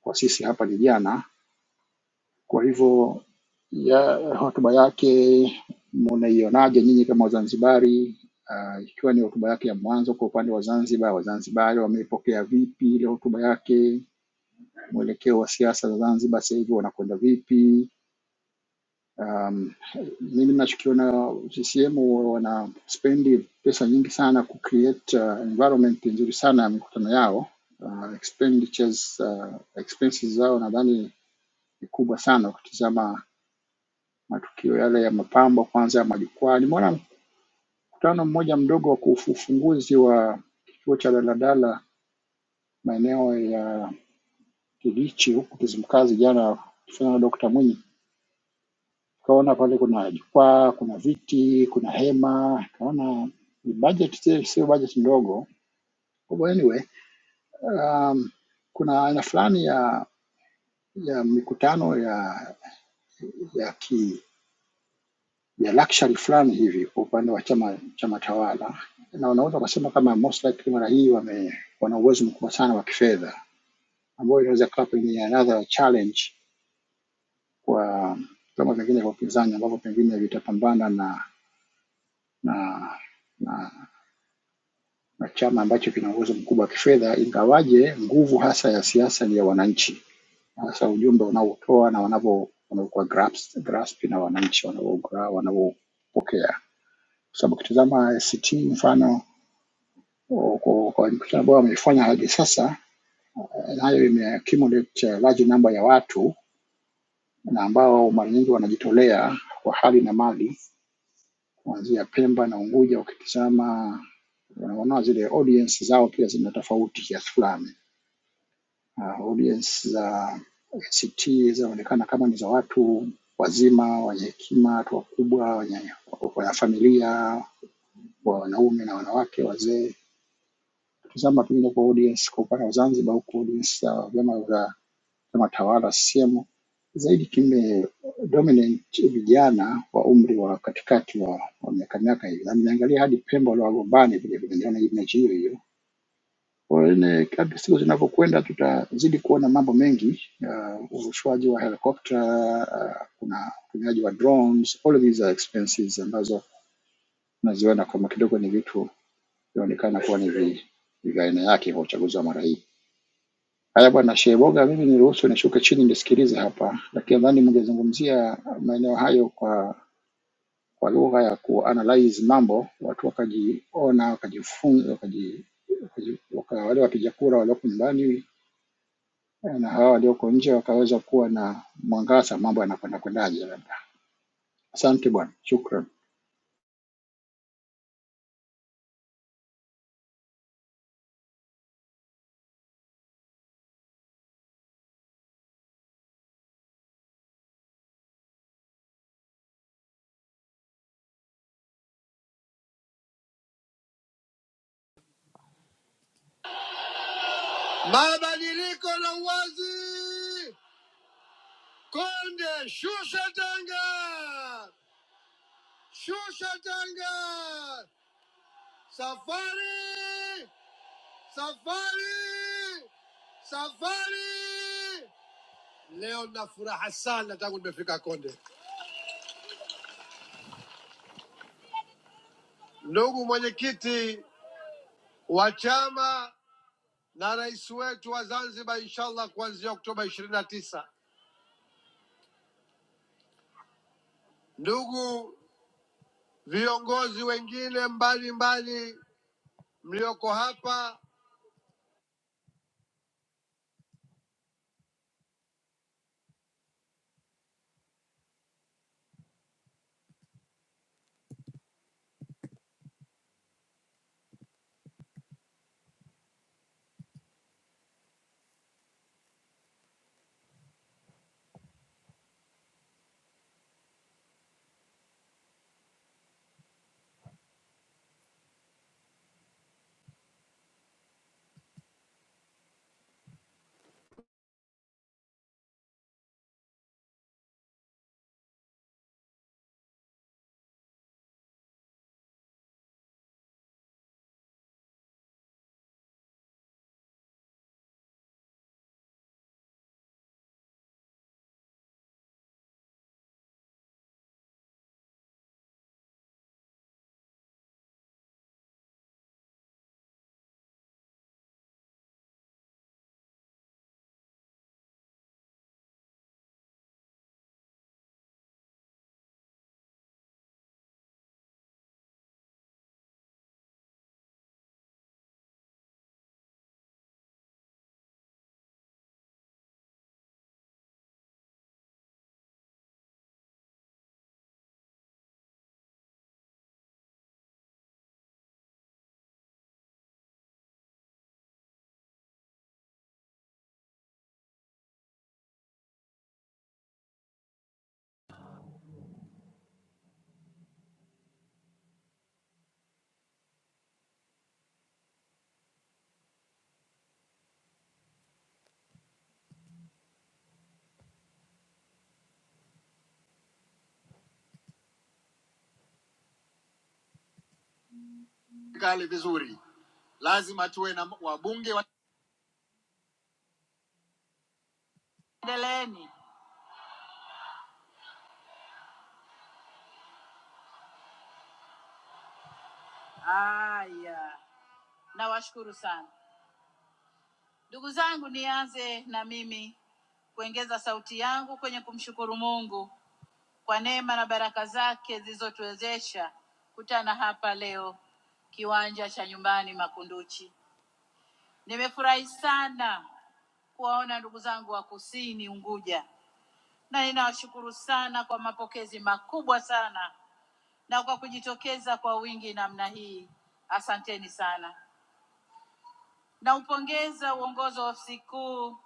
I: kwa sisi hapa ni jana. Kwa hivyo ya hotuba yake munaionaje nyinyi kama Wazanzibari? Uh, ikiwa ni hotuba yake ya mwanzo kwa upande wa Zanzibar, Wazanzibari wameipokea vipi ile hotuba yake? Mwelekeo wa siasa za Zanzibar sasa hivi wanakwenda vipi? Um, mimi nachokiona CCM wana spendi pesa nyingi sana ku create uh, environment nzuri sana ya mikutano yao. Uh, expenditures uh, expenses zao nadhani ni kubwa sana ukitizama matukio yale ya mapambo kwanza ya majukwaa. Nimeona mkutano mmoja mdogo wa kufu- ufunguzi wa kituo cha daladala maeneo ya Kilichi huku Kizimkazi jana, kufanya na Dr. Mwinyi tukaona pale kuna jukwaa, kuna viti, kuna hema. Tukaona ni budget, sio sio budget ndogo. Kwa hivyo anyway, um, kuna aina fulani ya ya mikutano ya ya ki ya luxury fulani hivi kwa upande wa chama chama tawala, na unaweza ukasema kama most likely mara hii wame wana uwezo mkubwa sana wa kifedha, ambayo inaweza kuwa pengine another challenge kwa um, vyama vingine vya upinzani ambavyo pengine vitapambana na na na na chama ambacho kina uwezo mkubwa wa kifedha, ingawaje nguvu hasa ya siasa ni ya wananchi, hasa ujumbe wanaotoa na wanavyo wanavyokuwa grasp, grasp na wananchi wanavyogra- wanavyopokea, kwa sababu ukitizama ACT mfano o- kwa kwa mikutano ambayo wameifanya hadi sasa, eh, nayo imeaccumulate eh, large number ya watu na ambao mara nyingi wanajitolea kwa hali na mali, kuanzia Pemba na Unguja. Ukitizama unaona zile audience zao pia zina tofauti kiasi fulani Ah, audience za ACT zinaonekana kama ni za watu wazima wenye hekima, watu wakubwa, wenye wanafamilia, wanaume na wanawake, wazee. Tazama pengine kwa audience kwa upande wa Zanzibar, huku audience za vyama vya vyama tawala CCM zaidi kime dominant vijana wa umri wa katikati wa wa miaka miaka hiyo, na nimeangalia hadi Pemba waliowagombani vile vile, niliona image hiyo hiyo Waone kadri siku zinavyokwenda, tutazidi kuona mambo mengi, uh, urushwaji wa helikopta, uh, kuna utumiaji wa drones, all of these are expenses ambazo tunaziona kama kidogo ni vitu vinaonekana kuwa ni vi- ni vya aina yake kwa uchaguzi wa mara hii. Haya bwana Sheboga, mimi niruhusu nishuke chini nisikilize hapa, lakini nadhani mngezungumzia maeneo hayo kwa kwa lugha ya kuanalyze mambo, watu wakajiona, wakajifunza, wakaji wakaji- waka, wale wapiga kura walioko nyumbani na hawa walioko nje wakaweza kuwa na mwangaza mambo yanakwenda kwendaje labda. Asante bwana, shukran.
A: Mabadiliko na uwazi. Konde, shusha tanga, shusha tanga. Safari, safari, safari. Leo na furaha sana tangu nimefika Konde. Ndugu mwenyekiti wa chama na rais wetu wa Zanzibar, inshallah kuanzia Oktoba ishirini na tisa. Ndugu viongozi wengine mbalimbali mlioko hapa kali vizuri, lazima tuwe na wabunge wa... Endeleeni. Haya, nawashukuru sana ndugu zangu. Nianze na mimi kuongeza sauti yangu kwenye kumshukuru Mungu kwa neema na baraka zake zilizotuwezesha kutana hapa leo kiwanja cha nyumbani Makunduchi. Nimefurahi sana kuwaona ndugu zangu wa kusini Unguja, na ninawashukuru sana kwa mapokezi makubwa sana na kwa kujitokeza kwa wingi namna hii. Asanteni sana. Naupongeza uongozi wa ofisi kuu,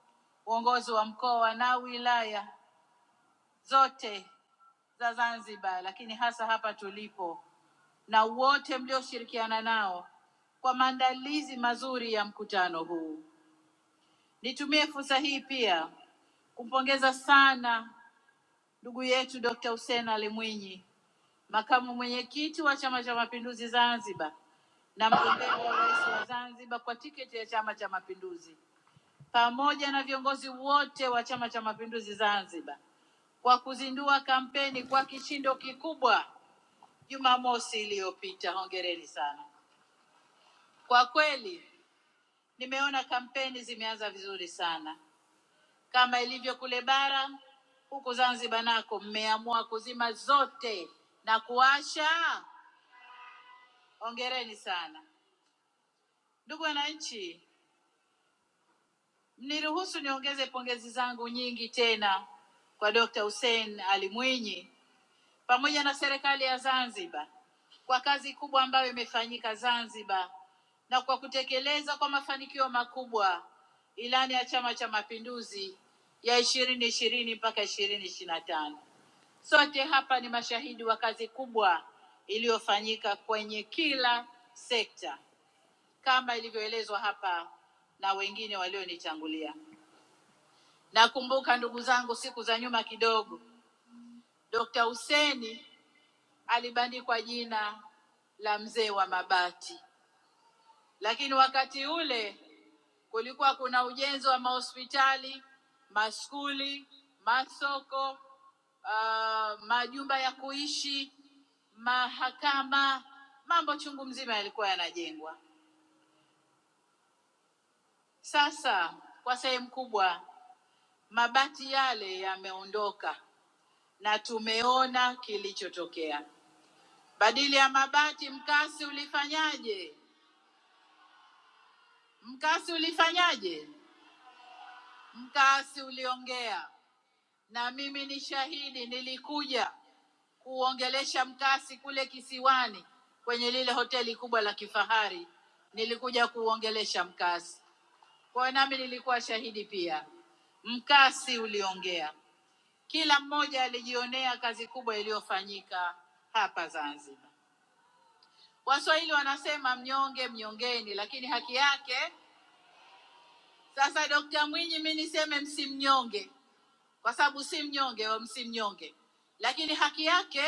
A: uongozi wa mkoa na wilaya zote za Zanzibar, lakini hasa hapa tulipo, na wote mlioshirikiana nao kwa maandalizi mazuri ya mkutano huu. Nitumie fursa hii pia kumpongeza sana ndugu yetu Dr. Hussein Ali Mwinyi makamu mwenyekiti wa Chama cha Mapinduzi Zanzibar na mgombea wa urais wa Zanzibar kwa tiketi ya Chama cha Mapinduzi pamoja na viongozi wote wa Chama cha Mapinduzi Zanzibar kwa kuzindua kampeni kwa kishindo kikubwa Jumamosi iliyopita. Hongereni sana. Kwa kweli nimeona kampeni zimeanza vizuri sana, kama ilivyo kule bara, huku Zanzibar nako mmeamua kuzima zote na kuwasha. Hongereni sana. Ndugu wananchi, mniruhusu niongeze pongezi zangu nyingi tena kwa Dr. Hussein Ali Mwinyi pamoja na serikali ya Zanzibar kwa kazi kubwa ambayo imefanyika Zanzibar na kwa kutekeleza kwa mafanikio makubwa ilani ya Chama cha Mapinduzi ya ishirini ishirini mpaka ishirini ishirini na tano. Sote hapa ni mashahidi wa kazi kubwa iliyofanyika kwenye kila sekta kama ilivyoelezwa hapa na wengine walionitangulia. Nakumbuka ndugu zangu, siku za nyuma kidogo, Dr. Huseni alibandikwa jina la mzee wa mabati, lakini wakati ule kulikuwa kuna ujenzi wa mahospitali, maskuli, masoko, uh, majumba ya kuishi, mahakama, mambo chungu mzima yalikuwa yanajengwa. Sasa kwa sehemu kubwa Mabati yale yameondoka na tumeona kilichotokea. Badili ya mabati, mkasi ulifanyaje? Mkasi ulifanyaje? Mkasi uliongea, na mimi ni shahidi, nilikuja kuongelesha mkasi kule kisiwani kwenye lile hoteli kubwa la kifahari, nilikuja kuongelesha mkasi. Kwa hiyo nami nilikuwa shahidi pia, mkasi uliongea. Kila mmoja alijionea kazi kubwa iliyofanyika hapa Zanzibar. Waswahili wanasema mnyonge mnyongeni, lakini haki yake. Sasa Dokta Mwinyi, mi niseme msimnyonge, kwa sababu si mnyonge, wa msimnyonge, lakini haki yake,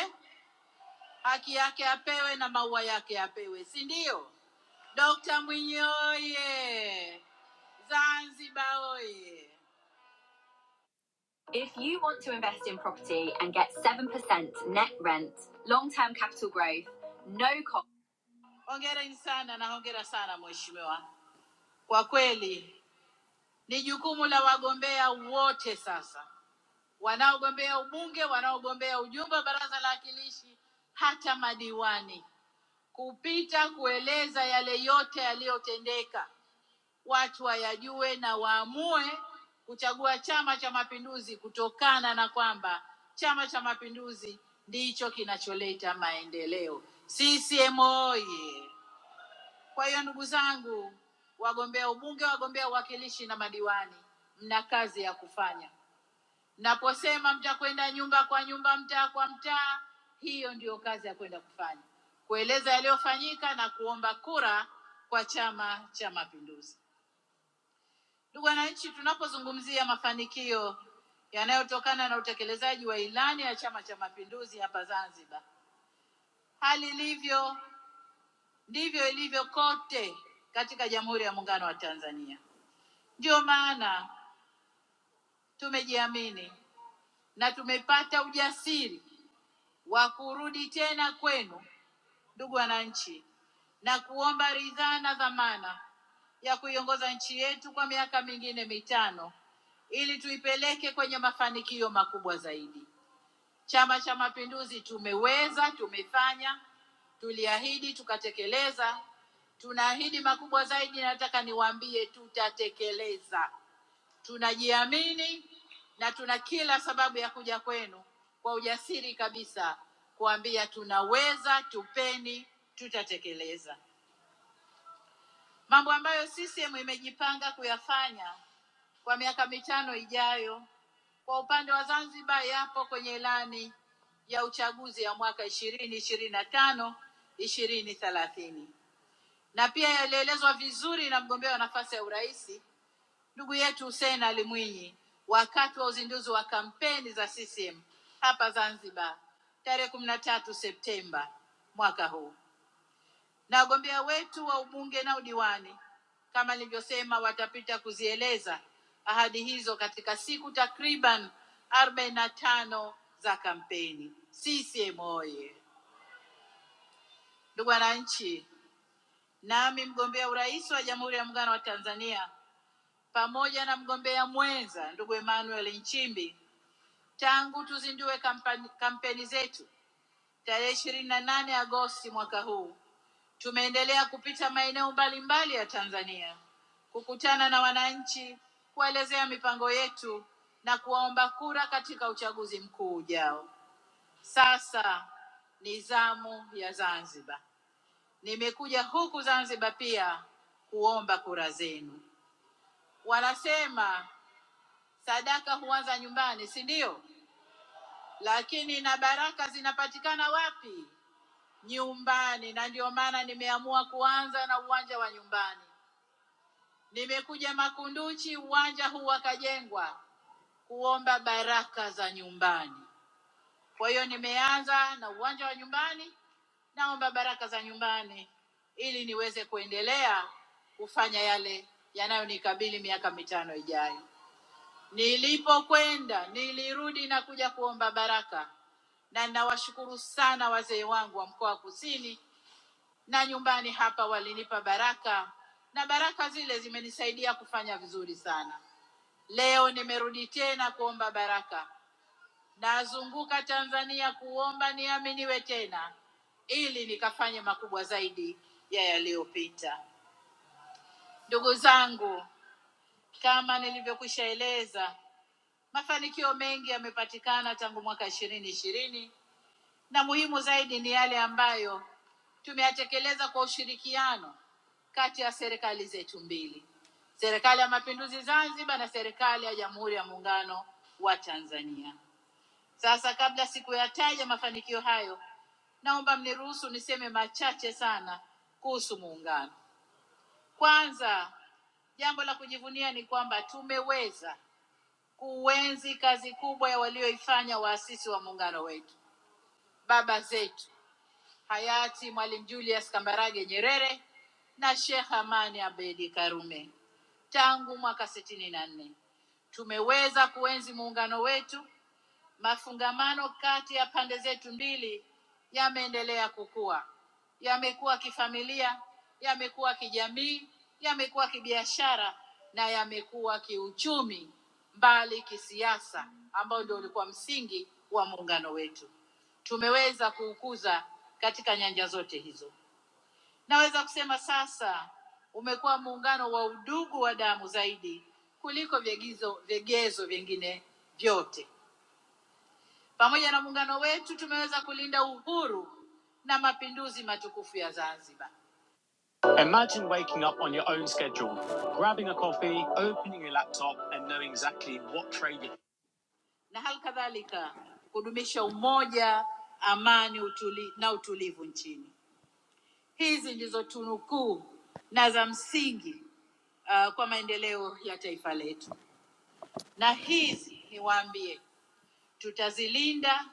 A: haki yake apewe na maua yake apewe, si ndio? Dokta Mwinyi oye! Zanzibar oye! If you want to invest in property and get 7% net rent, long term capital growth, no cost. Hongereni sana na hongera sana mheshimiwa. Kwa kweli ni jukumu la wagombea wote sasa, wanaogombea ubunge, wanaogombea ujumbe wa baraza la wakilishi, hata madiwani, kupita kueleza yale yote yaliyotendeka, watu wayajue na waamue kuchagua Chama cha Mapinduzi kutokana na kwamba Chama cha Mapinduzi ndicho kinacholeta maendeleo. CCM oye! Kwa hiyo ndugu zangu, wagombea ubunge, wagombea uwakilishi na madiwani, mna kazi ya kufanya. Naposema mtakwenda nyumba kwa nyumba, mtaa kwa mtaa, hiyo ndiyo kazi ya kwenda kufanya, kueleza yaliyofanyika na kuomba kura kwa Chama cha Mapinduzi. Ndugu wananchi, tunapozungumzia mafanikio yanayotokana na utekelezaji wa ilani ya Chama cha Mapinduzi hapa Zanzibar, hali ilivyo ndivyo ilivyo kote katika Jamhuri ya Muungano wa Tanzania. Ndiyo maana tumejiamini na tumepata ujasiri wa kurudi tena kwenu, ndugu wananchi, na kuomba ridhaa na dhamana ya kuiongoza nchi yetu kwa miaka mingine mitano ili tuipeleke kwenye mafanikio makubwa zaidi. Chama cha Mapinduzi tumeweza, tumefanya, tuliahidi, tukatekeleza. Tunaahidi makubwa zaidi, nataka niwaambie, tutatekeleza. Tunajiamini na tuna kila sababu ya kuja kwenu kwa ujasiri kabisa kuambia tunaweza, tupeni, tutatekeleza mambo ambayo CCM imejipanga kuyafanya kwa miaka mitano ijayo. Kwa upande wa Zanzibar, yapo kwenye ilani ya uchaguzi ya mwaka ishirini ishirini na tano ishirini thelathini na pia yalielezwa vizuri na mgombea wa nafasi ya urais Ndugu yetu Hussein Ali Mwinyi wakati wa uzinduzi wa kampeni za CCM hapa Zanzibar tarehe kumi na tatu Septemba mwaka huu, na wagombea wetu wa ubunge na udiwani kama nilivyosema, watapita kuzieleza ahadi hizo katika siku takriban arobaini na tano za kampeni. CCM oye! Ndugu wananchi, nami mgombea urais wa Jamhuri ya Muungano wa Tanzania pamoja na mgombea mwenza ndugu Emmanuel Nchimbi Tangu tuzindue kampani, kampeni zetu tarehe ishirini na nane Agosti mwaka huu, tumeendelea kupita maeneo mbalimbali ya Tanzania kukutana na wananchi, kuwaelezea mipango yetu na kuwaomba kura katika uchaguzi mkuu ujao. Sasa ni zamu ya Zanzibar. Nimekuja huku Zanzibar pia kuomba kura zenu. Wanasema sadaka huanza nyumbani, si ndio? Lakini na baraka zinapatikana wapi? nyumbani, na ndio maana nimeamua kuanza na uwanja wa nyumbani. Nimekuja Makunduchi, uwanja huu wakajengwa kuomba baraka za nyumbani. Kwa hiyo nimeanza na uwanja wa nyumbani, naomba baraka za nyumbani ili niweze kuendelea kufanya yale yanayonikabili miaka mitano ijayo. Nilipokwenda nilirudi na kuja kuomba baraka, na ninawashukuru sana wazee wangu wa mkoa wa Kusini na nyumbani hapa walinipa baraka na baraka zile zimenisaidia kufanya vizuri sana. Leo nimerudi tena kuomba baraka, nazunguka Tanzania kuomba niaminiwe tena ili nikafanye makubwa zaidi ya yaliyopita. Ndugu zangu, kama nilivyokwisha eleza, mafanikio mengi yamepatikana tangu mwaka ishirini ishirini na muhimu zaidi ni yale ambayo tumeyatekeleza kwa ushirikiano kati ya serikali zetu mbili, serikali ya mapinduzi Zanzibar na serikali ya Jamhuri ya Muungano wa Tanzania. Sasa, kabla sikuyataja mafanikio hayo, naomba mniruhusu niseme machache sana kuhusu muungano. Kwanza, jambo la kujivunia ni kwamba tumeweza kuenzi kazi kubwa ya walioifanya waasisi wa muungano wetu, baba zetu hayati Mwalimu Julius Kambarage Nyerere na Sheikh Amani Abedi Karume. Tangu mwaka sitini na nne tumeweza kuenzi muungano wetu Mafungamano kati ya pande zetu mbili yameendelea kukua, yamekuwa kifamilia, yamekuwa kijamii, yamekuwa kibiashara na yamekuwa kiuchumi, mbali kisiasa, ambao ndio ulikuwa msingi wa muungano wetu. Tumeweza kuukuza katika nyanja zote hizo. Naweza kusema sasa umekuwa muungano wa udugu wa damu zaidi kuliko vigezo vigezo vingine vyote. Pamoja na muungano wetu tumeweza kulinda uhuru na mapinduzi matukufu ya Zanzibar. Imagine waking up on your own schedule, grabbing a coffee, opening your laptop, and knowing exactly what trade you na hali kadhalika kudumisha umoja, amani utuli, na utulivu nchini. Hizi ndizo tunu kuu na za msingi uh, kwa maendeleo ya taifa letu, na hizi niwaambie, tutazilinda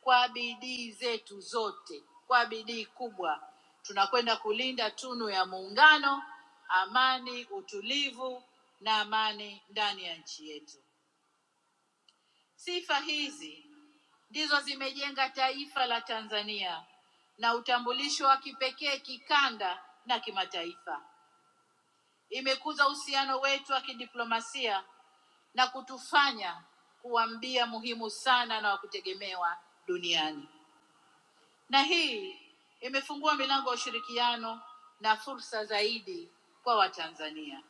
A: kwa bidii zetu zote, kwa bidii kubwa. Tunakwenda kulinda tunu ya muungano, amani, utulivu na amani ndani ya nchi yetu. Sifa hizi ndizo zimejenga taifa la Tanzania na utambulisho wa kipekee kikanda na kimataifa. Imekuza uhusiano wetu wa kidiplomasia na kutufanya kuwa mbia muhimu sana na wa kutegemewa duniani. na hii imefungua milango ya ushirikiano na fursa zaidi kwa Watanzania.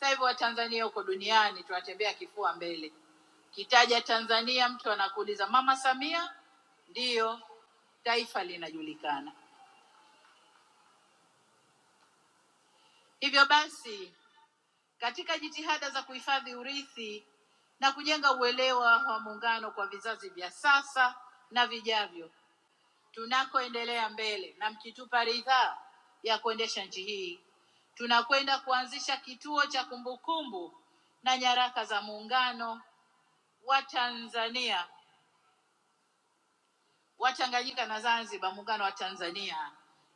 A: Sasa hivi Watanzania huko duniani tunatembea kifua mbele. Kitaja Tanzania, mtu anakuuliza Mama Samia, ndiyo taifa linajulikana. Hivyo basi, katika jitihada za kuhifadhi urithi na kujenga uelewa wa muungano kwa vizazi vya sasa na vijavyo, tunakoendelea mbele na mkitupa ridhaa ya kuendesha nchi hii, tunakwenda kuanzisha kituo cha kumbukumbu na nyaraka za muungano wa Tanzania wa Tanganyika na Zanzibar, muungano wa Tanzania,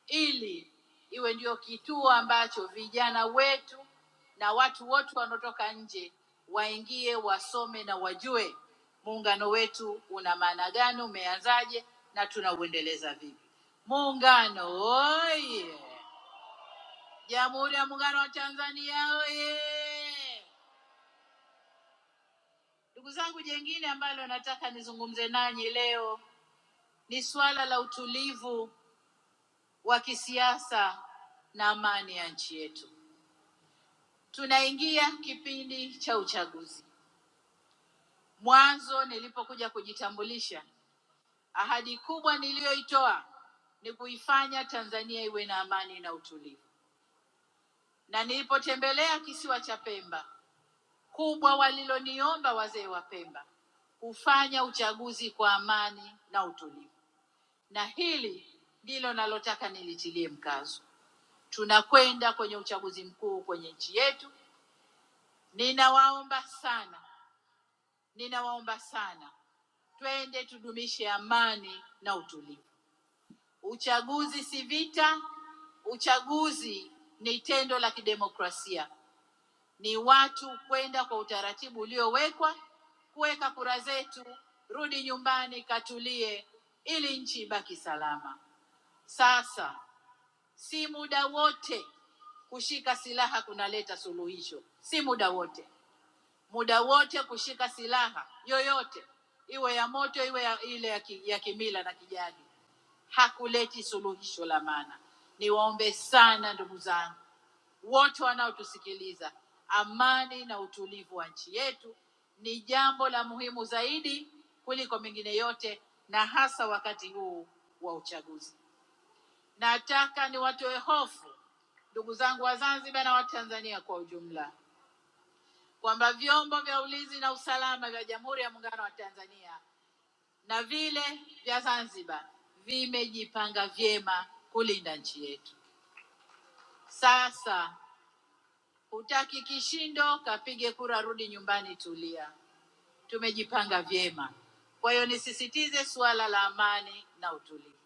A: ili iwe ndio kituo ambacho vijana wetu na watu wote wanaotoka nje waingie, wasome na wajue muungano wetu una maana gani, umeanzaje na tunauendeleza vipi. Muungano oye! Jamhuri ya Muungano wa Tanzania oye! Ndugu zangu, jengine ambalo nataka nizungumze nanyi leo ni swala la utulivu wa kisiasa na amani ya nchi yetu. Tunaingia kipindi cha uchaguzi. Mwanzo nilipokuja kujitambulisha, ahadi kubwa niliyoitoa ni kuifanya Tanzania iwe na amani na utulivu, na nilipotembelea kisiwa cha Pemba, kubwa waliloniomba wazee wa Pemba kufanya uchaguzi kwa amani na utulivu, na hili ndilo nalotaka nilitilie mkazo. Tunakwenda kwenye uchaguzi mkuu kwenye nchi yetu, Ninawaomba sana, ninawaomba sana, twende tudumishe amani na utulivu. Uchaguzi si vita, uchaguzi ni tendo la kidemokrasia, ni watu kwenda kwa utaratibu uliowekwa, kuweka kura zetu, rudi nyumbani, katulie, ili nchi ibaki salama. Sasa si muda wote kushika silaha kunaleta suluhisho, si muda wote muda wote kushika silaha yoyote, iwe ya moto, iwe ya, ile ya, ki, ya kimila na kijadi, hakuleti suluhisho la maana. Niwaombe sana ndugu zangu wote wanaotusikiliza, amani na utulivu wa nchi yetu ni jambo la muhimu zaidi kuliko mengine yote, na hasa wakati huu wa uchaguzi. Nataka niwatoe hofu ndugu zangu wa Zanzibar na wa Tanzania kwa ujumla kwamba vyombo vya ulinzi na usalama vya Jamhuri ya Muungano wa Tanzania na vile vya Zanzibar vimejipanga vyema kulinda nchi yetu. Sasa hutaki kishindo, kapige kura, rudi nyumbani, tulia. Tumejipanga vyema. Kwa hiyo nisisitize suala la amani na utulivu.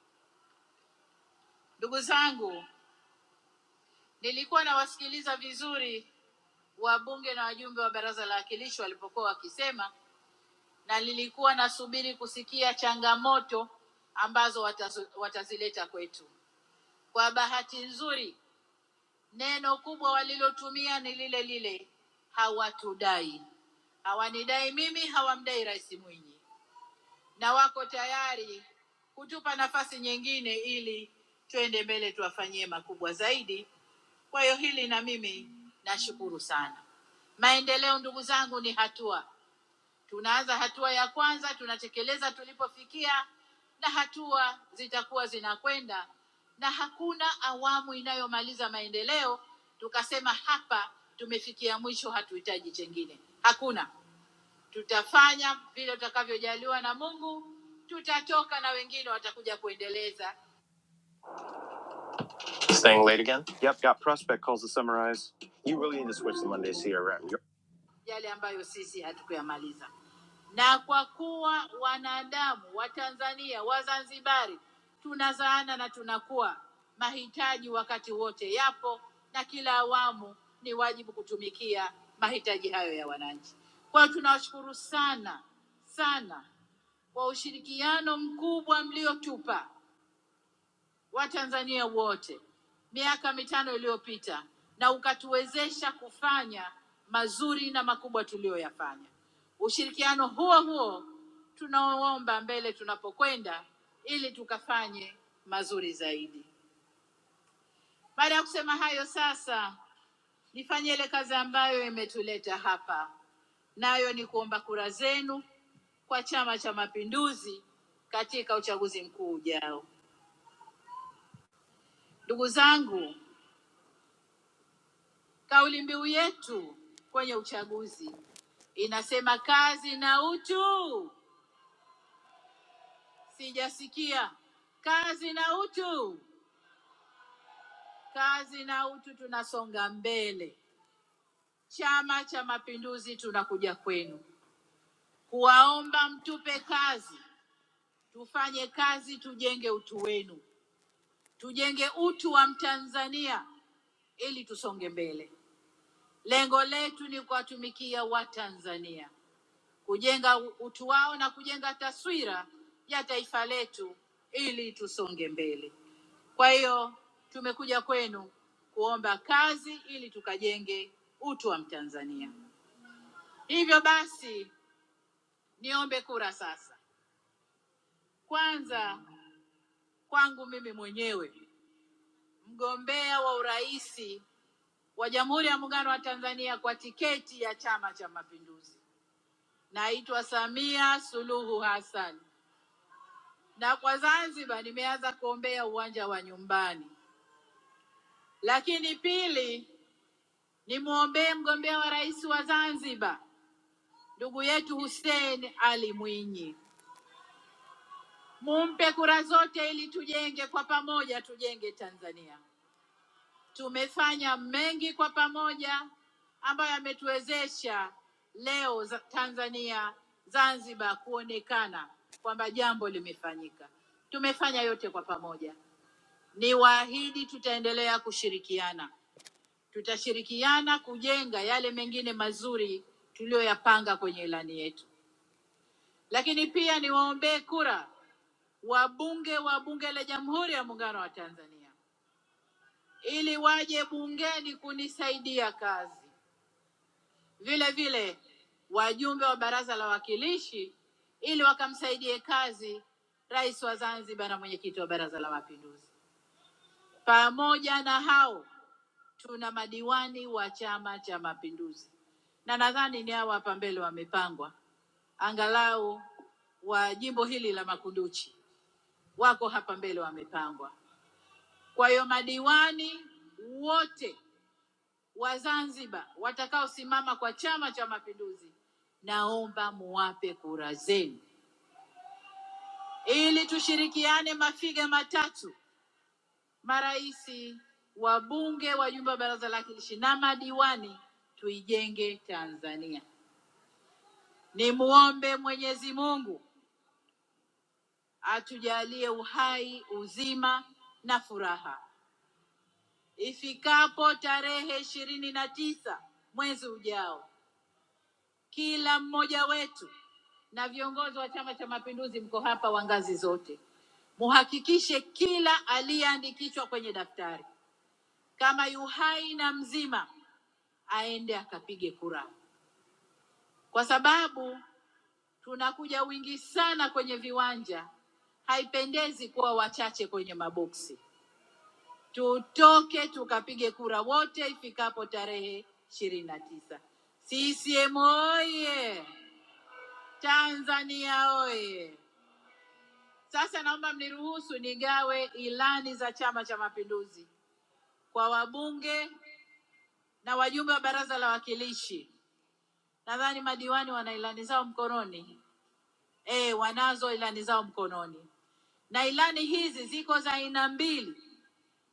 A: Ndugu zangu, nilikuwa nawasikiliza vizuri wabunge na wajumbe wa Baraza la Wawakilishi walipokuwa wakisema na nilikuwa nasubiri kusikia changamoto ambazo watazo, watazileta kwetu. Kwa bahati nzuri, neno kubwa walilotumia ni lile lile, hawatudai. Hawanidai mimi, hawamdai Rais Mwinyi, na wako tayari kutupa nafasi nyingine ili twende mbele, tuwafanyie makubwa zaidi. Kwa hiyo hili na mimi nashukuru sana. Maendeleo, ndugu zangu, ni hatua Tunaanza hatua ya kwanza, tunatekeleza tulipofikia, na hatua zitakuwa zinakwenda, na hakuna awamu inayomaliza maendeleo tukasema hapa tumefikia mwisho, hatuhitaji chengine. Hakuna, tutafanya vile tutakavyojaliwa na Mungu, tutatoka na wengine watakuja kuendeleza. Yep, got prospect calls to summarize. You really need to switch to Mondays here. around. yale ambayo sisi hatukuyamaliza. Na kwa kuwa wanadamu Watanzania, Wazanzibari tunazaana na tunakuwa, mahitaji wakati wote yapo na kila awamu ni wajibu kutumikia mahitaji hayo ya wananchi. Kwa hiyo tunawashukuru sana sana kwa ushirikiano mkubwa mliotupa Watanzania wote miaka mitano iliyopita na ukatuwezesha kufanya mazuri na makubwa tuliyoyafanya. Ushirikiano huo huo tunaoomba mbele tunapokwenda, ili tukafanye mazuri zaidi. Baada ya kusema hayo, sasa nifanye ile kazi ambayo imetuleta hapa, nayo ni kuomba kura zenu kwa Chama cha Mapinduzi katika uchaguzi mkuu ujao. Ndugu zangu, Kauli mbiu yetu kwenye uchaguzi inasema kazi na utu. Sijasikia kazi na utu, kazi na utu. Tunasonga mbele. Chama cha Mapinduzi tunakuja kwenu kuwaomba mtupe kazi, tufanye kazi, tujenge utu wenu, tujenge utu wa Mtanzania ili tusonge mbele. Lengo letu ni kuwatumikia Watanzania kujenga u- utu wao na kujenga taswira ya taifa letu ili tusonge mbele. Kwa hiyo tumekuja kwenu kuomba kazi ili tukajenge utu wa Mtanzania. Hivyo basi, niombe kura sasa. Kwanza kwangu mimi mwenyewe, mgombea wa urais wa Jamhuri ya Muungano wa Tanzania kwa tiketi ya Chama cha Mapinduzi, naitwa Samia Suluhu Hassan na kwa Zanzibar nimeanza kuombea uwanja wa nyumbani, lakini pili nimwombee mgombea wa rais wa Zanzibar ndugu yetu Hussein Ali Mwinyi, mumpe kura zote ili tujenge kwa pamoja, tujenge Tanzania. Tumefanya mengi kwa pamoja ambayo yametuwezesha leo za- Tanzania Zanzibar kuonekana kwamba jambo limefanyika. Tumefanya yote kwa pamoja. Niwaahidi tutaendelea kushirikiana, tutashirikiana kujenga yale mengine mazuri tuliyoyapanga kwenye ilani yetu. Lakini pia niwaombee kura wabunge wa Bunge la Jamhuri ya Muungano wa Tanzania ili waje bungeni kunisaidia kazi, vile vile wajumbe wa Baraza la Wawakilishi ili wakamsaidie kazi Rais wa Zanzibar na Mwenyekiti wa Baraza la Mapinduzi. Pamoja na hao tuna madiwani wa Chama cha Mapinduzi na nadhani ni hawa hapa mbele wamepangwa, angalau wa jimbo hili la Makunduchi wako hapa mbele wamepangwa. Kwa hiyo madiwani wote wa Zanzibar watakaosimama kwa Chama cha Mapinduzi, naomba muwape kura zenu ili tushirikiane mafiga matatu, maraisi, wabunge, wajumbe wa baraza la wawakilishi na madiwani, tuijenge Tanzania. Nimuombe Mwenyezi Mungu atujalie uhai, uzima na furaha. Ifikapo tarehe ishirini na tisa mwezi ujao, kila mmoja wetu na viongozi wa Chama cha Mapinduzi mko hapa wa ngazi zote, muhakikishe kila aliyeandikishwa kwenye daftari kama yu hai na mzima aende akapige kura, kwa sababu Tunakuja wingi sana kwenye viwanja, haipendezi kuwa wachache kwenye maboksi. Tutoke tukapige kura wote ifikapo tarehe ishirini na tisa. CCM oye! Tanzania oye! Sasa naomba mniruhusu nigawe ilani za Chama cha Mapinduzi kwa wabunge na wajumbe wa Baraza la Wawakilishi. Nadhani madiwani wana ilani zao mkononi. Eh, wanazo ilani zao mkononi. na ilani hizi ziko za aina mbili.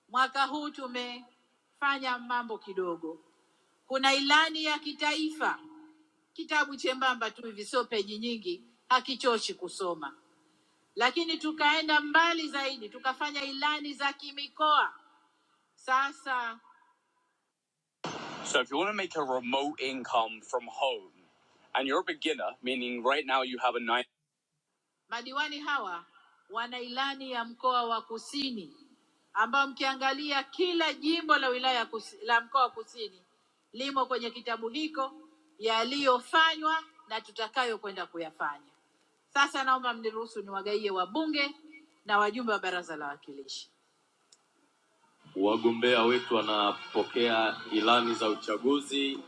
A: Mwaka huu tumefanya mambo kidogo. Kuna ilani ya kitaifa, kitabu chembamba tu hivi, sio peji nyingi, hakichoshi kusoma. Lakini tukaenda mbali zaidi, tukafanya ilani za kimikoa. Sasa So if you want to make a remote income from home and you're a beginner, meaning right now you have a nine Madiwani hawa wana ilani ya mkoa wa Kusini ambao mkiangalia kila jimbo la wilaya ya kusi, la mkoa wa Kusini limo kwenye kitabu hiko yaliyofanywa na tutakayo kwenda kuyafanya. Sasa naomba mniruhusu niwagaie wabunge na wajumbe wa Baraza la Wawakilishi. Wagombea wetu wanapokea ilani za uchaguzi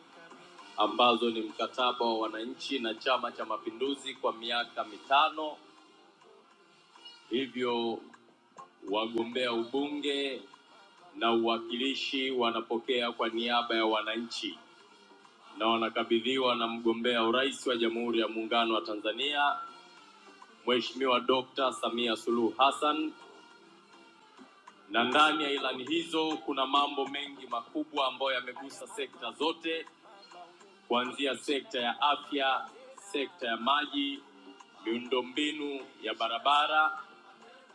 A: ambazo ni mkataba wa wananchi na Chama cha Mapinduzi kwa miaka mitano. Hivyo Wagombea ubunge na uwakilishi kwa kushirikiwa na mgombea urais wa Jamhuri ya Muungano wa Tanzania Mheshimiwa Dr. Samia Suluhu Hassan, na ndani ya ilani hizo kuna mambo mengi makubwa ambayo yamegusa sekta zote, kuanzia sekta ya afya, mbinu ya barabara,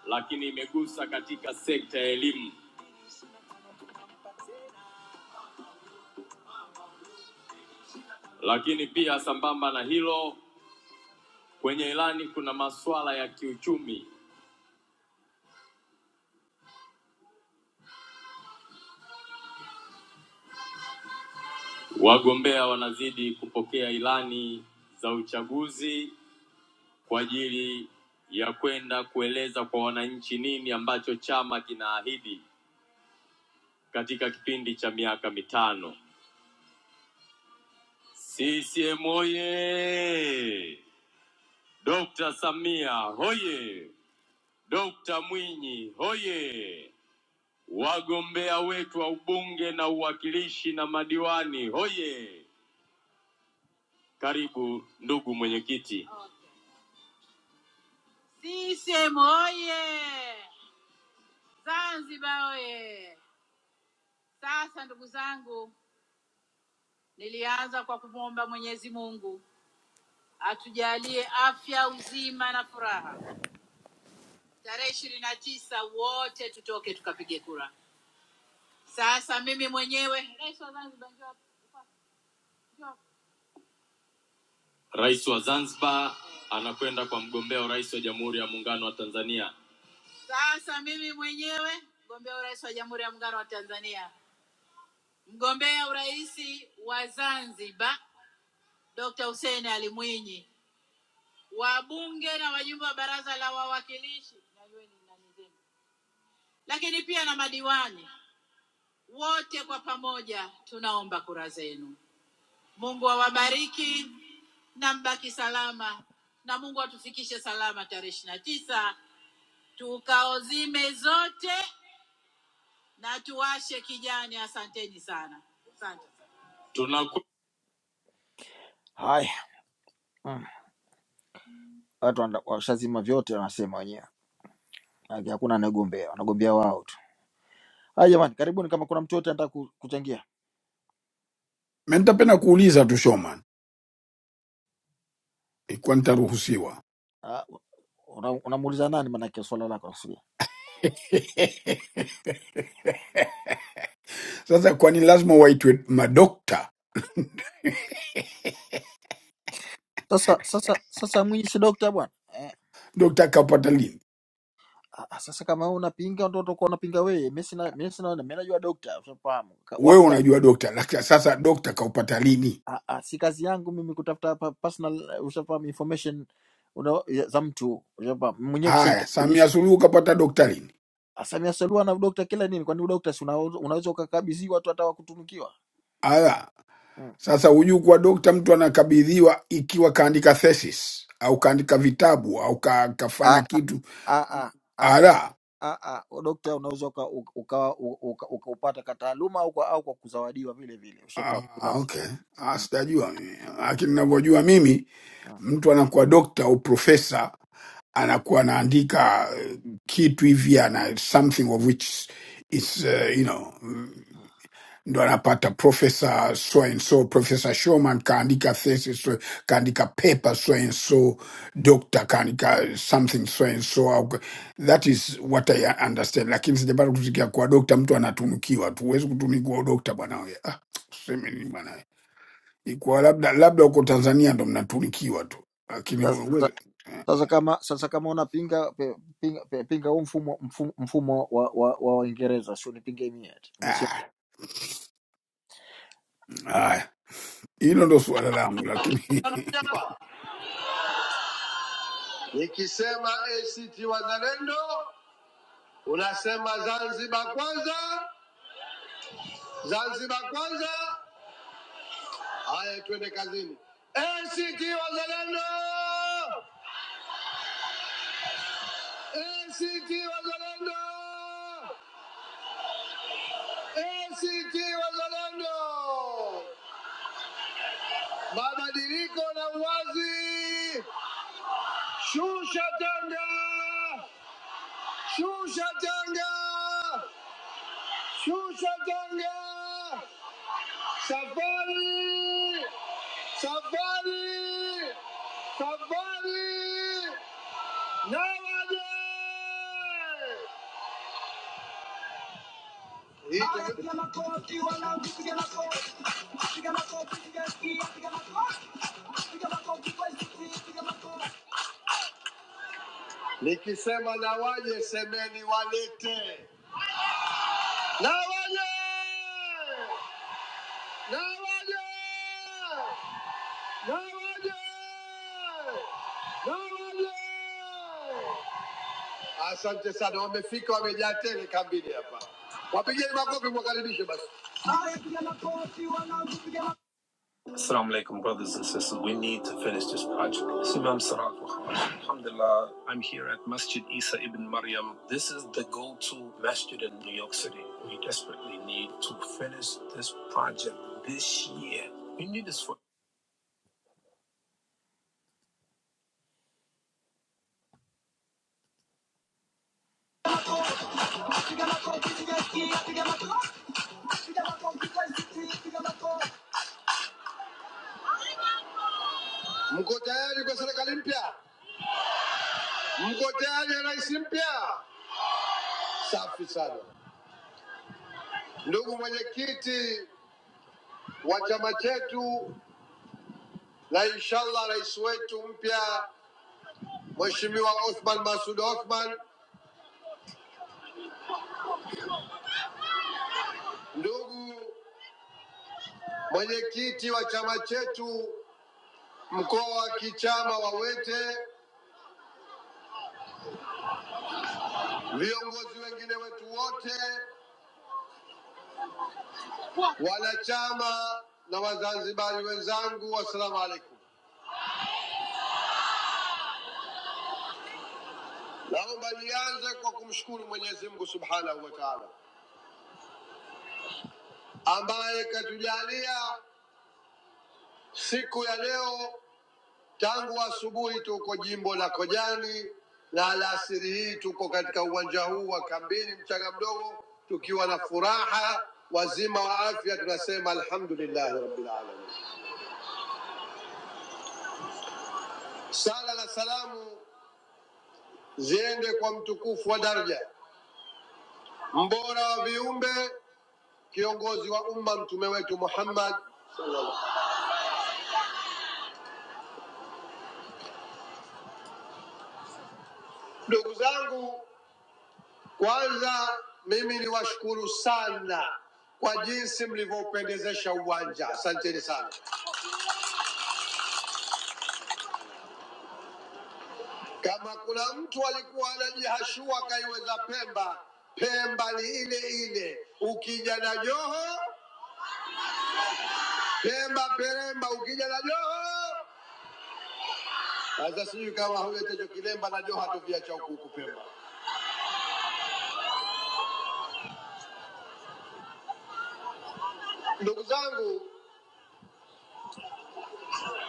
A: lakini imegusa wagombea wanazidi kupokea ilani za uchaguzi kwa ajili ya kwenda kueleza kwa wananchi nini ambacho chama kinaahidi katika kipindi cha miaka mitano. CCM oye! Dr. Samia hoye! Dr. Mwinyi hoye! Wawetu wa ubungilishi na madiwani hoye! Karibu ndugu mwenyekiti. CCM oye! Zanzibar oye! Sasa ndugu zangu, nilianza kwa kumwomba Mwenyezi Mungu atujalie afya, uzima na furaha. Tarehe ishirini na tisa wote tutoke tukapige kura. Sasa mimi mwenyewe rais wa Zanzibar, njoo hapa, njoo. Rais wa Zanzibar kwenda sasa. Mimi mwenyewe mgombea urais wa Jamhuri ya Muungano wa Tanzania, mgombea urais wa Zanzibar Dr. Hussein Ali Mwinyi, wabunge na wajumbe wa Baraza la Wawakilishi, najueni nani zenu lakini pia na madiwani wote kwa pamoja tunaomba kura zenu. Mungu awabariki na mbaki salama, na Mungu atufikishe salama tarehe ishirini na tisa tukaozime zote na tuwashe kijani. Asanteni sana, asante. Haya, mm, watu wana- washazima vyote, wanasema wenyewe, Maana hakuna anayegombea, wanagombea wao tu. Haya jamani, karibuni. Kama kuna mtu yote anataka ku- kuchangia,
D: mimi nitapenda kuuliza tu Shoman, ikiwa nitaruhusiwa
A: Ah, unamuuliza una unamuuliza nani? Maanake swala lako nakusudia.
D: Sasa kwani lazima waitwe madokta?
A: Sasa sasa sasa, Mwinyi si dokta bwana Eh,
D: Dokta kaupata lini?
A: Ah, ah, Sasa kama wewe unapinga ndio utakuwa unapinga wewe. Mimi sina mimi sina mimi najua dokta, ushafahamu. Ka- Wapi
D: Wewe
A: ka,
D: unajua dokta, lakini sasa dokta kaupata lini?
A: ah, ah, si kazi yangu mimi kutafuta pa, personal eh, ushafahamu information una, ya- za mtu ushafahamu. Mwenyewe kisha
D: Haya,
A: itambulisha.
D: Samia Suluhu kapata dokta lini?
A: Sasa mimi asaliwa na dokta kila nini? Kwani dokta si unaweza unaweza ukakabidhiwa watu hata wakutunukiwa?
D: Ala,
A: Mm.
D: Sasa hujui kuwa dokta, mtu anakabidhiwa ikiwa kaandika thesis au kaandika vitabu au ka, kafanya
A: Ah
D: kitu
A: ah ah. ah.
D: ala.
A: Ah, ah, dokta unaweza uka- uka- ukawa uka- ukaupata kwa taaluma au kwa au kwa kuzawadiwa vile vile,
D: Ah,
A: ushafahamu kila
D: ah,
A: zi-
D: okay. Ah,
A: mm,
D: sitajua mimi,
A: mm, mm.
D: lakini ninavyojua mimi, mtu anakuwa dokta au profesa anakuwa anaandika eh, kitu hivi ana something of which is uh, you know ndo anapata profesa so and so profesa shoman kaandika thesis so, kaandika paper so and so doctor kaandika something so and so au ka- that is what i understand lakini sijapata kusikia kwa dokta mtu anatunukiwa tu huwezi kutunikiwa udokta bwanawe ah, tuseme nini bwanawe ikuwa labda labda uko tanzania ndo mnatunikiwa tu lakini
A: Sasa
D: huwezi-
A: Sasa kama sasa kama unapinga pe- pinga pe- pinga huu mfumo mfumo, mfumo wa wa wa Waingereza, sio nipinge mimi eti Mimi
D: ah, haya hilo ndo suala langu lakini
A: hapa. Nikisema ACT Wazalendo unasema Zanzibar kwanza, Zanzibar kwanza. Haya, twende kazini. ACT Wazalendo, ACT Wazalendo, ACT Wazalendo, mabadiliko na uwazi, shusha tanga, Shusha tanga! Shusha tanga! Ali! Ali! Nikisema na waje, semeni walete na waje, na waje, na waje, na waje. Asante sana, wamefika wamejaa tele kambini hapa. Wapigeni makofi mwakaribishe. Assalamu alaikum, brothers and sisters. We need to finish this project. This is Imam Sarat Muhammad. Alhamdulillah, I'm here at Masjid Isa ibn Maryam. This is the go to masjid in New York City. We desperately need to finish this project this year. We need this for. Mko tayari kwa serikali mpya? Mko tayari ya rais mpya? Safi sana. Ndugu mwenyekiti wa chama chetu na inshallah rais wetu mpya Mheshimiwa Othman Masud Othman, ndugu mwenyekiti wa chama chetu mkoa wa kichama Wawete, viongozi wengine wetu wote, wanachama na Wazanzibari wenzangu, wassalamu alaikum. Naomba nianze kwa kumshukuru Mwenyezi Mungu subhanahu wa taala ambaye katujalia siku ya leo Tangu asubuhi tuko jimbo la Kojani na alasiri hii tuko katika uwanja huu wa Kambini Mchanga Mdogo tukiwa na furaha, wazima wa afya, tunasema alhamdulillahi rabbil alamin. Sala na salamu ziende kwa mtukufu wa daraja, mbora wa viumbe, kiongozi wa umma, mtume wetu Muhammad. Ndugu zangu, kwanza mimi niwashukuru sana kwa jinsi mlivyopendezesha uwanja, asanteni sana. Kama kuna mtu alikuwa anajihashua kaiweza Pemba, Pemba ni ile ile. Ukija na Joho, Pemba Peremba, ukija na Joho. Sasa sijui kama huletecho Kilemba na Joho hatuviacha huku huku Pemba. Ndugu zangu,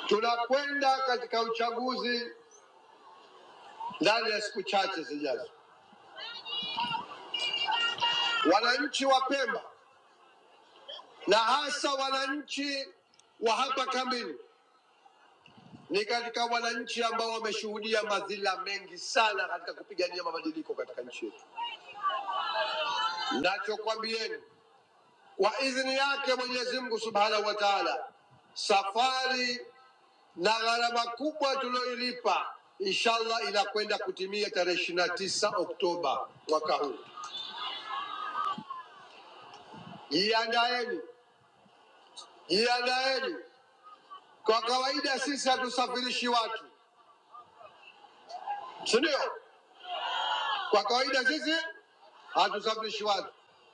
A: tunakwenda katika uchaguzi ndani ya siku chache zijazo. Wananchi wa Pemba na hasa wananchi wa hapa kambini ni katika wananchi ambao wameshuhudia madhila mengi sana katika kupigania mabadiliko katika nchi yetu. Nachokwambieni kwa idhini yake Mwenyezi Mungu Subhanahu wa Ta'ala, safari na gharama kubwa tuliyoilipa inshallah inakwenda kutimia tarehe 29 tisa Oktoba mwaka huu. Jiandaeni, jiandaeni. Kwa kawaida sisi hatusafirishi watu, si ndio? Kwa kawaida sisi hatusafishi watu,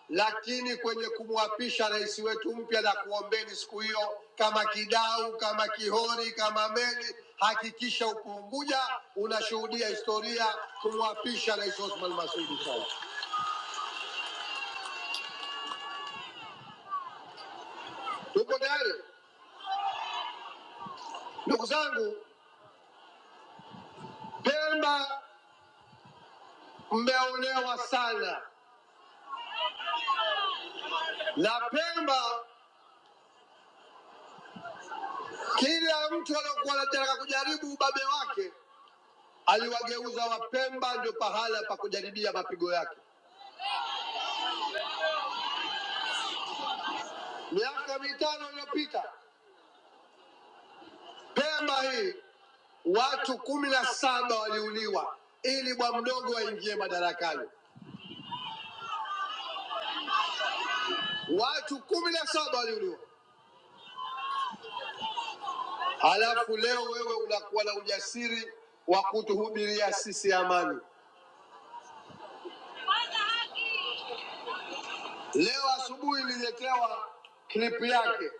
A: lakini kwenye kumwapisha rais wetu mpya na kuombeni siku hiyo, kama Kidau, kama Kihori, kama Meli, hakikisha uko Unguja unashuhudia historia kumwapisha Rais Othman Masud Said. Tuko tayari ndugu zangu? Pemba mmeonewa sana na Pemba, kila mtu aliyokuwa anataka kujaribu ubabe wake aliwageuza Wapemba ndio pahala pa kujaribia mapigo yake. Miaka mitano iliyopita Pemba hii watu kumi na saba waliuliwa ili bwa mdogo aingie madarakani. Watu kumi na saba waliuliwa, halafu leo wewe unakuwa na ujasiri wa kutuhubiria sisi amani. Leo asubuhi nililetewa klipu yake,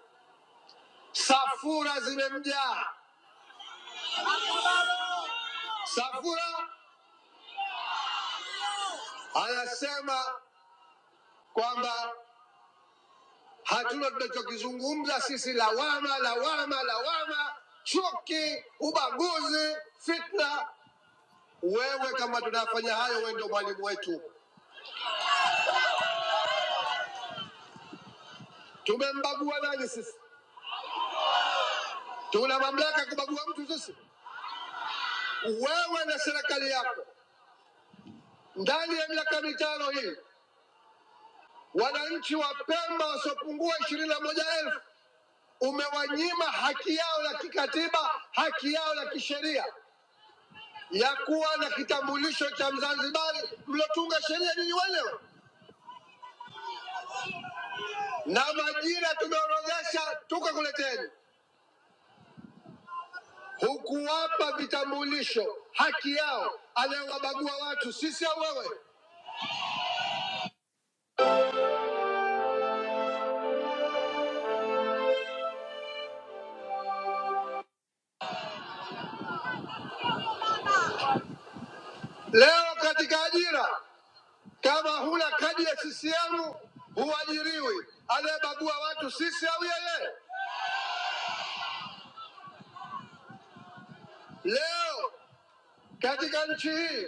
A: safura zimemjaa. Safura anasema kwamba Hatuna tunachokizungumza sisi, lawama, lawama, lawama, chuki, ubaguzi, fitna. Wewe kama tunafanya hayo, wewe ndio mwalimu wetu. Tumembagua nani sisi? Tuna mamlaka ya kubagua mtu sisi? Wewe na serikali yako ndani ya miaka mitano hii, wananchi wa Pemba wasiopungua ishirini na moja elfu umewanyima haki yao ya kikatiba, haki yao ya kisheria. ya kuwa na kitambulisho cha Mzanzibari mliotunga sheria nyinyi wenyewe, na majina tumeorodhesha tukakuleteni. Hukuwapa vitambulisho haki yao, anayewabagua watu sisi au wewe. Leo katika ajira, kama huna kadi ya CCM huajiriwi, anayebagua watu sisi au yeye. Leo katika nchi hii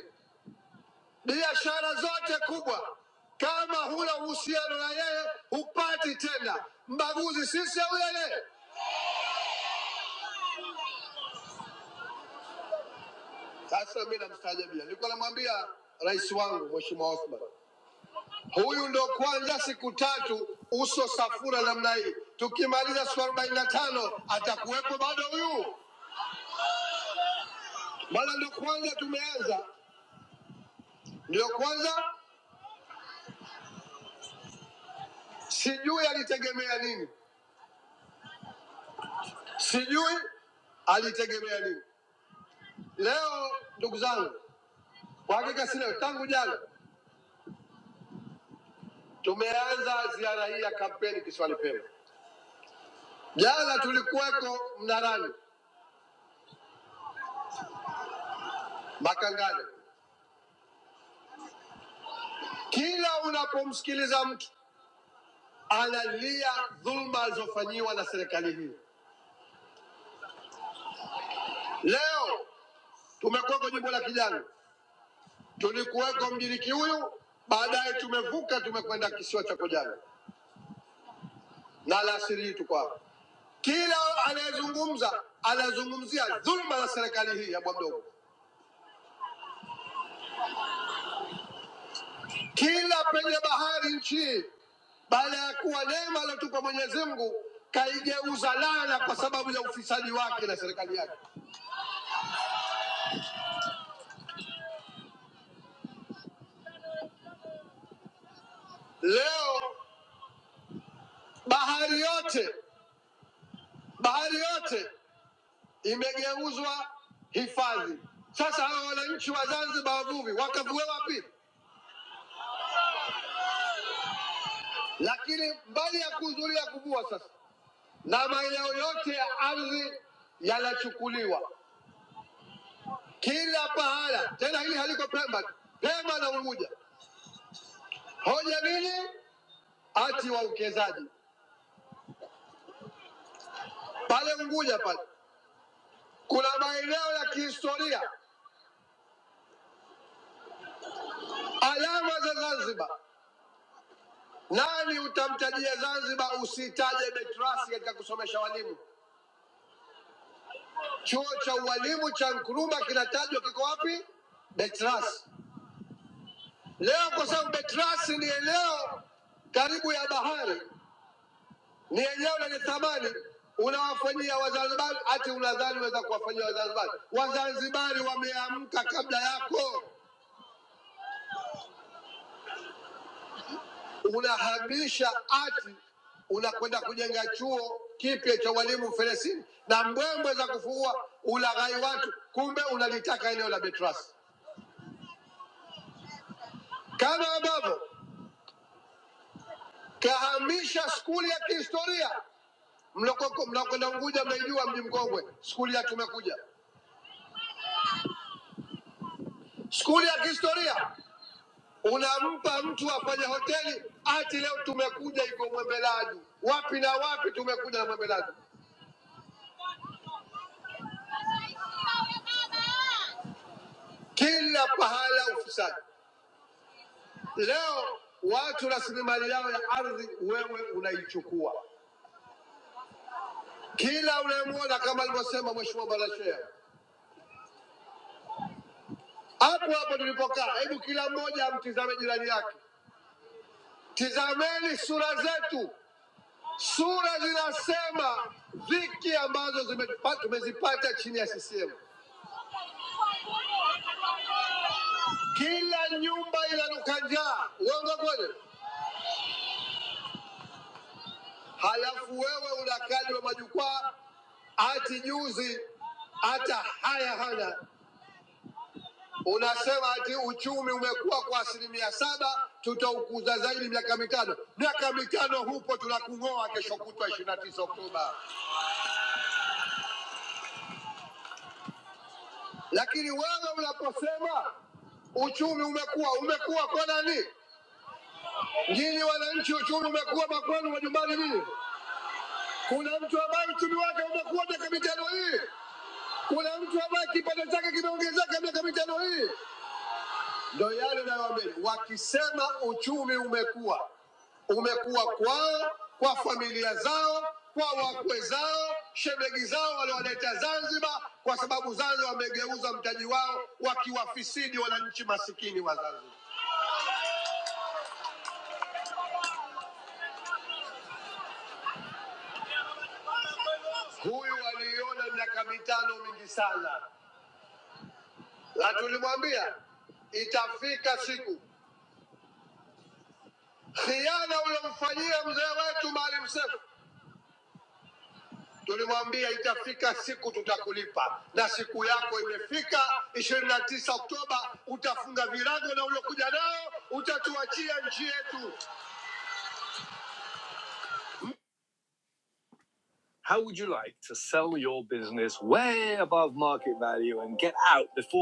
A: biashara zote kubwa. Kama huna uhusiano na yeye hupati tena. Mbaguzi sisi au yeye. Sasa mi namstaajabia, nilikuwa namwambia rais wangu Mheshimiwa Othman, huyu ndo kwanza siku tatu uso safura namna hii, tukimaliza siku arobaini na tano atakuwepo bado huyu? Maana ndo kwanza tumeanza, ndio kwanza, sijui alitegemea nini, sijui alitegemea nini. Leo ndugu zangu Kwa hakika sina, tangu jana tumeanza ziara hii ya kampeni kisiwani Pemba. Jana tulikuweko Mnarani, Makangani. Kila unapomsikiliza mtu analia dhulma alizofanyiwa na serikali hii. Leo tumekuweko jimbo la Kijani, tulikuweko mjini Kiuyu, baadaye tumevuka tumekwenda kisiwa cha Kojani na alasiri hii tuko hapa. Kila anayezungumza anazungumzia dhulma za serikali hii ya bwa mdogo. Kila penye bahari nchi, baada ya kuwa neema aliyotupa Mwenyezi Mungu, kaigeuza laana kwa sababu ya ufisadi wake na serikali yake. Leo bahari yote, bahari yote imegeuzwa hifadhi. Sasa hawa wananchi wa Zanzibar wavuvi wakavue wapi? Lakini mbali ya kuhudhuria kuvua, sasa na maeneo yote ya ardhi yanachukuliwa kila pahala. Tena hili haliko Pemba, Pemba na Unguja. Hoja nini? Ati wawekezaji pale Unguja pale kuna maeneo ya kihistoria, alama za Zanzibar. Nani utamtajia Zanzibar usitaje Betrasi katika kusomesha walimu? Chuo cha ualimu cha Nkrumah kinatajwa kiko wapi? Betrasi. Leo kwa sababu Betrasi ni eneo karibu ya bahari, ni eneo lenye thamani, unawafanyia Wazanzibari ati unadhani unaweza kuwafanyia Wazanzibari? Wazanzibari wameamka kabla yako. unahamisha ati unakwenda kujenga chuo kipya cha walimu Feresini na mbwembwe za kufua ulaghai watu, kumbe unalitaka eneo la Betrasi, kama ambavyo kahamisha skuli ya kihistoria mloko- mnakwenda Unguja, mnaijua mji mkongwe, skuli ya Tumekuja, skuli ya kihistoria unampa mtu afanye hoteli ati leo Tumekuja iko Mwembeladu, wapi na wapi Tumekuja na Mwembeladu. kila pahala ufisadi. Leo watu rasilimali yao ya ardhi wewe unaichukua. Kila unayemwona kama alivyosema Mheshimiwa Balashea hapo hapo tulipokaa, hebu kila mmoja amtizame jirani yake. Tizameni sura zetu, sura zinasema dhiki ambazo zimetupa- tumezipata chini ya CCM. Kila nyumba inanuka njaa, uongo kweli? halafu wewe unakali wa majukwaa ati juzi hata haya hana, unasema ati uchumi umekuwa kwa asilimia saba, tutaukuza zaidi miaka mitano. Miaka mitano hupo, tunakung'oa kesho kutwa ishirini na tisa Oktoba. Lakini wewe unaposema uchumi umekuwa umekuwa kwa nani? Nyinyi wananchi, uchumi umekuwa makwenu majumbani nini? Kuna mtu ambaye uchumi wake umekuwa miaka mitano hii? Kuna mtu ambaye kipato chake kimeongezeka miaka mitano hii? Ndio yale nayoambia, wakisema uchumi umekuwa umekuwa kwao, kwa familia zao, kwa wakwe zao, shemegi zao waliowaleta Zanzibar, kwa sababu Zanzibar wamegeuza mtaji wao wakiwafisidi wananchi masikini wa Zanzibar. Huyu aliiona miaka mitano mingi sana, na tulimwambia itafika siku. Khiana ulomfanyia mzee wetu Maalim Seif Tulimwambia itafika siku tutakulipa, na siku yako imefika. ishirini na tisa Oktoba utafunga virago na uliokuja nao utatuachia nchi yetu. How would you like to sell your business way and get out before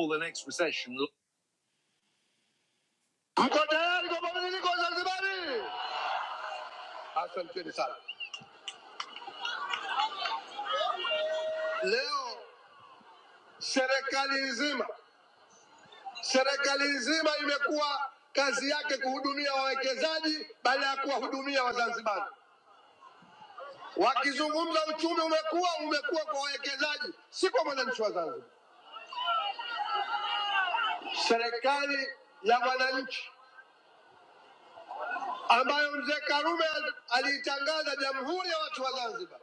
A: Mko tayari kwa mabadiliko ya Zanzibari? Asanteni sana. Leo serikali nzima serikali nzima imekuwa kazi yake kuhudumia wawekezaji baada ya kuwahudumia Wazanzibari. Wakizungumza uchumi umekuwa umekuwa kwa wawekezaji, si kwa mwananchi wa Zanzibar. Serikali ya wananchi ambayo mzee Karume al- aliitangaza jamhuri ya watu wa Zanzibar,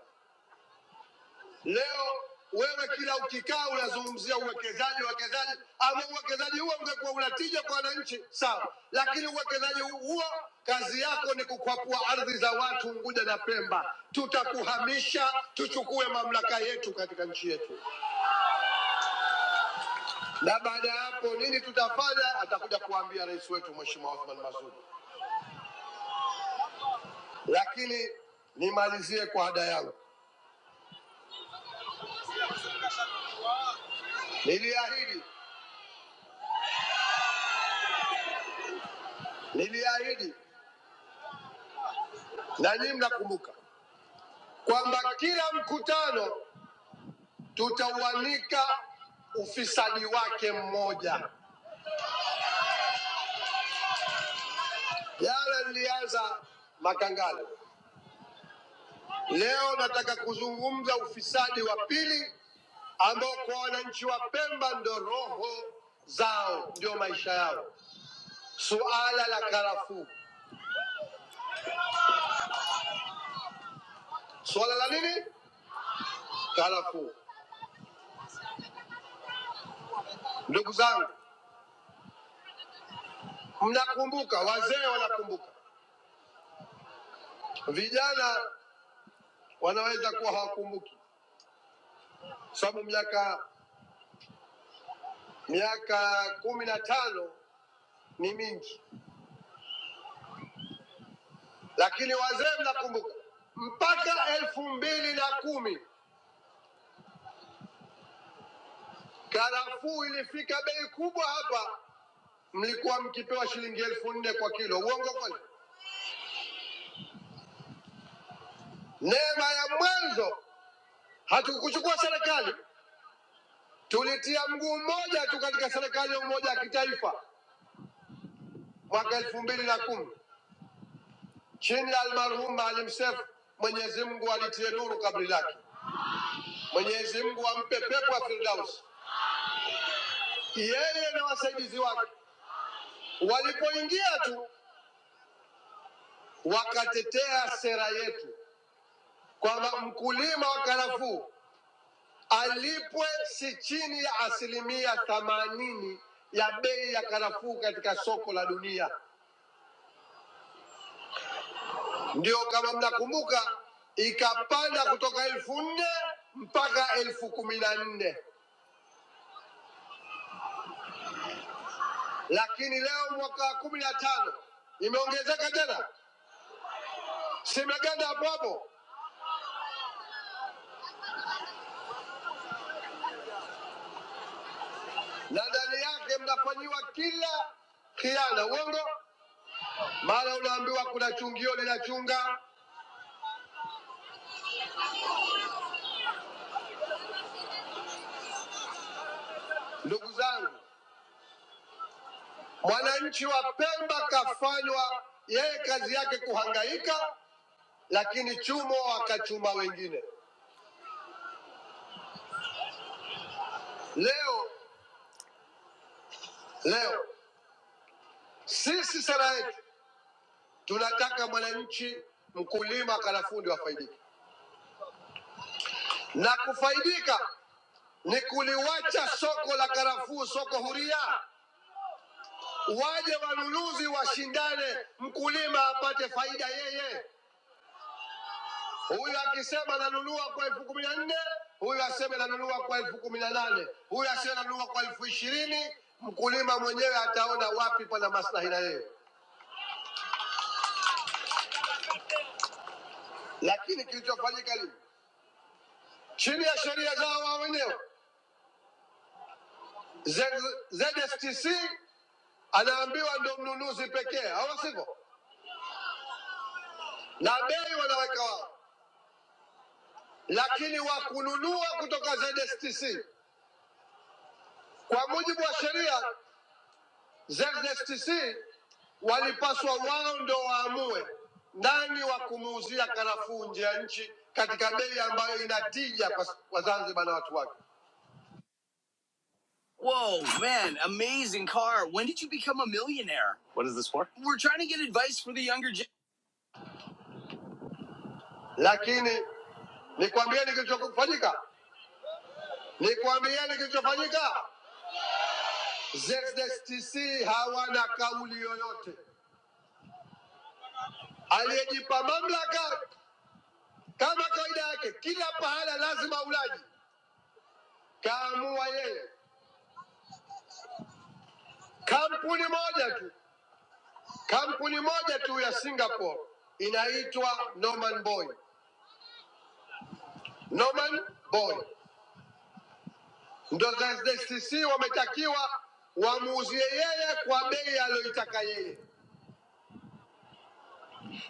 A: leo wewe kila ukikaa unazungumzia uwekezaji, uwekezaji ambao uwekezaji huo ungekuwa una tija kwa wananchi, sawa, lakini uwekezaji huo kazi yako ni kukwapua ardhi za watu Unguja na Pemba. Tutakuhamisha tuchukue mamlaka yetu katika nchi yetu. na baada ya hapo nini tutafanya, atakuja kuambia rais wetu Mheshimiwa Othman Masud. Lakini nimalizie kwa ada yangu, niliahidi, niliahidi na nyinyi mnakumbuka kwamba kila mkutano tutauanika ufisadi wake mmoja. Jana nilianza Makangale, leo nataka kuzungumza ufisadi wa pili ambao kwa wananchi wa Pemba ndo roho zao, ndio maisha yao. suala la karafuu. Suala la nini? Karafuu. Ndugu zangu, mnakumbuka, wazee wanakumbuka, vijana wanaweza kuwa hawakumbuki, sababu miaka miaka kumi na tano ni mingi, lakini wazee mnakumbuka, mpaka elfu mbili na kumi karafuu ilifika bei kubwa hapa, mlikuwa mkipewa shilingi elfu nne kwa kilo. Uongo kweli? Neema ya mwanzo hatukuchukua serikali Tulitia mguu mmoja tu katika serikali ya umoja wa kitaifa mwaka elfu mbili na kumi chini ya almarhum Maalim Seif. Mwenyezi Mungu alitie nuru kabri lake, Mwenyezi Mungu ampe pepo ya Firdaus. Yeye na wasaidizi wake walipoingia tu wakatetea sera yetu kwamba mkulima wa karafuu alipwe si chini ya asilimia themanini ya bei ya karafuu katika soko la dunia. ndio kama mnakumbuka ikapanda kutoka elfu nne mpaka elfu kumi na nne lakini leo mwaka wa kumi na tano imeongezeka tena, simeganda hapo hapo, na ndani yake mnafanyiwa kila khiana, uongo. Mara unaambiwa kuna chungio linachunga. Ndugu zangu, mwananchi wa Pemba kafanywa yeye, kazi yake kuhangaika, lakini chumo akachuma wengine. Leo leo sisi sera yetu Tunataka mwananchi mkulima karafundi wafaidike, na kufaidika ni kuliwacha soko la karafuu, soko huria, waje wanunuzi washindane, mkulima apate faida yeye. Huyu akisema nanunua kwa elfu kumi na nne huyu aseme nanunua kwa elfu kumi na nane huyu aseme nanunua kwa elfu ishirini mkulima mwenyewe ataona wapi pana maslahi na yeye. Lakini kilichofanyika lini? Chini ya sheria zao wao wenyewe Z- ZSTC anaambiwa ndo mnunuzi pekee, au sivyo? Na bei wanaweka wao, lakini wa kununua kutoka ZSTC kwa mujibu wa sheria, ZSTC walipaswa wao ndo waamue nani wa kumuuzia karafuu nje ya nchi katika bei ambayo inatija kwa kwa Zanzibar na watu wake. Whoa, man, amazing car. When did you become a millionaire? What is this for? We're trying to get advice for the younger gen. Lakini nikwambieni kilichofanyika. Nikwambieni kilichofanyika, ZSTC hawana kauli yoyote. Aliyejipa mamlaka kama kawaida yake, kila pahala lazima ulaji, kaamua yeye. Kampuni moja tu, kampuni moja tu ya Singapore inaitwa Norman Boy. Norman Boy ndo ZSTC wametakiwa wamuuzie yeye kwa bei aliyoitaka yeye,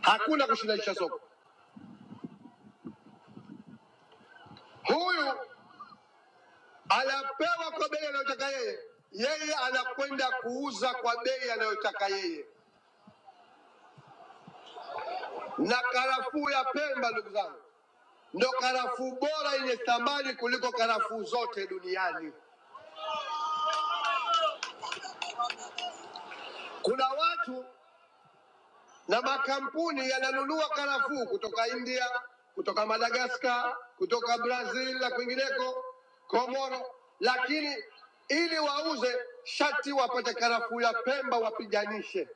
A: hakuna kushindanisha soko. Huyu anapewa kwa bei anayotaka yeye, yeye anakwenda kuuza kwa bei anayotaka yeye. Na karafuu ya Pemba, ndugu zangu, ndo karafuu bora yenye thamani kuliko karafuu zote duniani. Kuna watu na makampuni yananunua karafuu kutoka India, kutoka Madagaskar, kutoka Brazil na kwingineko, Komoro, lakini ili wauze shati wapate karafuu ya Pemba wapiganishe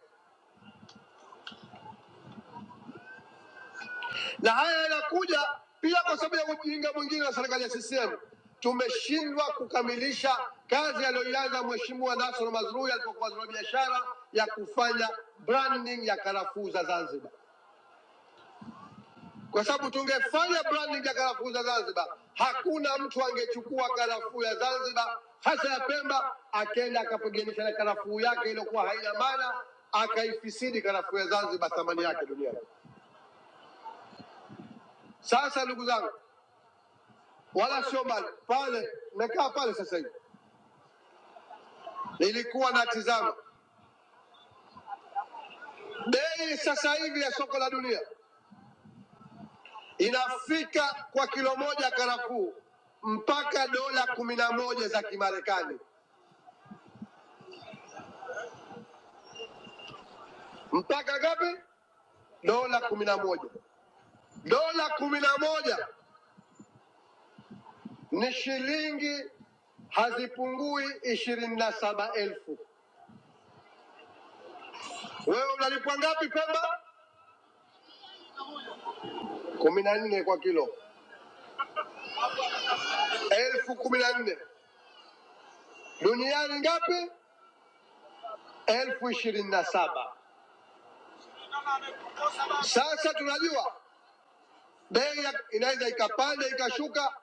A: na haya yanakuja pia kwa sababu ya ujinga mwingine wa serikali ya CCM. Tumeshindwa kukamilisha kazi aliyoianza Mheshimiwa Nasoro Mazrui alipokuwa waziri wa biashara ya kufanya branding ya karafuu za Zanzibar, kwa sababu tungefanya branding ya karafuu za Zanzibar, hakuna mtu angechukua karafuu ya Zanzibar hasa ya Pemba akenda akapiganisha na karafuu yake iliyokuwa haina maana akaifisidi karafuu ya Zanzibar thamani yake duniani. Sasa ndugu zangu, wala sio mbali pale. Nimekaa pale sasa hivi, nilikuwa natizama bei sasa hivi ya soko la dunia inafika kwa kilo moja karafuu mpaka dola kumi na moja za Kimarekani. Mpaka ngapi? Dola kumi na moja. Dola kumi na moja ni shilingi hazipungui ishirini na saba elfu. Wewe unalipwa ngapi Pemba? kumi na nne kwa kilo, elfu kumi na nne duniani ngapi? elfu ishirini na saba. Sasa tunajua bei ya- inaweza ikapanda ikashuka,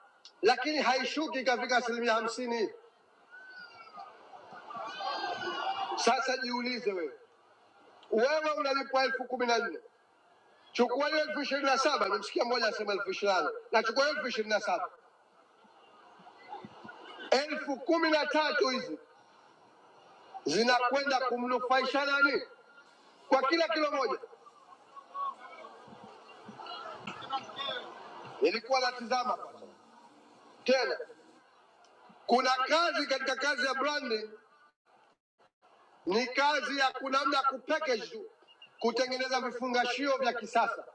A: lakini haishuki ikafika asilimia hamsini. Sasa jiulize wewe, wewe unalipwa elfu kumi na nne chukua hiyo elfu ishirini na saba nimsikia mmoja anasema elfu ishirini na nane na chukua hiyo elfu ishirini na saba elfu kumi na tatu hizi zinakwenda kumnufaisha nani kwa kila kilo moja? Nilikuwa natizama tena, kuna kazi katika kazi ya branding Ni kazi ya kunamna kupackage kutengeneza vifungashio vya kisasa.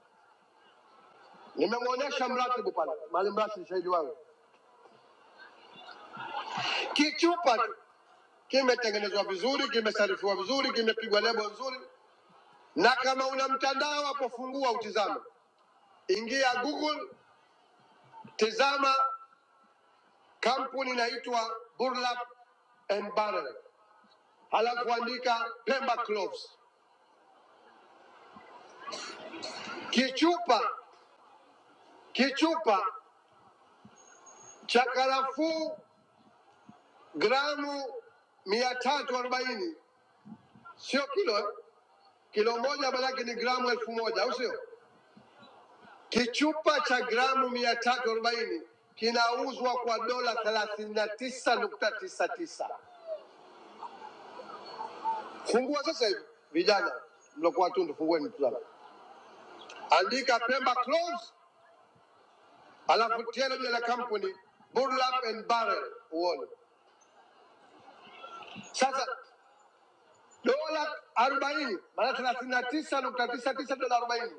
A: Nimemwonyesha mratibu pale, mali mratibu shahidi wangu, kichupa tu kimetengenezwa vizuri, kimesarifiwa vizuri, kimepigwa lebo nzuri, na kama una mtandao hapo, fungua utizame, ingia Google, tizama kampuni inaitwa Burlap and Barrel, halafu andika Pemba Cloves, kichupa kichupa cha karafuu gramu mia tatu arobaini sio kilo eh? kilo moja maanake ni gramu elfu moja au sio? Kichupa cha gramu mia tatu arobaini kinauzwa kwa dola thelathini na tisa nukta tisa tisa. Fungua sasa hivi vijana mlokuwa tundu, fungueni tazama, andika Pemba Clothes, alafu tena jina la kampuni Burlap and Barrel uone sasa dola arobaini maana thelathini na tisa nukta tisa tisa dola arobaini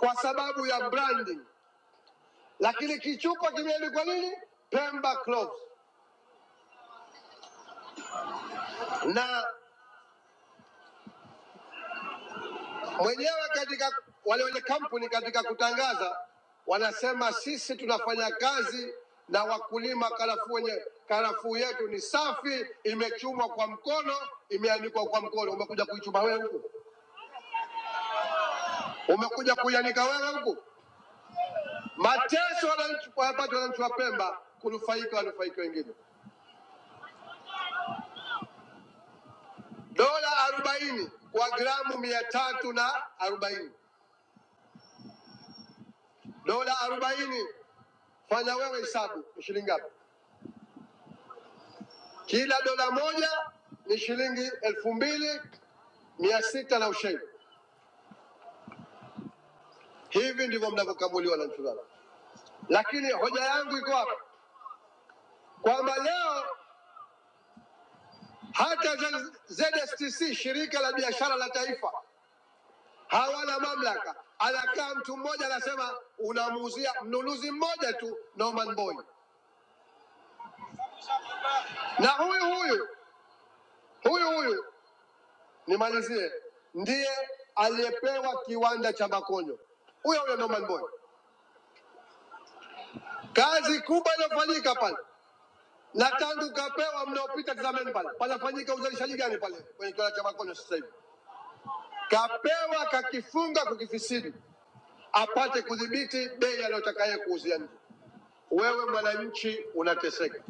A: kwa sababu ya branding. lakini kichupa kimeandikwa nini? Pemba Clothes. Na mwenyewe katika wale wenye kampuni katika kutangaza wanasema sisi tunafanya kazi na wakulima, karafuu wenye karafuu yetu ni safi, imechumwa kwa mkono, imeanikwa kwa mkono. Umekuja kuichuma wewe huku, umekuja kuianika wewe huku. Mateso wananchi- wanapata wananchi wa Pemba, kunufaika wanufaika wengine. Dola arobaini kwa gramu mia tatu na arobaini dola arobaini Fanya wewe hesabu ni shilingi ngapi? Kila dola moja ni shilingi elfu mbili mia sita na ushaidi. Hivi ndivyo mnavyokamuliwa wananchi wangu. Lakini hoja yangu iko hapa kwamba leo hata Z- ZSTC shirika la biashara la taifa hawana mamlaka. Anakaa mtu mmoja anasema unamuuzia mnunuzi mmoja tu Norman Boy, na huyu huyu huyu huyu nimalizie, ndiye aliyepewa kiwanda cha Makonyo, huyo huyo Norman Boy Kazi kubwa inafanyika pale na tangu kapewa, mnaopita tazameni pale, panafanyika uzalishaji gani pale kwenye kiwanda cha Makonde sasa hivi? Kapewa kakifunga kukifisidi, apate kudhibiti bei anayotaka yeye kuuzia nje. Wewe mwananchi unateseka,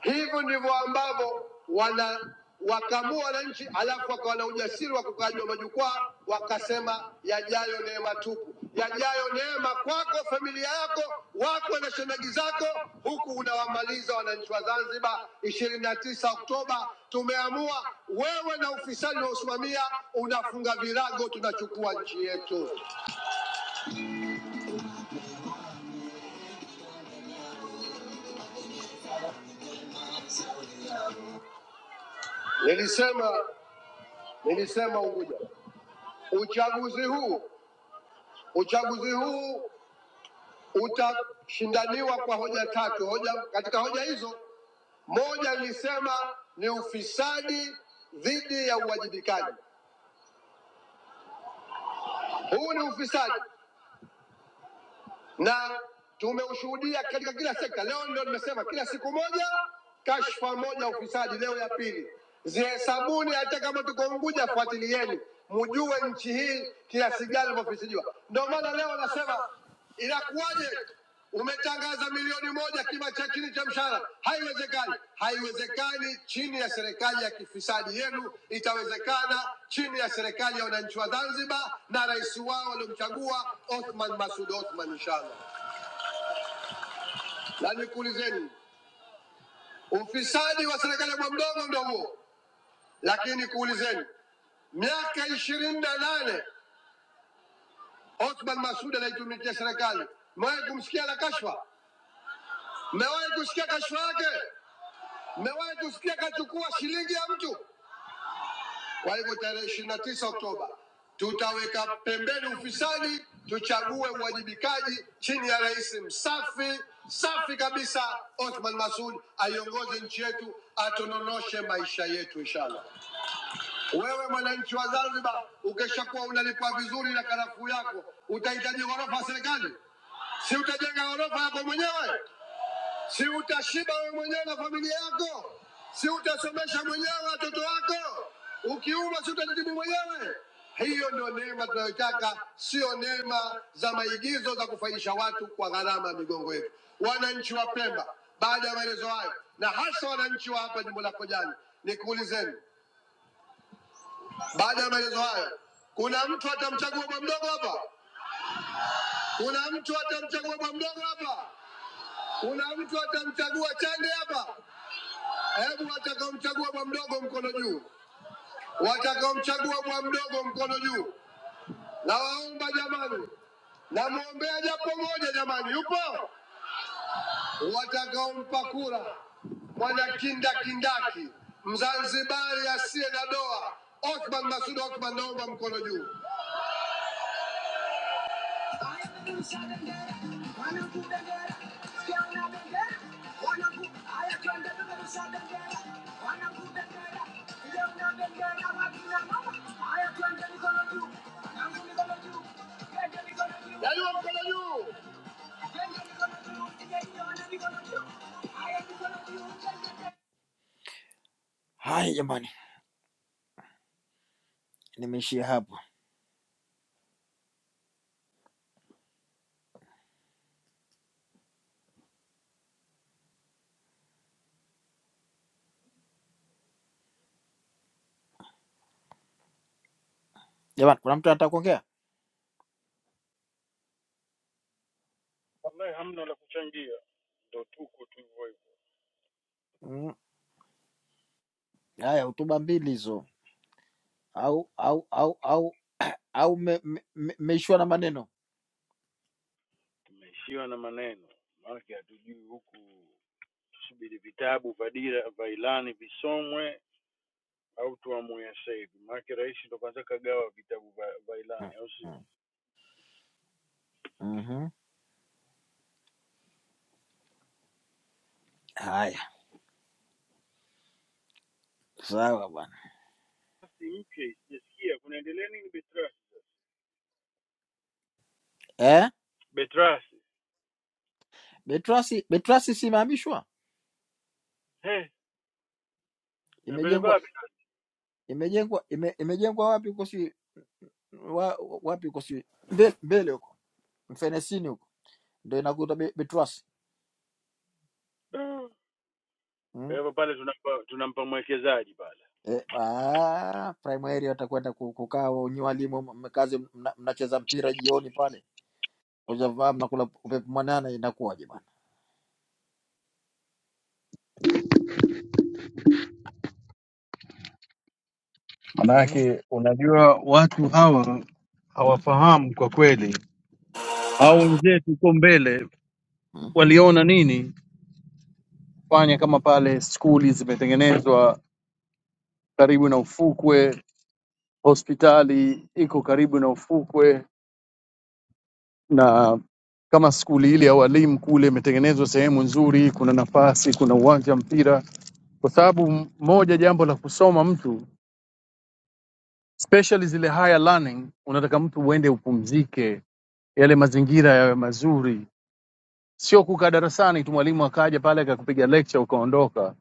A: Hivyo ndivyo ambavyo wana wakamua wananchi, alafu wakawa na ujasiri wa kukaa juu ya majukwaa wakasema, yajayo neema tupu, yajayo neema kwako, familia yako, wako na shangazi zako, huku unawamaliza wananchi wa Zanzibar. ishirini na tisa Oktoba tumeamua, wewe na ufisadi unaosimamia unafunga virago, tunachukua nchi yetu. Nilisema, nilisema Unguja, uchaguzi huu uchaguzi huu utashindaniwa kwa hoja tatu. Hoja katika hoja hizo, moja nilisema ni ufisadi dhidi ya uwajibikaji. Huu ni ufisadi na tumeushuhudia katika kila sekta. Leo ndio nimesema kila siku moja kashfa moja ufisadi, leo ya pili. Zihesabuni, hata kama tuko Unguja, fuatilieni mjue nchi hii kiasi gani imefisidiwa. Ndio maana leo nasema inakuwaje umetangaza milioni moja kima cha chini cha mshahara. Haiwezekani, haiwezekani chini ya serikali ya kifisadi yenu. Itawezekana chini ya serikali ya wananchi wa Zanzibar na rais wao waliomchagua Othman Masud Othman, inshallah. Na nikuulizeni, ufisadi wa serikali ya bwa mdogo ndio huo, lakini kuulizeni, miaka ishirini na nane Othman Masud anaitumikia serikali, mmewahi kumsikia na kashfa? Mmewahi kusikia kashfa yake? Mmewahi kusikia kachukua shilingi ya mtu? Kwa hivyo tarehe ishirini na tisa Oktoba tutaweka pembeni ufisadi, tuchague uwajibikaji chini ya rais msafi safi kabisa Othman Masud aiongoze nchi yetu, atononoshe maisha yetu inshallah. Wewe mwananchi wa Zanzibar, ukishakuwa unalipwa vizuri na karafuu yako, utahitaji ghorofa ya serikali? Si utajenga ghorofa yako mwenyewe? si utashiba wewe mwenyewe na familia yako, si utasomesha mwenyewe watoto wako, ukiuma si utatibu mwenyewe. Hiyo ndio neema tunayotaka, sio neema za maigizo za kufaidisha watu kwa gharama ya migongo yetu. Wananchi wa Pemba, baada ya maelezo hayo, na hasa wananchi wa hapa jimbo la Kojani, nikuulizeni, baada ya maelezo hayo, kuna mtu atamchagua bwa mdogo hapa? Kuna mtu atamchagua bwa mdogo hapa? Kuna mtu atamchagua Chande hapa? Hebu watakaomchagua bwa mdogo mkono juu, watakaomchagua bwa mdogo mkono juu. Nawaomba jamani, namwombea japo moja jamani, yupo watakaompa kura mwana kindakindaki Mzanzibari asiye na doa Othman Masud Othman, naomba mkono juu. Yaliwa mkono juu. Haya jamani, nimeishia hapo. Jamani, kuna mtu anataka kuongea? Mm, Haya, hotuba mbili hizo, au au au au au mmeishwa me, me, mmeishiwa na maneno Mm, mm, mhm. Haya, sawa bwana. Eh, Betrasi Betrasi simehamishwa, imejengwa imejengwa ime, imejengwa wapi huko si wa, wapi huko si mbele, mbele huko mfenesini huko ndio inakuta Be- Betrasi mm. Eh, ah, primary watakwenda ku- kukaa nyinyi walimu mkazi mnacheza mpira jioni pale Ushafahamu, nakula upepo mwanana, inakuwaje bwana mm?
J: Manake unajua watu hawa
A: mm,
J: hawafahamu kwa kweli, hao wenzetu huko mbele
A: mm.
J: waliona nini? Fanya kama pale skuli zimetengenezwa karibu na ufukwe, hospitali iko karibu na ufukwe, na kama skuli ile ya walimu kule imetengenezwa sehemu nzuri, kuna nafasi, kuna uwanja wa mpira, kwa sababu m- moja jambo la kusoma mtu especially zile higher learning, unataka mtu uende upumzike, yale mazingira yawe mazuri sio kukaa darasani tu mwalimu akaja pale akakupiga lecture ukaondoka,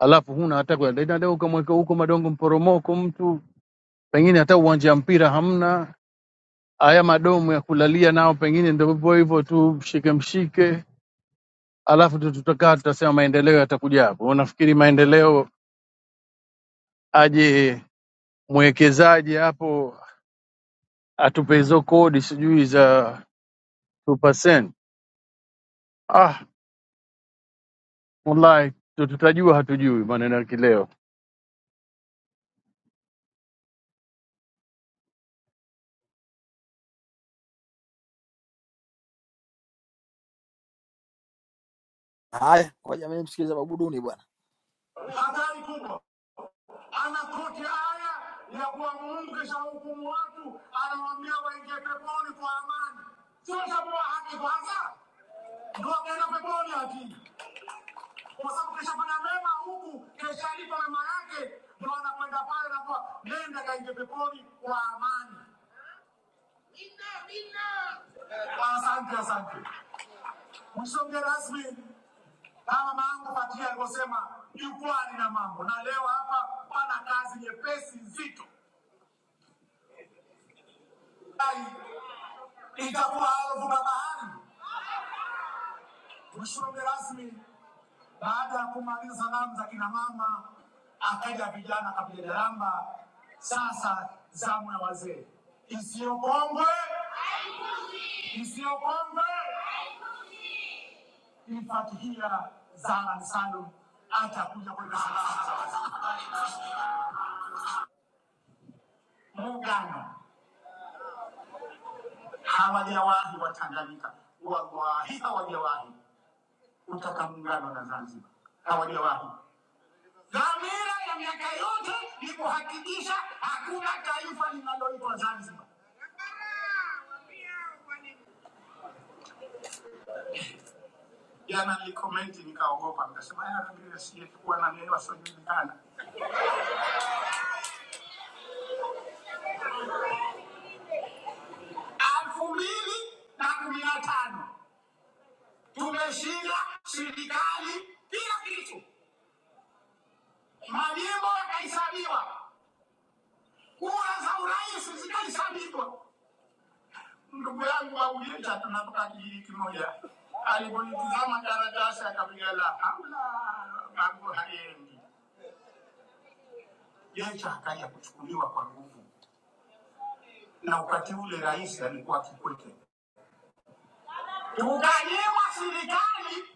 J: alafu huna hata kwenda ina leo ukamweka huko madongo mporomoko, mtu pengine hata uwanja wa mpira hamna, haya madomu ya kulalia nao pengine ndio hivyo hivyo tu, mshike mshike, alafu tu tutakaa tutasema maendeleo yatakuja hapo. Unafikiri maendeleo aje mwekezaji hapo atupe hizo kodi sijui za 2%? Ah, wallahi tu- tutajua, hatujui maneno ya kileo.
A: Haya, kwa jamii, msikiliza Babuduni bwana. Mkesha watu anawaambia waimani sasa, kwa sababu kesho yake tunapaya na kwa nenda ni kwani inna inna msonge rasmi ma- jukwaa hapa pa nyepesi nzito alafu na bahari msonge rasmi kumaliza salamu za kina mama akaja vijana akapiga jaramba sasa zamu ya wazee isiyokongwe isiyokwamba kumfatikia Zara Salum atakuja kwenda Sangasa. Muungano hawajawahi Watanganyika wawahi, hawajawahi kutaka muungano na Zanzibar, hawajawahi. Dhamira ya miaka yote ni kuhakikisha hakuna taifa linaloitwa Zanzibar. Jana nilikomenti nikaogopa, nikasema "Ah, mimi sijekuwa na neno asiojulikana tano. Tumeshinda serikali kila kitu, majimbo yakahesabiwa Kura za urais zikahesabika. Ndugu yetu tunapata kijiji kimoja. Politiki sasa na mambo hayaendi. Jeshi hakaja kuchukuliwa kwa nguvu. Rais alikuwa Kikwete. Kaliwa serikali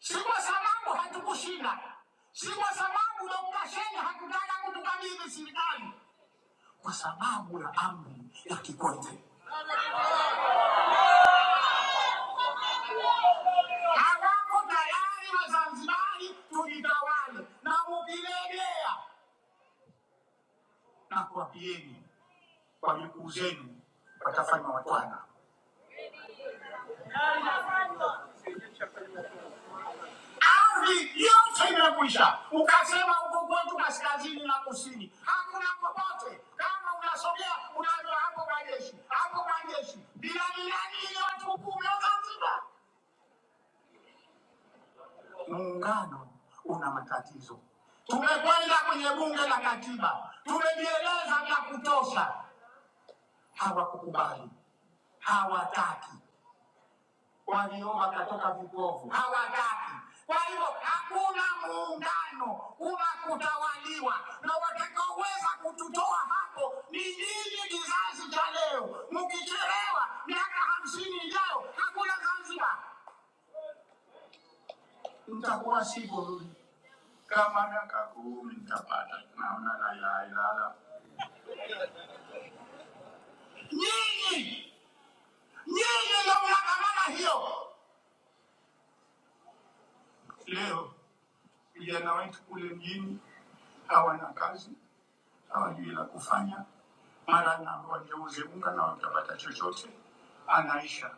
A: si kwa sababu hatukushinda. Si kwa sababu Dr. Shein hakutaka kutukabidhi. Kwa sababu ya amri ya Kikwete. Hawako tayari Wazanzibari tujitawale na ukilegea na kuwapieni kwa jukuu zenu watafanya watwana. Ardhi yote imekwisha, ukasema huko kwetu kaskazini na kusini hakuna popote. Kama unasogea unajua hapo majeshi, hapo majeshi, bila miradi iliyotukuka Zanzibar. Muungano una matatizo. Tumekwenda kwenye bunge la katiba, tumejieleza vya kutosha, hawakukubali, hawataki. waliomba katoka vipofu, hawataki. Kwa hiyo hakuna muungano unakutawaliwa, na watakaoweza kututoa hapo ni nyinyi, kizazi cha leo. Mkichelewa miaka hamsini ijayo, hakuna Zanzibar, mtakuwa sivyo. Kama miaka kumi mtapata, naona la ilaha illallah. Nyinyi nyinyi ndio mnakamana hiyo. Leo vijana wetu kule mjini hawana kazi hawajui la kufanya, mara ng'ambo wageuze unga na watapata chochote. Anaisha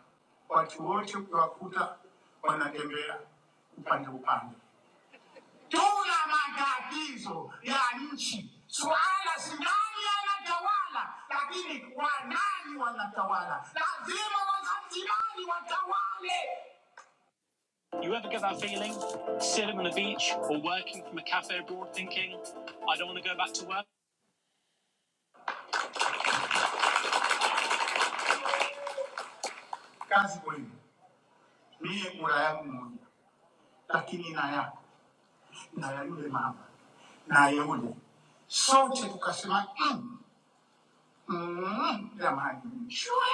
A: watu wote ukiwakuta wanatembea upande upande. Tuna matatizo ya nchi, swala si nani anatawala, lakini wanani wanatawala. Lazima Wazanzibari watawale. You ever get that feeling, sitting on the beach or working from a cafe abroad, thinking, I don't want to go back to work? Kazi muhimu. Mie kura yangu moja, lakini na yako na ya yule mama na ya yule, sote tukasema "Mm, mm, jamani, shwe,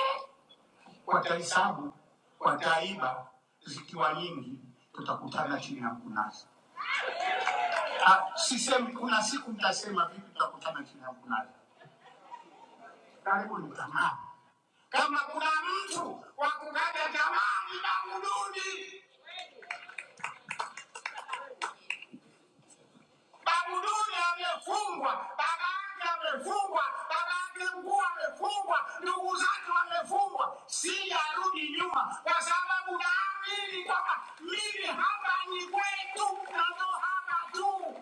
A: watahesabu wataiba, zikiwa nyingi tutakutana chini ya mkunazi. Ah, Sisemi kuna siku mtasema vipi, tutakutana chini ya mkunazi. Karibu ni tamaa. Kama kuna mtu wa kukaja tamaa, ni Bakuduni. Babuduni amefungwa, baba yake amefungwa, baba yake mkuu amefungwa, ndugu zake wamefungwa. Sijarudi nyuma kwa sababu naamini kwamba mimi hapa ni kwetu na ndo hapa tu.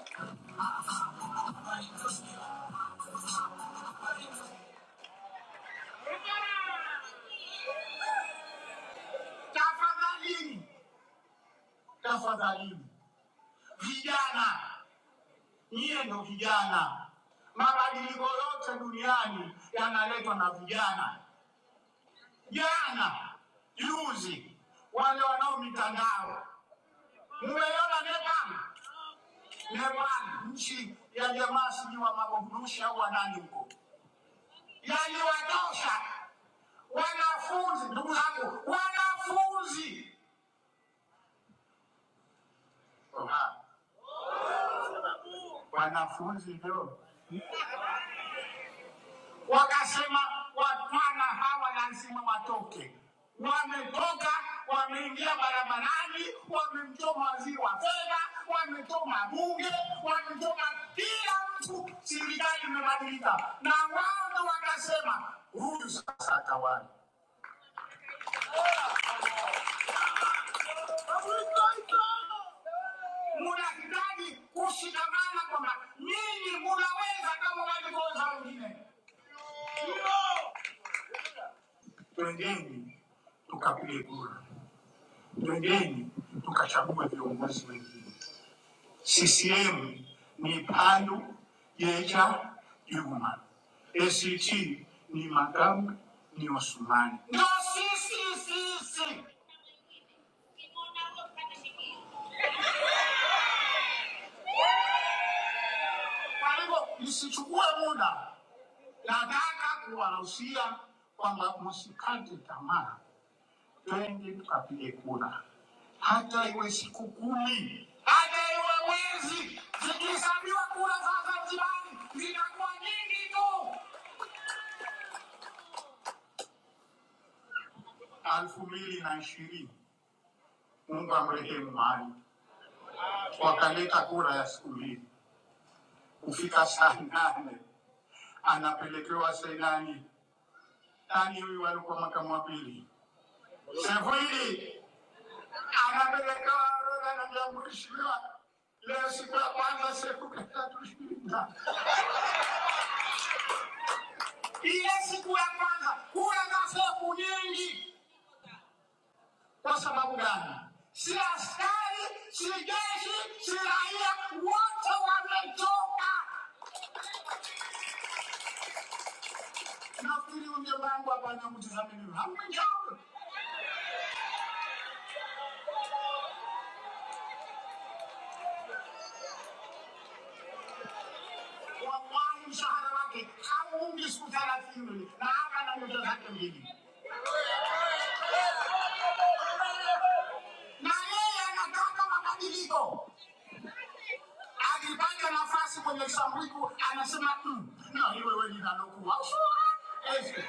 A: Tafadhalini, tafadhalini vijana, nyie ndo vijana. Mabadiliko yote duniani yanaletwa na vijana. jana juzi, wale wanao mitandao mmeiona Nepal. Nepal nchi ya jamaa sijui wa mababurushi au wanani huko, yaliwatosha wanafunzi. Ndugu zangu, wanafunzi Oha, wanafunzi ndio wakasema watwana hawa lazima watoke. Wametoka, wameingia barabarani, wamemchoma waziri wa fedha, wamechoma bunge, wamechoma kila mtu. Serikali imebadilika, na wao ndo wakasema huyu sasa atawala. Mnahitaji kushikamana kwamba nyinyi munaweza kama walivyoweza wengine. Ndio. Twendeni tukapige kura. Twendeni tukachague viongozi wengine. CCM ni Palu, Jecha, Juma. ACT ni Magamba, ni Osumani. Ndio sisi sisi. Kwa hivyo msichukue muda, nataka kuwahusia kwamba msikate tamaa. Twende tukapige kura, hata iwe siku kumi, hata iwe mwezi. Zikihesabiwa kura za Zanzibari zinakuwa nyingi tu. elfu mbili na ishirini Mungu amrehemu Maalim, wakaleta kura ya siku mbili, kufika saa nane anapelekewa Seinani. Nani huyu alikuwa makamu wa pili? Sefuili anapelekewa orodha na jambo ishirini. Leo siku ya kwanza siku ya tatu shinda Ile siku ya kwanza kuwa na hofu nyingi. Kwa sababu gani? Si askari, si jeshi, si raia, wote wametoka. Nafikiri huyo bangu hapa anamtizama mimi, hamjambo. Wallahi, mshahara wake hauungi siku thelathini na hata na nyota zake mbili, na yeye anataka mabadiliko. Akipata nafasi kwenye Shamwiku anasema "Mm, na iwewe linalokuwa usura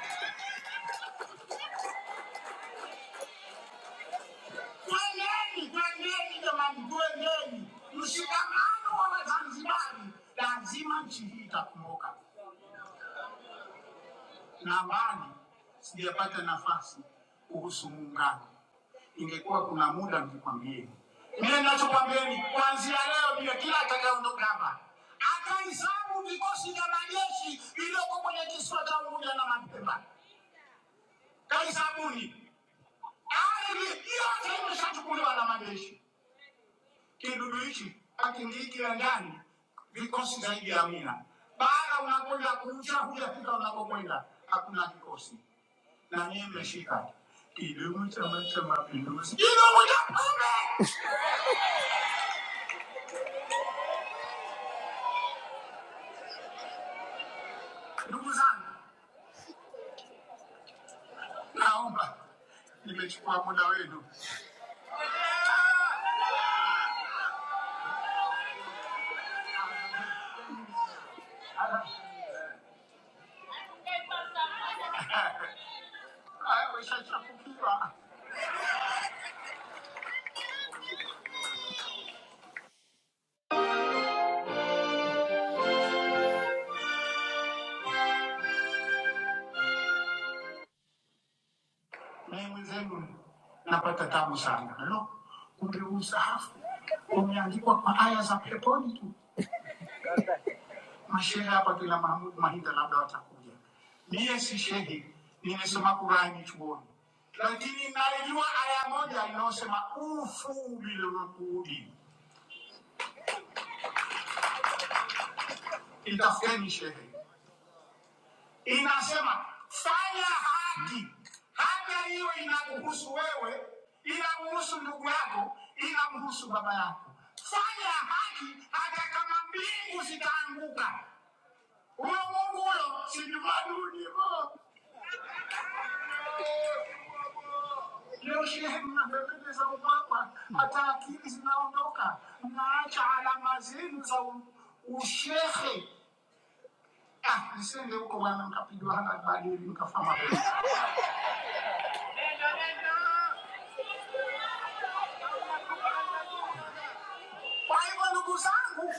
A: Kweneni, kweneni jamani, kweneni. Mshikamano wa Wazanzibari lazima nchi hii itakumbuka. Na awali sijapata nafasi kuhusu muungano, ingekuwa kuna muda ningekwambieni. Mimi ninachokwambieni kuanzia leo, ndio kila atakayeondoka hapa akahesabu vikosi vya majeshi vilioko kwenye kisiwa cha Unguja na Mapemba, kahisabuni. Ardhi yote imeshachukuliwa na majeshi. Kidudu hiki akingiki ya ndani vikosi zaidi ya mia. Bara unakwenda kuucha, hujafika unakokwenda, hakuna kikosi na nyie mmeshika kidumu Chama cha Macha Mapinduzi, kidumu cha pombe. Ndugu zangu, naomba nimechukua muda wenu, haya weshachafukiwa naye mwenzenu, napata tabu sana no, kumbe huu msahafu umeandikwa kwa aya za peponi tu. mashehe hapa kila Mahmud Mahinda labda watakuja. Mie si shehe, nimesoma Qurani chuoni, lakini naijua aya moja inayosema ufu bilunqudi. Itafuteni shehe, inasema fanya haki. Haki hiyo inakuhusu wewe, inamhusu ndugu yako, inamhusu baba yako. Fanya haki hata kama mbingu zitaanguka. Huyo Mungu huyo si Jumaduni. Leo shehe, mnapendeza ubaba, hata akili zinaondoka, mnaacha alama zenu za u- ushehe. Ah, nisende huko bwana, mkapigwa hana badili, mkafama kweli. Kwa hivyo ndugu zangu,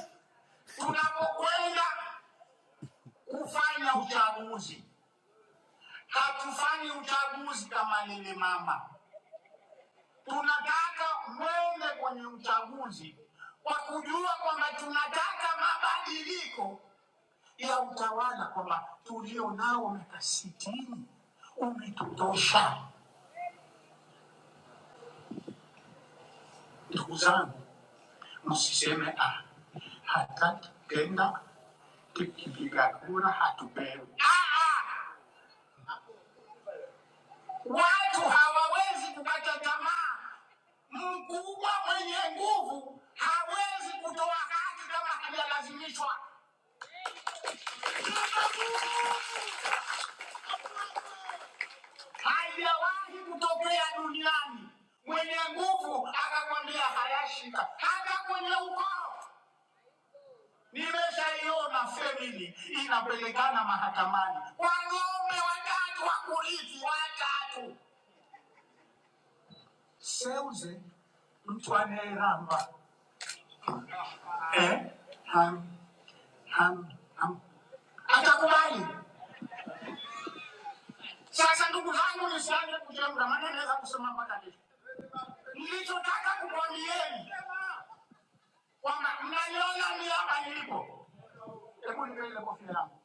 A: tunapokwenda kufanya uchaguzi, hatufanyi uchaguzi kama lile mama Tunataka mwende kwenye uchaguzi kwa kujua kwamba tunataka mabadiliko ya utawala, kwamba tulio nao miaka sitini umetutosha. Ndugu zangu, msiseme ah, hataki tena tukipiga kura hatupewi. Ah, ah, watu hawawezi kukata tamaa. Mkubwa mwenye nguvu hawezi kutoa haki kama hajalazimishwa. Haijawahi kutokea duniani mwenye nguvu akakwambia hayashika, hata kwenye ukoo. Nimeshaiona femini inapelekana mahakamani, wanaume watatu wa kurithi watatu. Seuze mtu anayeramba eh? ham, ham, ham. atakubali. Sasa ndugu zangu, nisianze kujenga, maana naweza kusema mpaka kesho. Nilichotaka kukwambieni kwamba mnaiona miaka nilipo. Hebu niwe ile kofia yangu.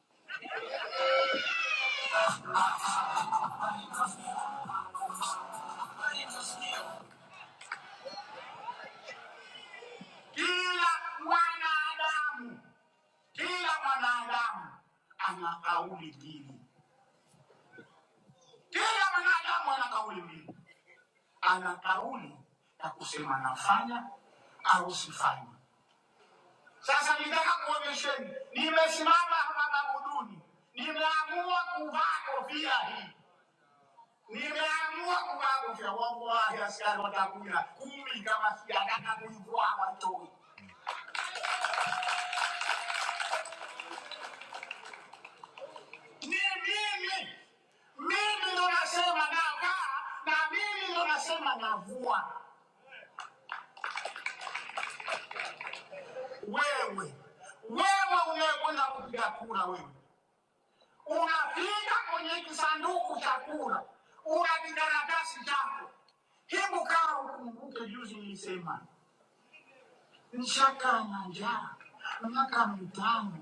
A: Kila mwanadamu, kila mwanadamu ana kauli mbili. Kila mwanadamu ana kauli mbili, ana kauli ya kusema nafanya au sifanyi. Sasa nitaka kuonyesheni, nimesimama hapa Maguduni, nimeamua kuvaa kofia hii Nimeamua kuwaangusha watu wale, askari watakuja kumi kama sijataka kuivua hawatoi. Ni mimi, mimi ndo nasema navaa na mimi ndo nasema navua. Wewe wewe unayekwenda kupiga kura, wewe unafika kwenye kisanduku cha kura, una kikaratasi chako. Hebu kaa ukumbuke, juzi nilisema Nishaka na njaa miaka mitano,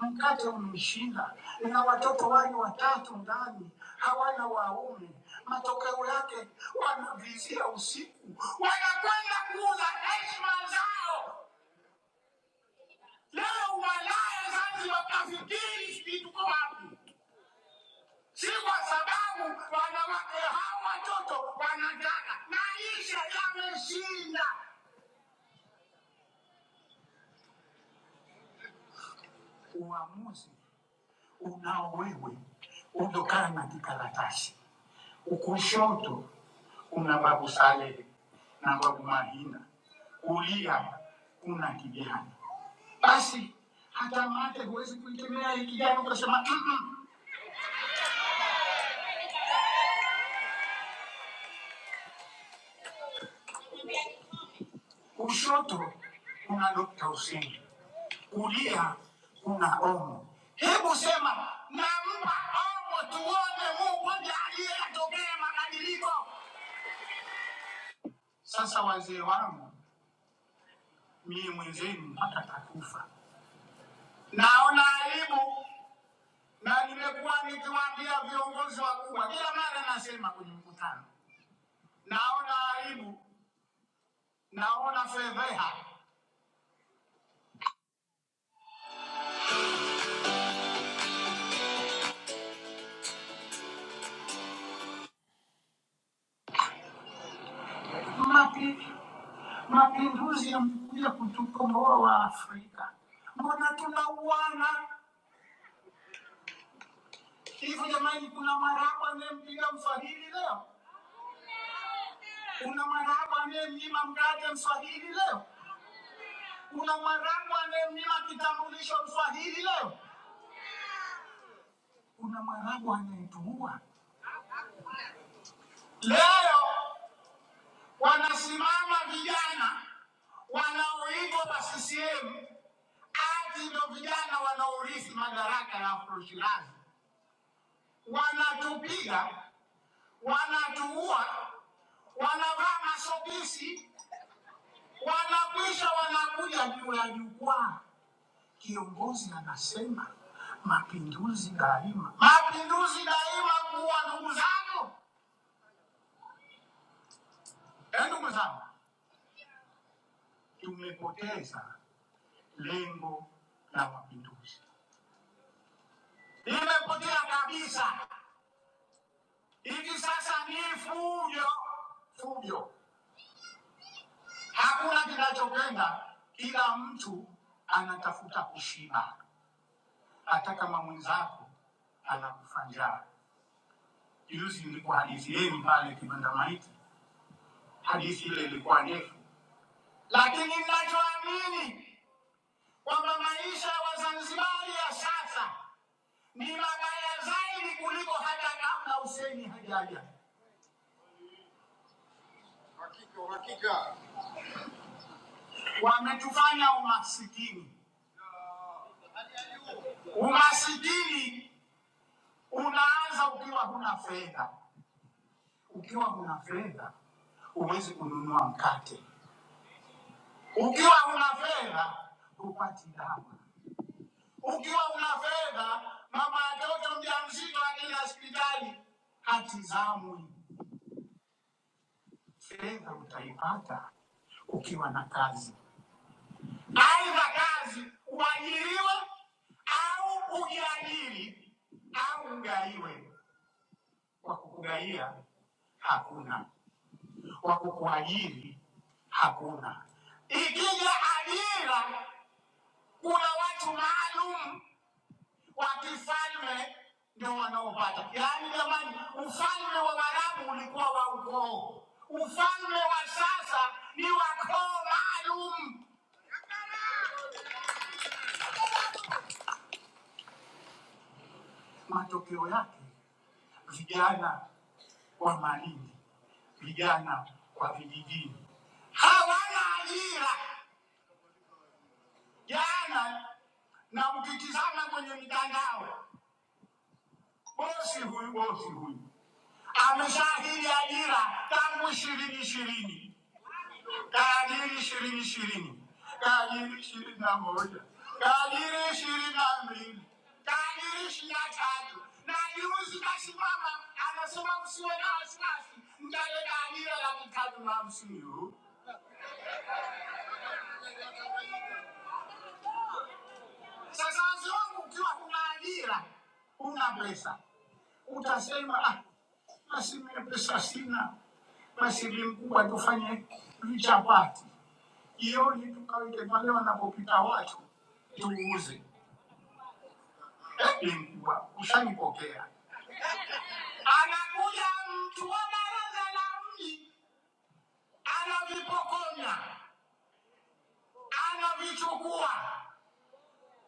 A: mkate umeshinda, na watoto wale watatu ndani hawana waume. Matokeo yake wanavizia usiku, wanakwenda kuuza heshima zao. Leo walaya Zanzibar kafikiri sijui tuko wapi, si kwa sababu wanawake hawa watoto wanataka, maisha yameshinda uamuzi unao wewe utokaa na kikaratasi. Ukushoto kuna babu Salehe na babu Mahina, kulia kuna kijana. Basi hata mate huwezi kuitemea hii kijana ukasema "Mm-mm." kushoto kuna Dokta Hussein, kulia kuna Omo. Hebu sema nampa Omo tuone Mungu ndiye aliyetokea mabadiliko. Sasa wazee wangu mie mwenzenu hata takufa. Naona aibu na nimekuwa nikiwaambia viongozi wakubwa kila mara, nasema kwenye mkutano, naona aibu, naona fedheha. Mapi, mapinduzi yamekuja kutukomboa wa Afrika, mbona tunauana hivi jamani? Kuna maraba anayempiga mswahili leo, kuna maraba anayemnyima mkate mswahili leo, kuna maraba anayemnyima kitambulisho mswahili leo kuna Mwarabu anayetuua leo. Wanasimama vijana wanaoitwa wa CCM ati ndo vijana wanaorithi madaraka ya Afro Shirazi, wanatupiga, wanatuua, wanavaa masokisi, wanakwisha, wanakuja juu ya jukwaa, kiongozi anasema mapinduzi daima, mapinduzi daima kuwa ndugu zangu, eh, ndugu zangu tumepoteza lengo la mapinduzi, limepotea kabisa. Hivi sasa ni fujo fujo, hakuna kinachokwenda, kila mtu anatafuta kushiba, hata kama mwenzako anakufa njaa. Juzi ilikuwa hadithi yenu pale Kibandamaiti, hadithi ile ilikuwa ndefu, lakini ninachoamini kwamba maisha ya Wazanzibari ya sasa ni mabaya zaidi kuliko hata kabla Hussein hajaja. Hakika, hakika. Wametufanya umasikini. Umasikini unaanza ukiwa huna fedha. Ukiwa huna fedha huwezi kununua mkate. Ukiwa huna fedha hupati dawa. Ukiwa huna fedha mama mtoto mjamzito akienda hospitali hatizamwi. Fedha utaipata ukiwa na kazi, aidha kazi uajiriwe au ujiajiri au ugaiwe. Wa kukugaia hakuna, wa kukuajiri hakuna. Ikija ajira, kuna watu maalum wa kifalme ndio wanaopata. Yaani jamani, ufalme wa Waarabu ulikuwa wa ukoo, ufalme wa sasa ni wa koo maalum. Matokeo yake vijana wa Malindi, vijana wa vijijini hawana ajira. Jana na mkitizama kwenye mitandao, bosi huyu bosi huyu ameshahidi ajira tangu ishirini ishirini Kadiri şirin şirin. Kadiri şirin amoja. Kadiri şirin amrin. Kadiri şirin tatu. Nadimuzu kasimama. Anasuma msiwe na asinasi. Mdale kadiri la mtatu mamsiyu. Sasa wazee wangu, ukiwa huna ajira, huna pesa, utasema ah, basi mimi pesa sina, basi mkubwa, tufanye vichapati jioni, tukaweke pale wanapopita watu tuuze. Eh, mkubwa, ushanipokea. Anakuja mtu wa baraza la mji, anavipokonya, anavichukua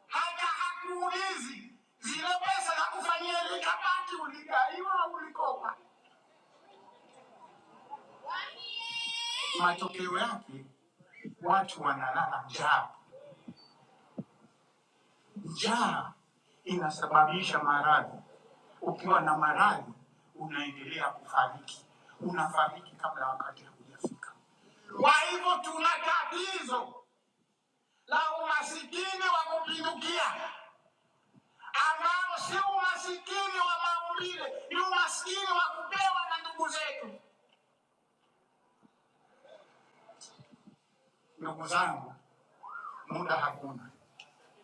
A: hata hakuulizi zile pesa hakufanyia likabati, ulidaiwa au ulikopa. Matokeo yake watu wanalala njaa. Njaa inasababisha maradhi. Ukiwa na maradhi, unaendelea kufariki, unafariki kabla wakati haujafika. Kwa hivyo tuna tatizo la umasikini wa kupindukia. ambao sio umasikini wa maumbile, ni umasikini wa kupewa na ndugu zetu. Ndugu zangu, muda hakuna,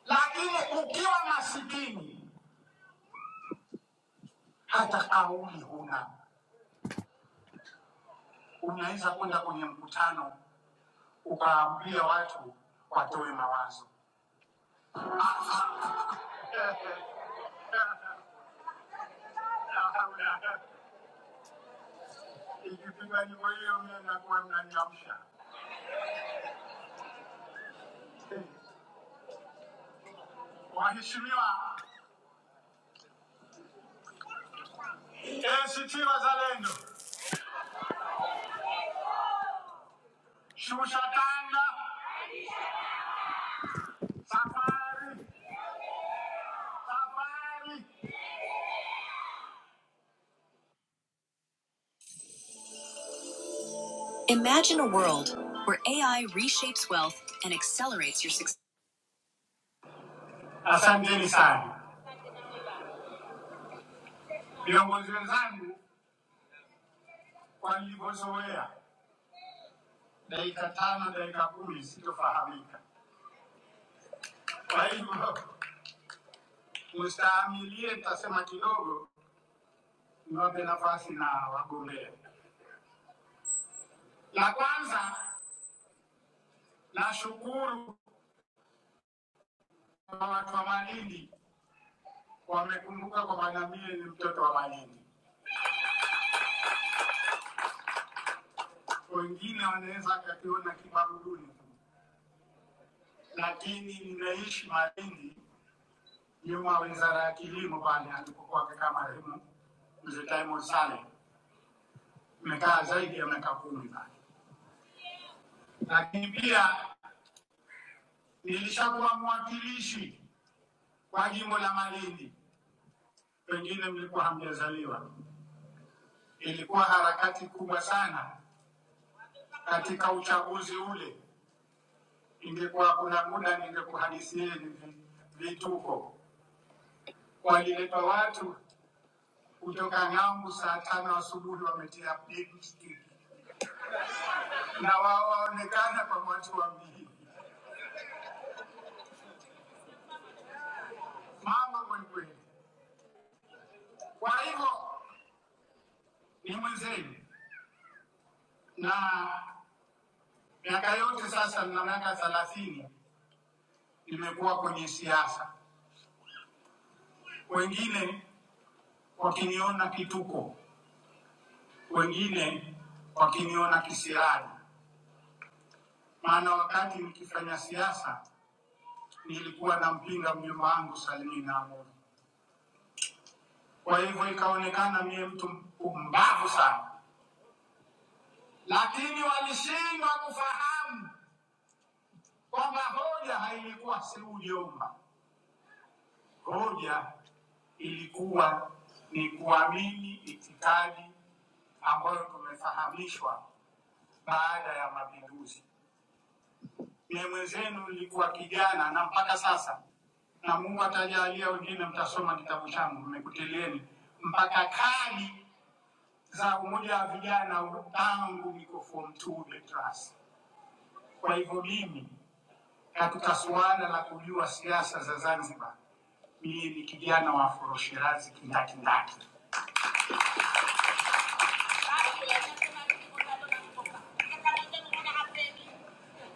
A: lakini ukiwa masikini hata kauli huna. Unaweza kwenda kwenye mkutano ukaambia watu watoe mawazo. La haula la quwwata Ikipigwa nyimbo hiyo mimi nakuwa mnaniamsha. Waheshimiwa, ACT Wazalendo, shusha kanga, safari, safari. Imagine a world where AI reshapes wealth and accelerates your success. Asante Asanteni sana. Viongozi wenzangu walivyozoea dakika tano, dakika kumi sitofahamika. Kwa hivyo mstaamilie, nitasema kidogo, niwape nafasi na wagombea. La kwanza, nashukuru kwa watu wa Malindi wamekumbuka kwamba ngamia ni mtoto wa Malindi. Wengine wanaweza akakiona kibaruguni lakini mnaishi Malindi nyuma wizara ya kilimo pale alipokuwa amekaa marehemu mzee Diamond Saleh, nimekaa zaidi ya miaka kumi pale, lakini pia nilishakuwa mwakilishi kwa jimbo la Malindi, pengine mlikuwa hamjazaliwa. Ilikuwa harakati kubwa sana katika uchaguzi ule. Ingekuwa kuna muda ningekuhadithieni vituko. Waliletwa watu kutoka ng'ambu saa tano asubuhi wametia pikipiki na wao waonekana kwa watu wawili, mambo kwelikweli. Kwa hivyo ni mwenzenu, na miaka yote sasa, mna miaka thelathini nimekuwa kwenye siasa, wengine wakiniona kituko, wengine wakiniona kisirani, maana wakati nikifanya siasa nilikuwa nampinga mjomba wangu Salimina Amuri. Kwa hivyo ikaonekana mie mtu mpumbavu sana, lakini walishindwa kufahamu kwamba hoja hailikuwa suluhu jomba, hoja ilikuwa ni kuamini itikadi ambayo tumefahamishwa baada ya mapinduzi. Mie mwenzenu nilikuwa kijana na mpaka sasa, na Mungu atajalia wengine mtasoma kitabu changu, mmekutilieni mpaka kadi za umoja wa vijana tangu niko form two Betras. Kwa hivyo mimi katika suala la kujua siasa za Zanzibar, mimi ni kijana wa Afroshirazi kindakindaki.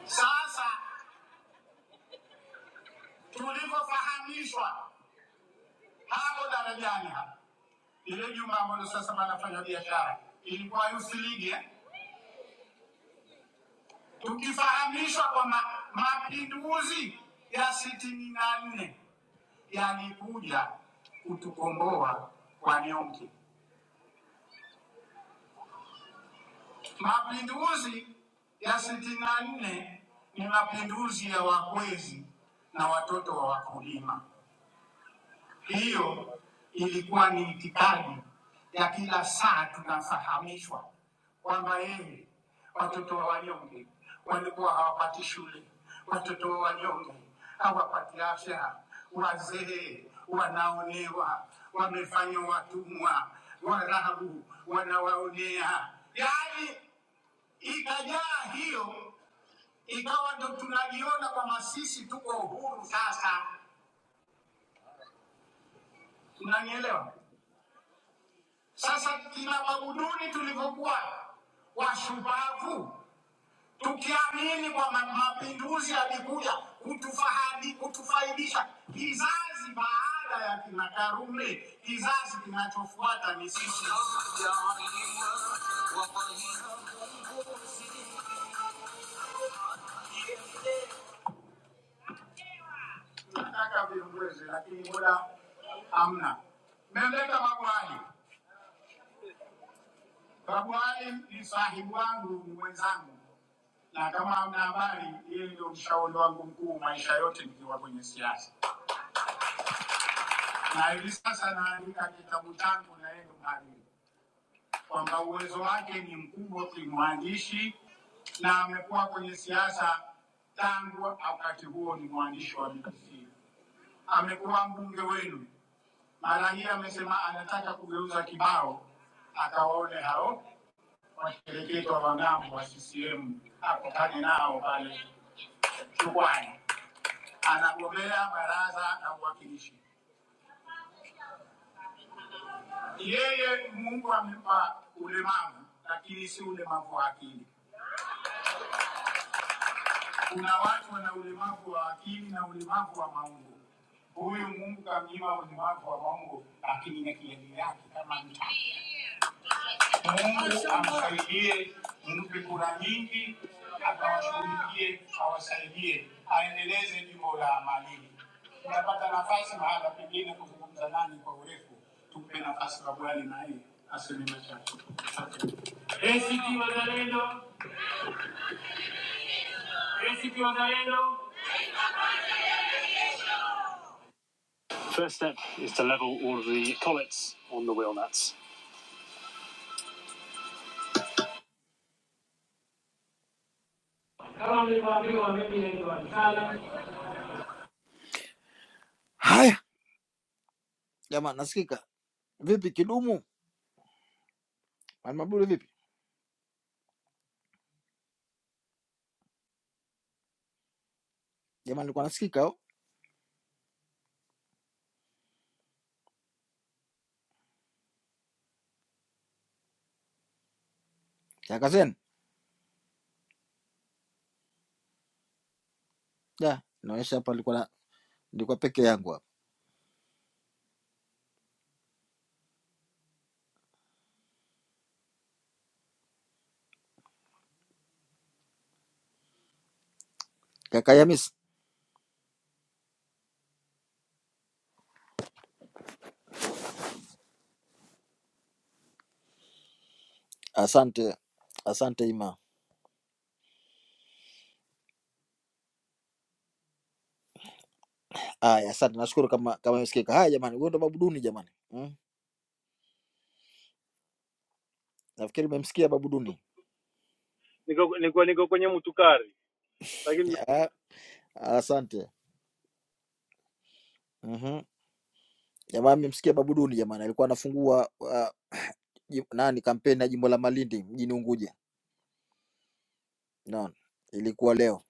A: Sasa tulivyofahamishwa hapo darajani hapa, ile juma ambalo sasa wanafanya biashara ilikuwa Youth League eh, tukifahamishwa kwamba mapinduzi ya sitini na nne yalikuja kutukomboa kwa nyonge Mapinduzi ya sitini na nne ni mapinduzi ya wakwezi na watoto wa wakulima. Hiyo ilikuwa ni itikadi ya kila saa tunafahamishwa kwamba yeye, watoto wa wanyonge walikuwa hawapati shule, watoto wa wanyonge hawapati afya, wazee wanaonewa, wamefanywa watumwa, warabu wanawaonea, yani Ikajaa hiyo ikawa ndo tunajiona kwamba sisi tuko uhuru sasa, unanielewa? Sasa kina Maguduni tulivyokuwa washupavu, tukiamini kwamba mapinduzi yalikuja kutufahadi kutufaidisha kizazi baada ya kina Karume, kizazi kinachofuata ni sisi. Nataka viongozi, lakini muda hamna. Mmeleta magwali Babuale ni sahibu wangu, ni mwenzangu, na kama hamna habari, yeye ndio mshauri wangu mkuu maisha yote nikiwa kwenye siasa, na hivi sasa naandika kitabu changu na yeye ndio mhariri kwamba uwezo wake ni mkubwa kimwandishi na amekuwa kwenye siasa tangu wakati huo, ni mwandishi wa BBC. Amekuwa mbunge wenu, mara hii amesema anataka kugeuza kibao, akawaone hao wakereketwa wa ng'ambo wa CCM akutane nao pale Chukwani. Anagombea baraza la uwakilishi. Yeye Mungu amempa ulemavu, lakini si ulemavu wa akili. Kuna watu wana ulemavu wa akili na ulemavu wa maungo. Huyu Mungu kamnyima ulemavu wa maungo, lakini na kieli yake kama nta. Mungu amsaidie, mpe kura nyingi, akawashughulikie, awasaidie, aendeleze jimbo la Amalili. Tutapata nafasi mahala pengine kuzungumza nani kwa urefu, tumpe nafasi Babwali na yeye aseme machache. Asante. ACT Wazalendo, ACT Wazalendo. First step is to level all of the collets on the wheel nuts. Kama mlivyoambiwa mimi naitwa Mkala. Haya jamani, nasikika vipi? Kidumu Mabule vipi jamani, nilikuwa nasikika oh. Kaka Zen da, naonyesha hapa, nilikuwa na- nilikuwa peke yangu hapa. Kaka Yamis, asante asante Ima. Haya, asante, nashukuru kama kama imesikika. Haya jamani, huyo ndo Babu Duni jamani, mm. Nafikiri mmemsikia Babu Duni.
J: niko niko niko kwenye mtukari
A: Ya, Asante. Mhm. Jamani mmemsikia Babu Duni jamani, alikuwa anafungua uh, jim- nani kampeni ya jimbo la Malindi mjini Unguja. Naona ilikuwa leo.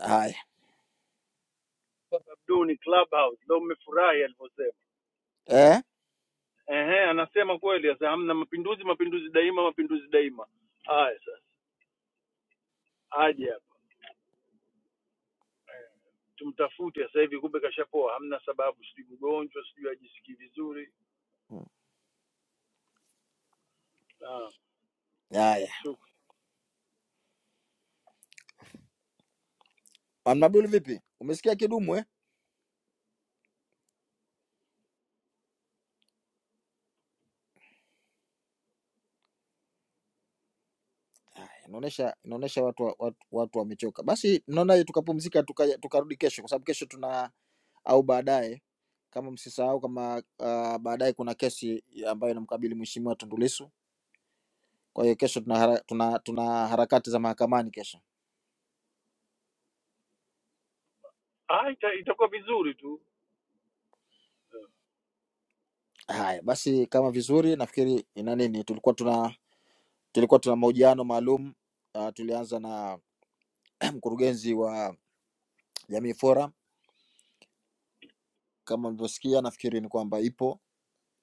A: Haya eh,
J: ehe anasema kweli sasa hamna mapinduzi mapinduzi daima mapinduzi daima
A: haya Amnabdul, vipi? Umesikia kidumu eh? Haya, Inaonesha inaonesha watu wa- watu, watu wamechoka. Basi naona tukapumzika tukaja tukarudi kesho, kwa sababu kesho tuna au baadaye, kama msisahau, kama uh, baadaye kuna kesi ambayo inamkabili mheshimiwa Tundu Lissu. Kwa hiyo kesho tuna, hara, tuna, tuna harakati za mahakamani kesho. Haya basi, kama vizuri, nafikiri ina nini, tulikuwa tuna Tulikuwa tuna mahojiano maalum uh, tulianza na mkurugenzi wa Jamii Forum. Kama mlivyosikia, nafikiri ni kwamba ipo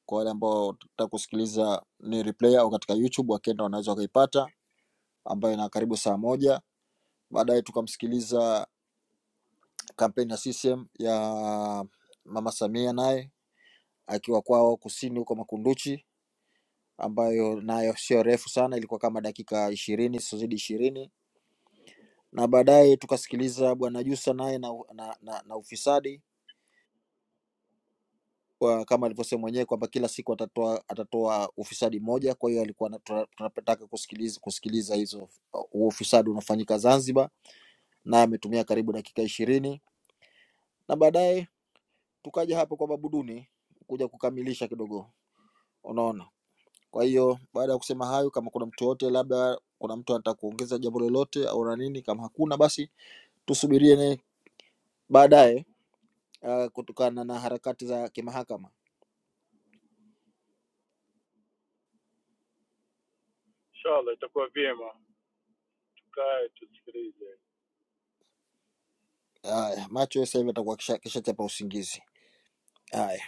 A: kwa wale ambao tutaka kusikiliza ni replay au katika YouTube, wakienda wanaweza wakaipata, ambayo ina karibu saa moja. Baadaye tukamsikiliza kampeni ya CCM ya Mama Samia, naye akiwa kwao kusini huko Makunduchi, ambayo nayo sio refu sana, ilikuwa kama dakika ishirini, sio zidi ishirini na baadaye tukasikiliza bwana Jussa naye na, na, na, na ufisadi Kwa- kama alivyosema mwenyewe kwamba kila siku atatoa atatoa ufisadi moja. Kwa hiyo alikuwa anatoa- tunapotaka kusikiliza kusikiliza hizo huo ufisadi unafanyika Zanzibar, naye ametumia karibu dakika ishirini na baadaye tukaja hapo kwa Babuduni kuja kukamilisha kidogo, unaona. Kwa hiyo baada ya kusema hayo, kama kuna mtu yote, labda kuna mtu anataka kuongeza jambo lolote au na nini, kama hakuna basi tusubirie ne baadaye, uh, kutokana na harakati za kimahakama. Haya, macho sasa hivi atakuwa kisha- kishachapa usingizi. Haya.